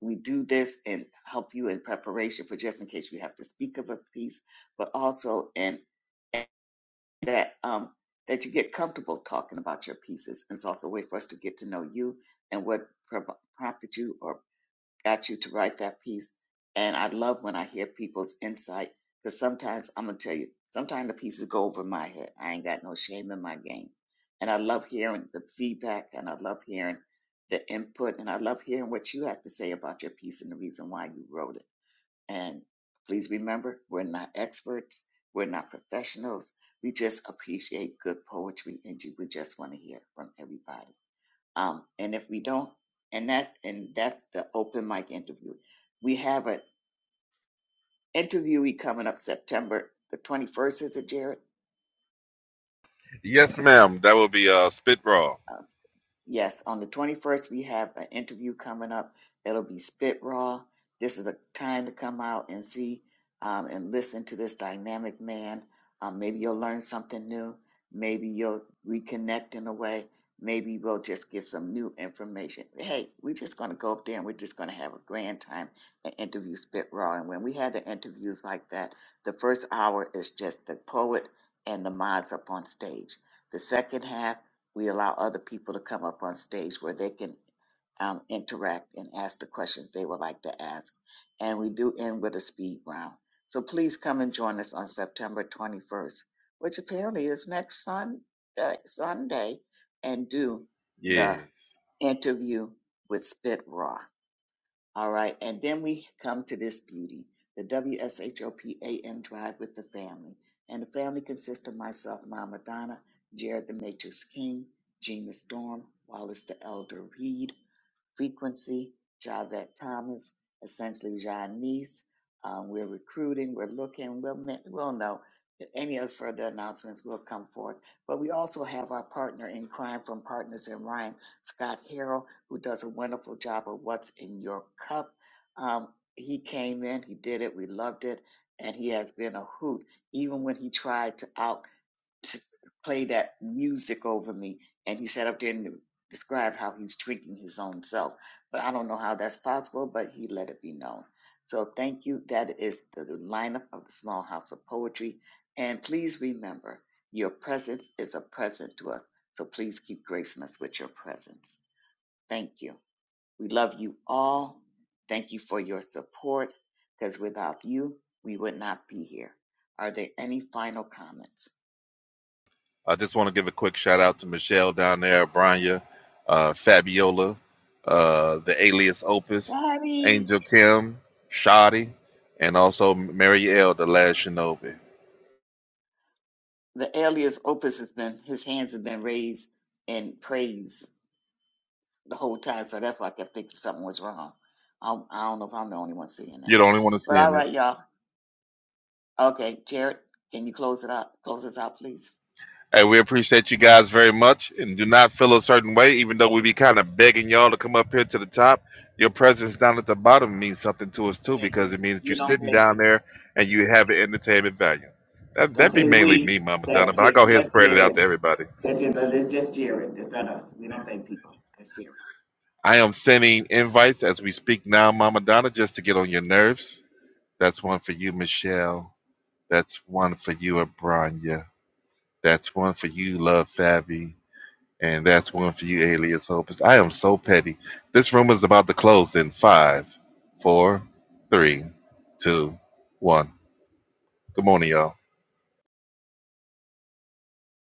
[SPEAKER 2] We do this and help you in preparation for just in case you have to speak of a piece but also in that um that you get comfortable talking about your pieces. And it's also a way for us to get to know you and what pro- prompted you or got you to write that piece. And I love when I hear people's insight because sometimes I'm gonna tell you, sometimes the pieces go over my head. I ain't got no shame in my game. And I love hearing the feedback and I love hearing the input and I love hearing what you have to say about your piece and the reason why you wrote it. And please remember, we're not experts, we're not professionals. We just appreciate good poetry, and you- we just want to hear from everybody. Um, and if we don't, and that's and that's the open mic interview. We have an interviewee coming up September the twenty first. Is it Jared?
[SPEAKER 1] Yes, ma'am. That will be uh, Spit Raw.
[SPEAKER 2] Uh, yes, on the 21st, we have an interview coming up. It'll be Spit Raw. This is a time to come out and see um, and listen to this dynamic man. Um, maybe you'll learn something new. Maybe you'll reconnect in a way. Maybe we'll just get some new information. Hey, we're just going to go up there and we're just going to have a grand time and interview Spit Raw. And when we had the interviews like that, the first hour is just the poet and the mods up on stage. The second half, we allow other people to come up on stage where they can um, interact and ask the questions they would like to ask. And we do end with a speed round. So please come and join us on September 21st, which apparently is next sun, uh, Sunday, and do the
[SPEAKER 1] Yes.
[SPEAKER 2] interview with Spit Raw. All right, and then we come to this beauty, the WSHOPAM drive with the family. And the family consists of myself, Mama Donna, Jared the Matrix King, Gina Storm, Wallace the Elder Reed, Frequency, Javette Thomas, essentially Janice. Um, we're recruiting, we're looking, we'll, kn- we'll know. If Any other further announcements will come forth. But we also have our partner in crime from Partners in Rhyme, Scott Harrell who does a wonderful job of What's in Your Cup. Um, he came in, he did it, we loved it, and he has been a hoot. Even when he tried to out to play that music over me, and he sat up there and described how he's drinking his own self. But I don't know how that's possible, but he let it be known. So thank you. That is the lineup of the Small House of Poetry. And please remember, your presence is a present to us. So please keep gracing us with your presence. Thank you. We love you all. Thank you for your support because without you, we would not be here. Are there any final comments?
[SPEAKER 1] I just want to give a quick shout out to Michelle down there, Branya, uh, Fabiola, uh, the alias Opus,
[SPEAKER 2] Bobby!
[SPEAKER 1] Angel Kim, Shoddy, and also Mary L, the last shinobi.
[SPEAKER 2] The alias Opus has been, his hands have been raised in praise the whole time, so that's why I kept thinking something was wrong. I, I don't know if I'm the only one seeing that.
[SPEAKER 1] You're the only one that's
[SPEAKER 2] But all
[SPEAKER 1] seeing it.
[SPEAKER 2] right, y'all. Okay, Jared, can you close it up? Close us out, please.
[SPEAKER 1] Hey, we appreciate you guys very much and do not feel a certain way, even though we be kind of begging y'all to come up here to the top. Your presence down at the bottom means something to us too,
[SPEAKER 2] Thank
[SPEAKER 1] because
[SPEAKER 2] you.
[SPEAKER 1] it means that you're
[SPEAKER 2] You don't
[SPEAKER 1] sitting
[SPEAKER 2] thank
[SPEAKER 1] down
[SPEAKER 2] you.
[SPEAKER 1] there and you have the entertainment value. That,
[SPEAKER 2] Don't
[SPEAKER 1] that be
[SPEAKER 2] say
[SPEAKER 1] mainly
[SPEAKER 2] we.
[SPEAKER 1] me, Mama Donna,
[SPEAKER 2] That's,
[SPEAKER 1] but I
[SPEAKER 2] J-
[SPEAKER 1] go ahead and
[SPEAKER 2] that's
[SPEAKER 1] spread it
[SPEAKER 2] Jared.
[SPEAKER 1] out to everybody.
[SPEAKER 2] That's just, that's just Jared. That's not us. We don't thank people. That's Jared.
[SPEAKER 1] I am sending invites as we speak now, Mama Donna, just to get on your nerves. That's one for you, Michelle. That's one for you, Abranya. That's one for you, Love Fabi. And that's one for you, Alias Hopus. I am so petty. This room is about to close in five, four, three, two, one. Good morning, y'all.